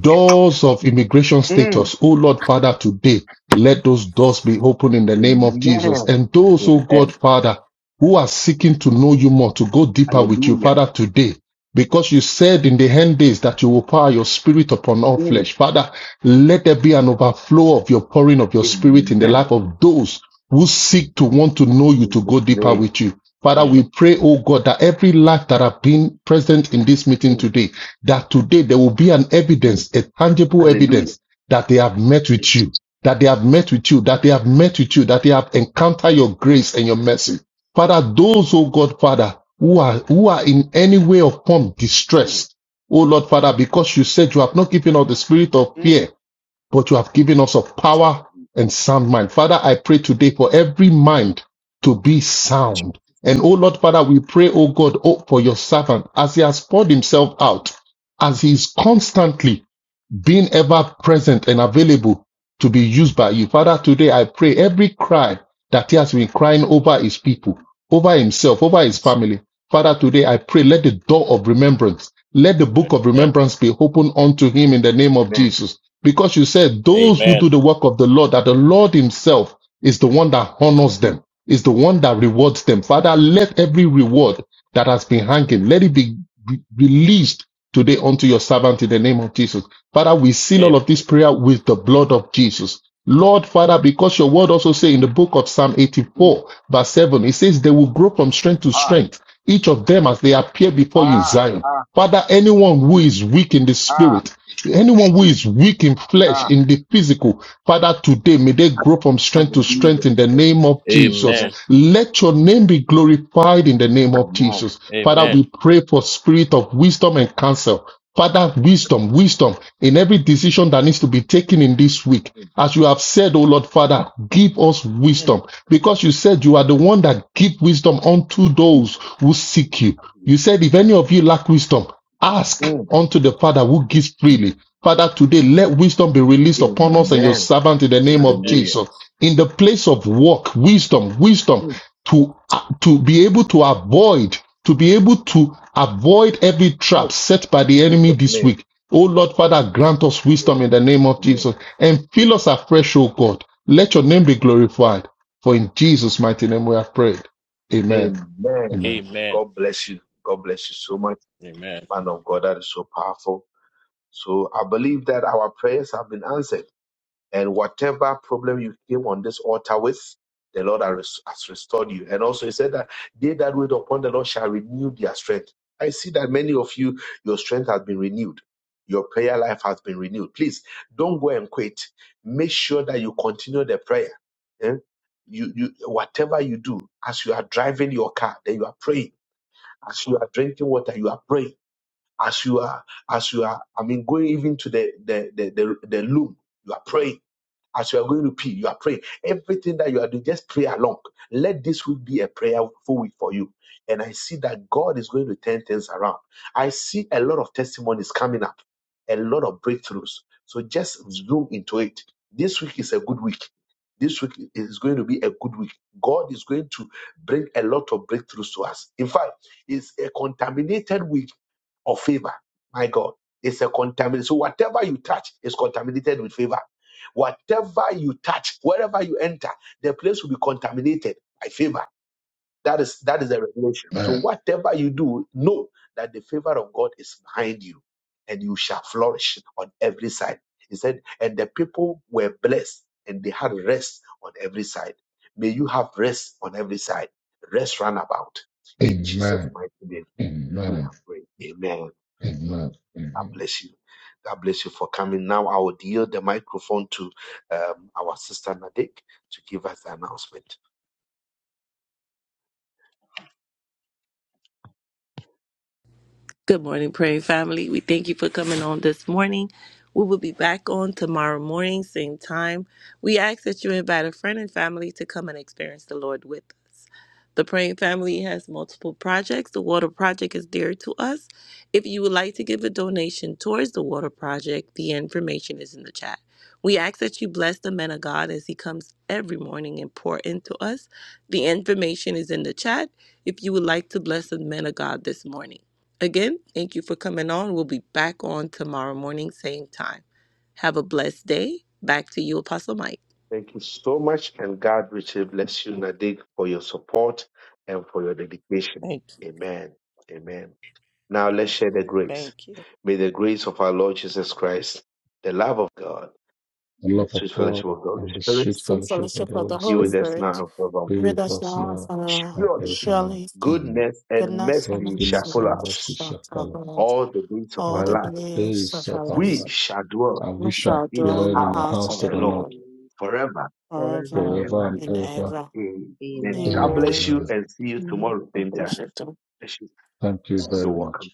Speaker 4: doors of immigration
Speaker 1: Mm.
Speaker 4: status. Oh Lord, Father, today, let those doors be opened in the name of Jesus.
Speaker 1: Amen.
Speaker 4: And those, oh God,
Speaker 2: Amen.
Speaker 4: Father, who are seeking to know you more, to go deeper with you,
Speaker 1: Hallelujah.
Speaker 4: Father, today. Because you said in the end days that you will pour your spirit upon all
Speaker 1: Mm.
Speaker 4: flesh. Father, let there be an overflow of your pouring of your spirit in the life
Speaker 1: Amen.
Speaker 4: of those who seek to want to know you,
Speaker 1: In
Speaker 4: to
Speaker 1: Jesus'
Speaker 4: go deeper
Speaker 1: name.
Speaker 4: with you. Father, we
Speaker 2: Amen.
Speaker 4: pray, oh God, that every life that have been present in this meeting
Speaker 1: Mm.
Speaker 4: today, that today there will be an
Speaker 1: Mm.
Speaker 4: evidence, a tangible
Speaker 1: Hallelujah.
Speaker 4: evidence that they have met with you, that they have met with you, that they have met with you, that they have encountered your grace and your mercy. Father, those, oh God, Father, who are, who are in any way or form
Speaker 1: Mm.
Speaker 4: distressed, oh Lord, Father, because you said you have not given us the spirit of
Speaker 1: Mm.
Speaker 4: fear, but you have given us of power and sound mind. Father, I pray today for every
Speaker 1: Mm.
Speaker 4: mind to be sound. And oh Lord, Father, we pray, oh God, oh, for your servant as he has poured himself out, as he is constantly being ever present and available to be used by you. Father, today I pray every cry that he has been crying over his people, over himself, over his
Speaker 1: Jesus.
Speaker 4: family. Father, today I pray, let the door of remembrance, let the book of remembrance be opened unto him in the name of
Speaker 1: Amen.
Speaker 4: Jesus. Because you said those who do
Speaker 2: Amen.
Speaker 4: the work of the Lord, that the Lord himself is the one that honors them,
Speaker 1: Mm,
Speaker 4: is the one that rewards them. Father, let every reward that has been hanging, let it be re- released today unto your servant in the name of Jesus. Father, we seal all
Speaker 2: Amen.
Speaker 4: of this prayer with the blood of Jesus. Lord, Father, because your word also say in the book of Psalm
Speaker 1: mm.
Speaker 4: 84, verse 7, it says they will grow from strength to
Speaker 1: Ah,
Speaker 4: strength, each of them as they appear before you in
Speaker 1: ah,
Speaker 4: Zion.
Speaker 1: ah,
Speaker 4: Father, anyone who is weak in the
Speaker 1: ah,
Speaker 4: spirit, Anyone who is weak in flesh,
Speaker 1: ah.
Speaker 4: in the physical, Father, today may they grow from strength to strength
Speaker 1: Hallelujah.
Speaker 4: in the name of Jesus.
Speaker 1: Amen.
Speaker 2: Amen.
Speaker 4: Let your name be glorified in the name of
Speaker 1: Amen.
Speaker 4: Jesus. Father,
Speaker 2: Amen.
Speaker 4: we pray for spirit of wisdom and counsel. Father, wisdom, wisdom in every decision that needs to be taken in this week.
Speaker 1: Mm,
Speaker 4: As you have said, O Lord Father, give us
Speaker 1: mm.
Speaker 4: wisdom because you said you are the one that give wisdom unto those
Speaker 1: Jesus.
Speaker 4: who seek you. You said, if any of you lack wisdom, Ask
Speaker 1: Mm,
Speaker 4: unto the Father who gives freely.
Speaker 1: Jesus.
Speaker 4: Father, today let wisdom be released upon us and your
Speaker 1: Amen.
Speaker 4: servant in the name of
Speaker 2: Amen.
Speaker 1: Hallelujah.
Speaker 4: Jesus. In the place of work, wisdom, wisdom
Speaker 1: Mm,
Speaker 4: to, to be able to avoid, to be able to avoid every trap
Speaker 1: mm.
Speaker 4: set by the enemy
Speaker 1: Jesus'
Speaker 4: this
Speaker 1: name.
Speaker 4: week. Oh Lord, Father, grant us wisdom
Speaker 1: Mm,
Speaker 4: in the name of
Speaker 1: Amen.
Speaker 4: Jesus and fill us afresh, oh God. Let your name be glorified. For in Jesus' mighty name we have prayed. Amen.
Speaker 1: Amen.
Speaker 4: Amen.
Speaker 2: Amen.
Speaker 1: God bless you. God bless you so much,
Speaker 2: Amen.
Speaker 1: man of God. That is so powerful. So I believe that our prayers have been answered. And whatever problem you came on this altar with, the Lord has has restored you. And also, He said that they that wait upon the Lord shall renew their strength. I see that many of you, your strength has been renewed. Your prayer life has been renewed. Please don't go and quit. Make sure that you continue the prayer. eh? You, you, whatever you do, as you are driving your car, then you are praying. As you are drinking water, you are praying as you are, as you are, I mean, going even to the the the the, the loom, you are praying. As you are going to pee, you are praying. Everything that you are doing, just pray along. Let this week be a prayerful week for you. And I see that God is going to turn things around. I see a lot of testimonies coming up, a lot of breakthroughs. So just zoom into it. This week is a good week. This week is going to be a good week. God is going to bring a lot of breakthroughs to us. In fact, it's a contaminated week of favor. My God, it's a contamination. So whatever you touch is contaminated with favor. Whatever you touch, wherever you enter, the place will be contaminated by favor. That is that is the revelation. So
Speaker 4: Amen.
Speaker 1: whatever you do, know that the favor of God is behind you, and you shall flourish on every side. He said, and the people were blessed and they had rest on every side. May you have rest on every side. Rest round about. In Jesus'
Speaker 4: Amen.
Speaker 1: mighty name, we
Speaker 4: Amen.
Speaker 1: have prayed. Amen.
Speaker 4: Amen.
Speaker 1: God
Speaker 4: Amen.
Speaker 1: bless you. God bless you for coming. Now I will yield the microphone to um, our sister Nadik to give us the announcement.
Speaker 8: Good morning, praying family. We thank you for coming on this morning. We will be back on tomorrow morning, same time. We ask that you invite a friend and family to come and experience the Lord with us. The praying family has multiple projects. The water project is dear to us. If you would like to give a donation towards the water project, the information is in the chat. We ask that you bless the man of God as he comes every morning and pour into us. The information is in the chat if you would like to bless the man of God this morning. Again, thank you for coming on. We'll be back on tomorrow morning, same time. Have a blessed day. Back to you, Apostle Mike.
Speaker 1: Thank you so much, and God richly bless you, Nadik, for your support and for your dedication.
Speaker 8: Thank
Speaker 1: Amen. Amen. Now let's
Speaker 8: you.
Speaker 1: share the grace.
Speaker 8: Thank you.
Speaker 1: May the grace of our Lord Jesus Christ, the love of God,
Speaker 4: The
Speaker 1: and the
Speaker 4: love of
Speaker 1: sweet fellowship
Speaker 4: God
Speaker 1: of the Holy
Speaker 4: and the
Speaker 1: Spirit
Speaker 4: sweet
Speaker 5: Sweet
Speaker 4: fellowship of
Speaker 5: fellowship
Speaker 4: the
Speaker 5: of the
Speaker 4: Holy
Speaker 1: be
Speaker 5: Holy
Speaker 1: with
Speaker 4: Spirit
Speaker 1: us now
Speaker 5: Spirit,
Speaker 1: and forevermore.
Speaker 4: be
Speaker 5: with
Speaker 4: with us.
Speaker 5: us now and forever.
Speaker 1: Surely
Speaker 5: Surely
Speaker 1: goodness and
Speaker 5: goodness and
Speaker 1: mercy shall
Speaker 5: mercy
Speaker 1: follow us
Speaker 5: shall follow us
Speaker 1: all the days of
Speaker 5: all
Speaker 1: our
Speaker 5: the
Speaker 1: life
Speaker 5: days of our lives.
Speaker 1: We shall dwell
Speaker 5: We shall
Speaker 1: in the
Speaker 5: dwell in the
Speaker 1: house
Speaker 5: house of
Speaker 1: of
Speaker 5: the
Speaker 1: the Lord
Speaker 5: Lord
Speaker 1: forever
Speaker 7: Forever
Speaker 1: and
Speaker 5: forever
Speaker 7: and
Speaker 1: ever.
Speaker 7: ever.
Speaker 5: and ever.
Speaker 1: Amen.
Speaker 7: Amen.
Speaker 1: God
Speaker 5: Amen.
Speaker 1: bless you and see you
Speaker 5: Amen.
Speaker 1: tomorrow,
Speaker 5: God
Speaker 1: same
Speaker 5: bless
Speaker 1: time.
Speaker 5: you.
Speaker 1: Bless you. You're welcome.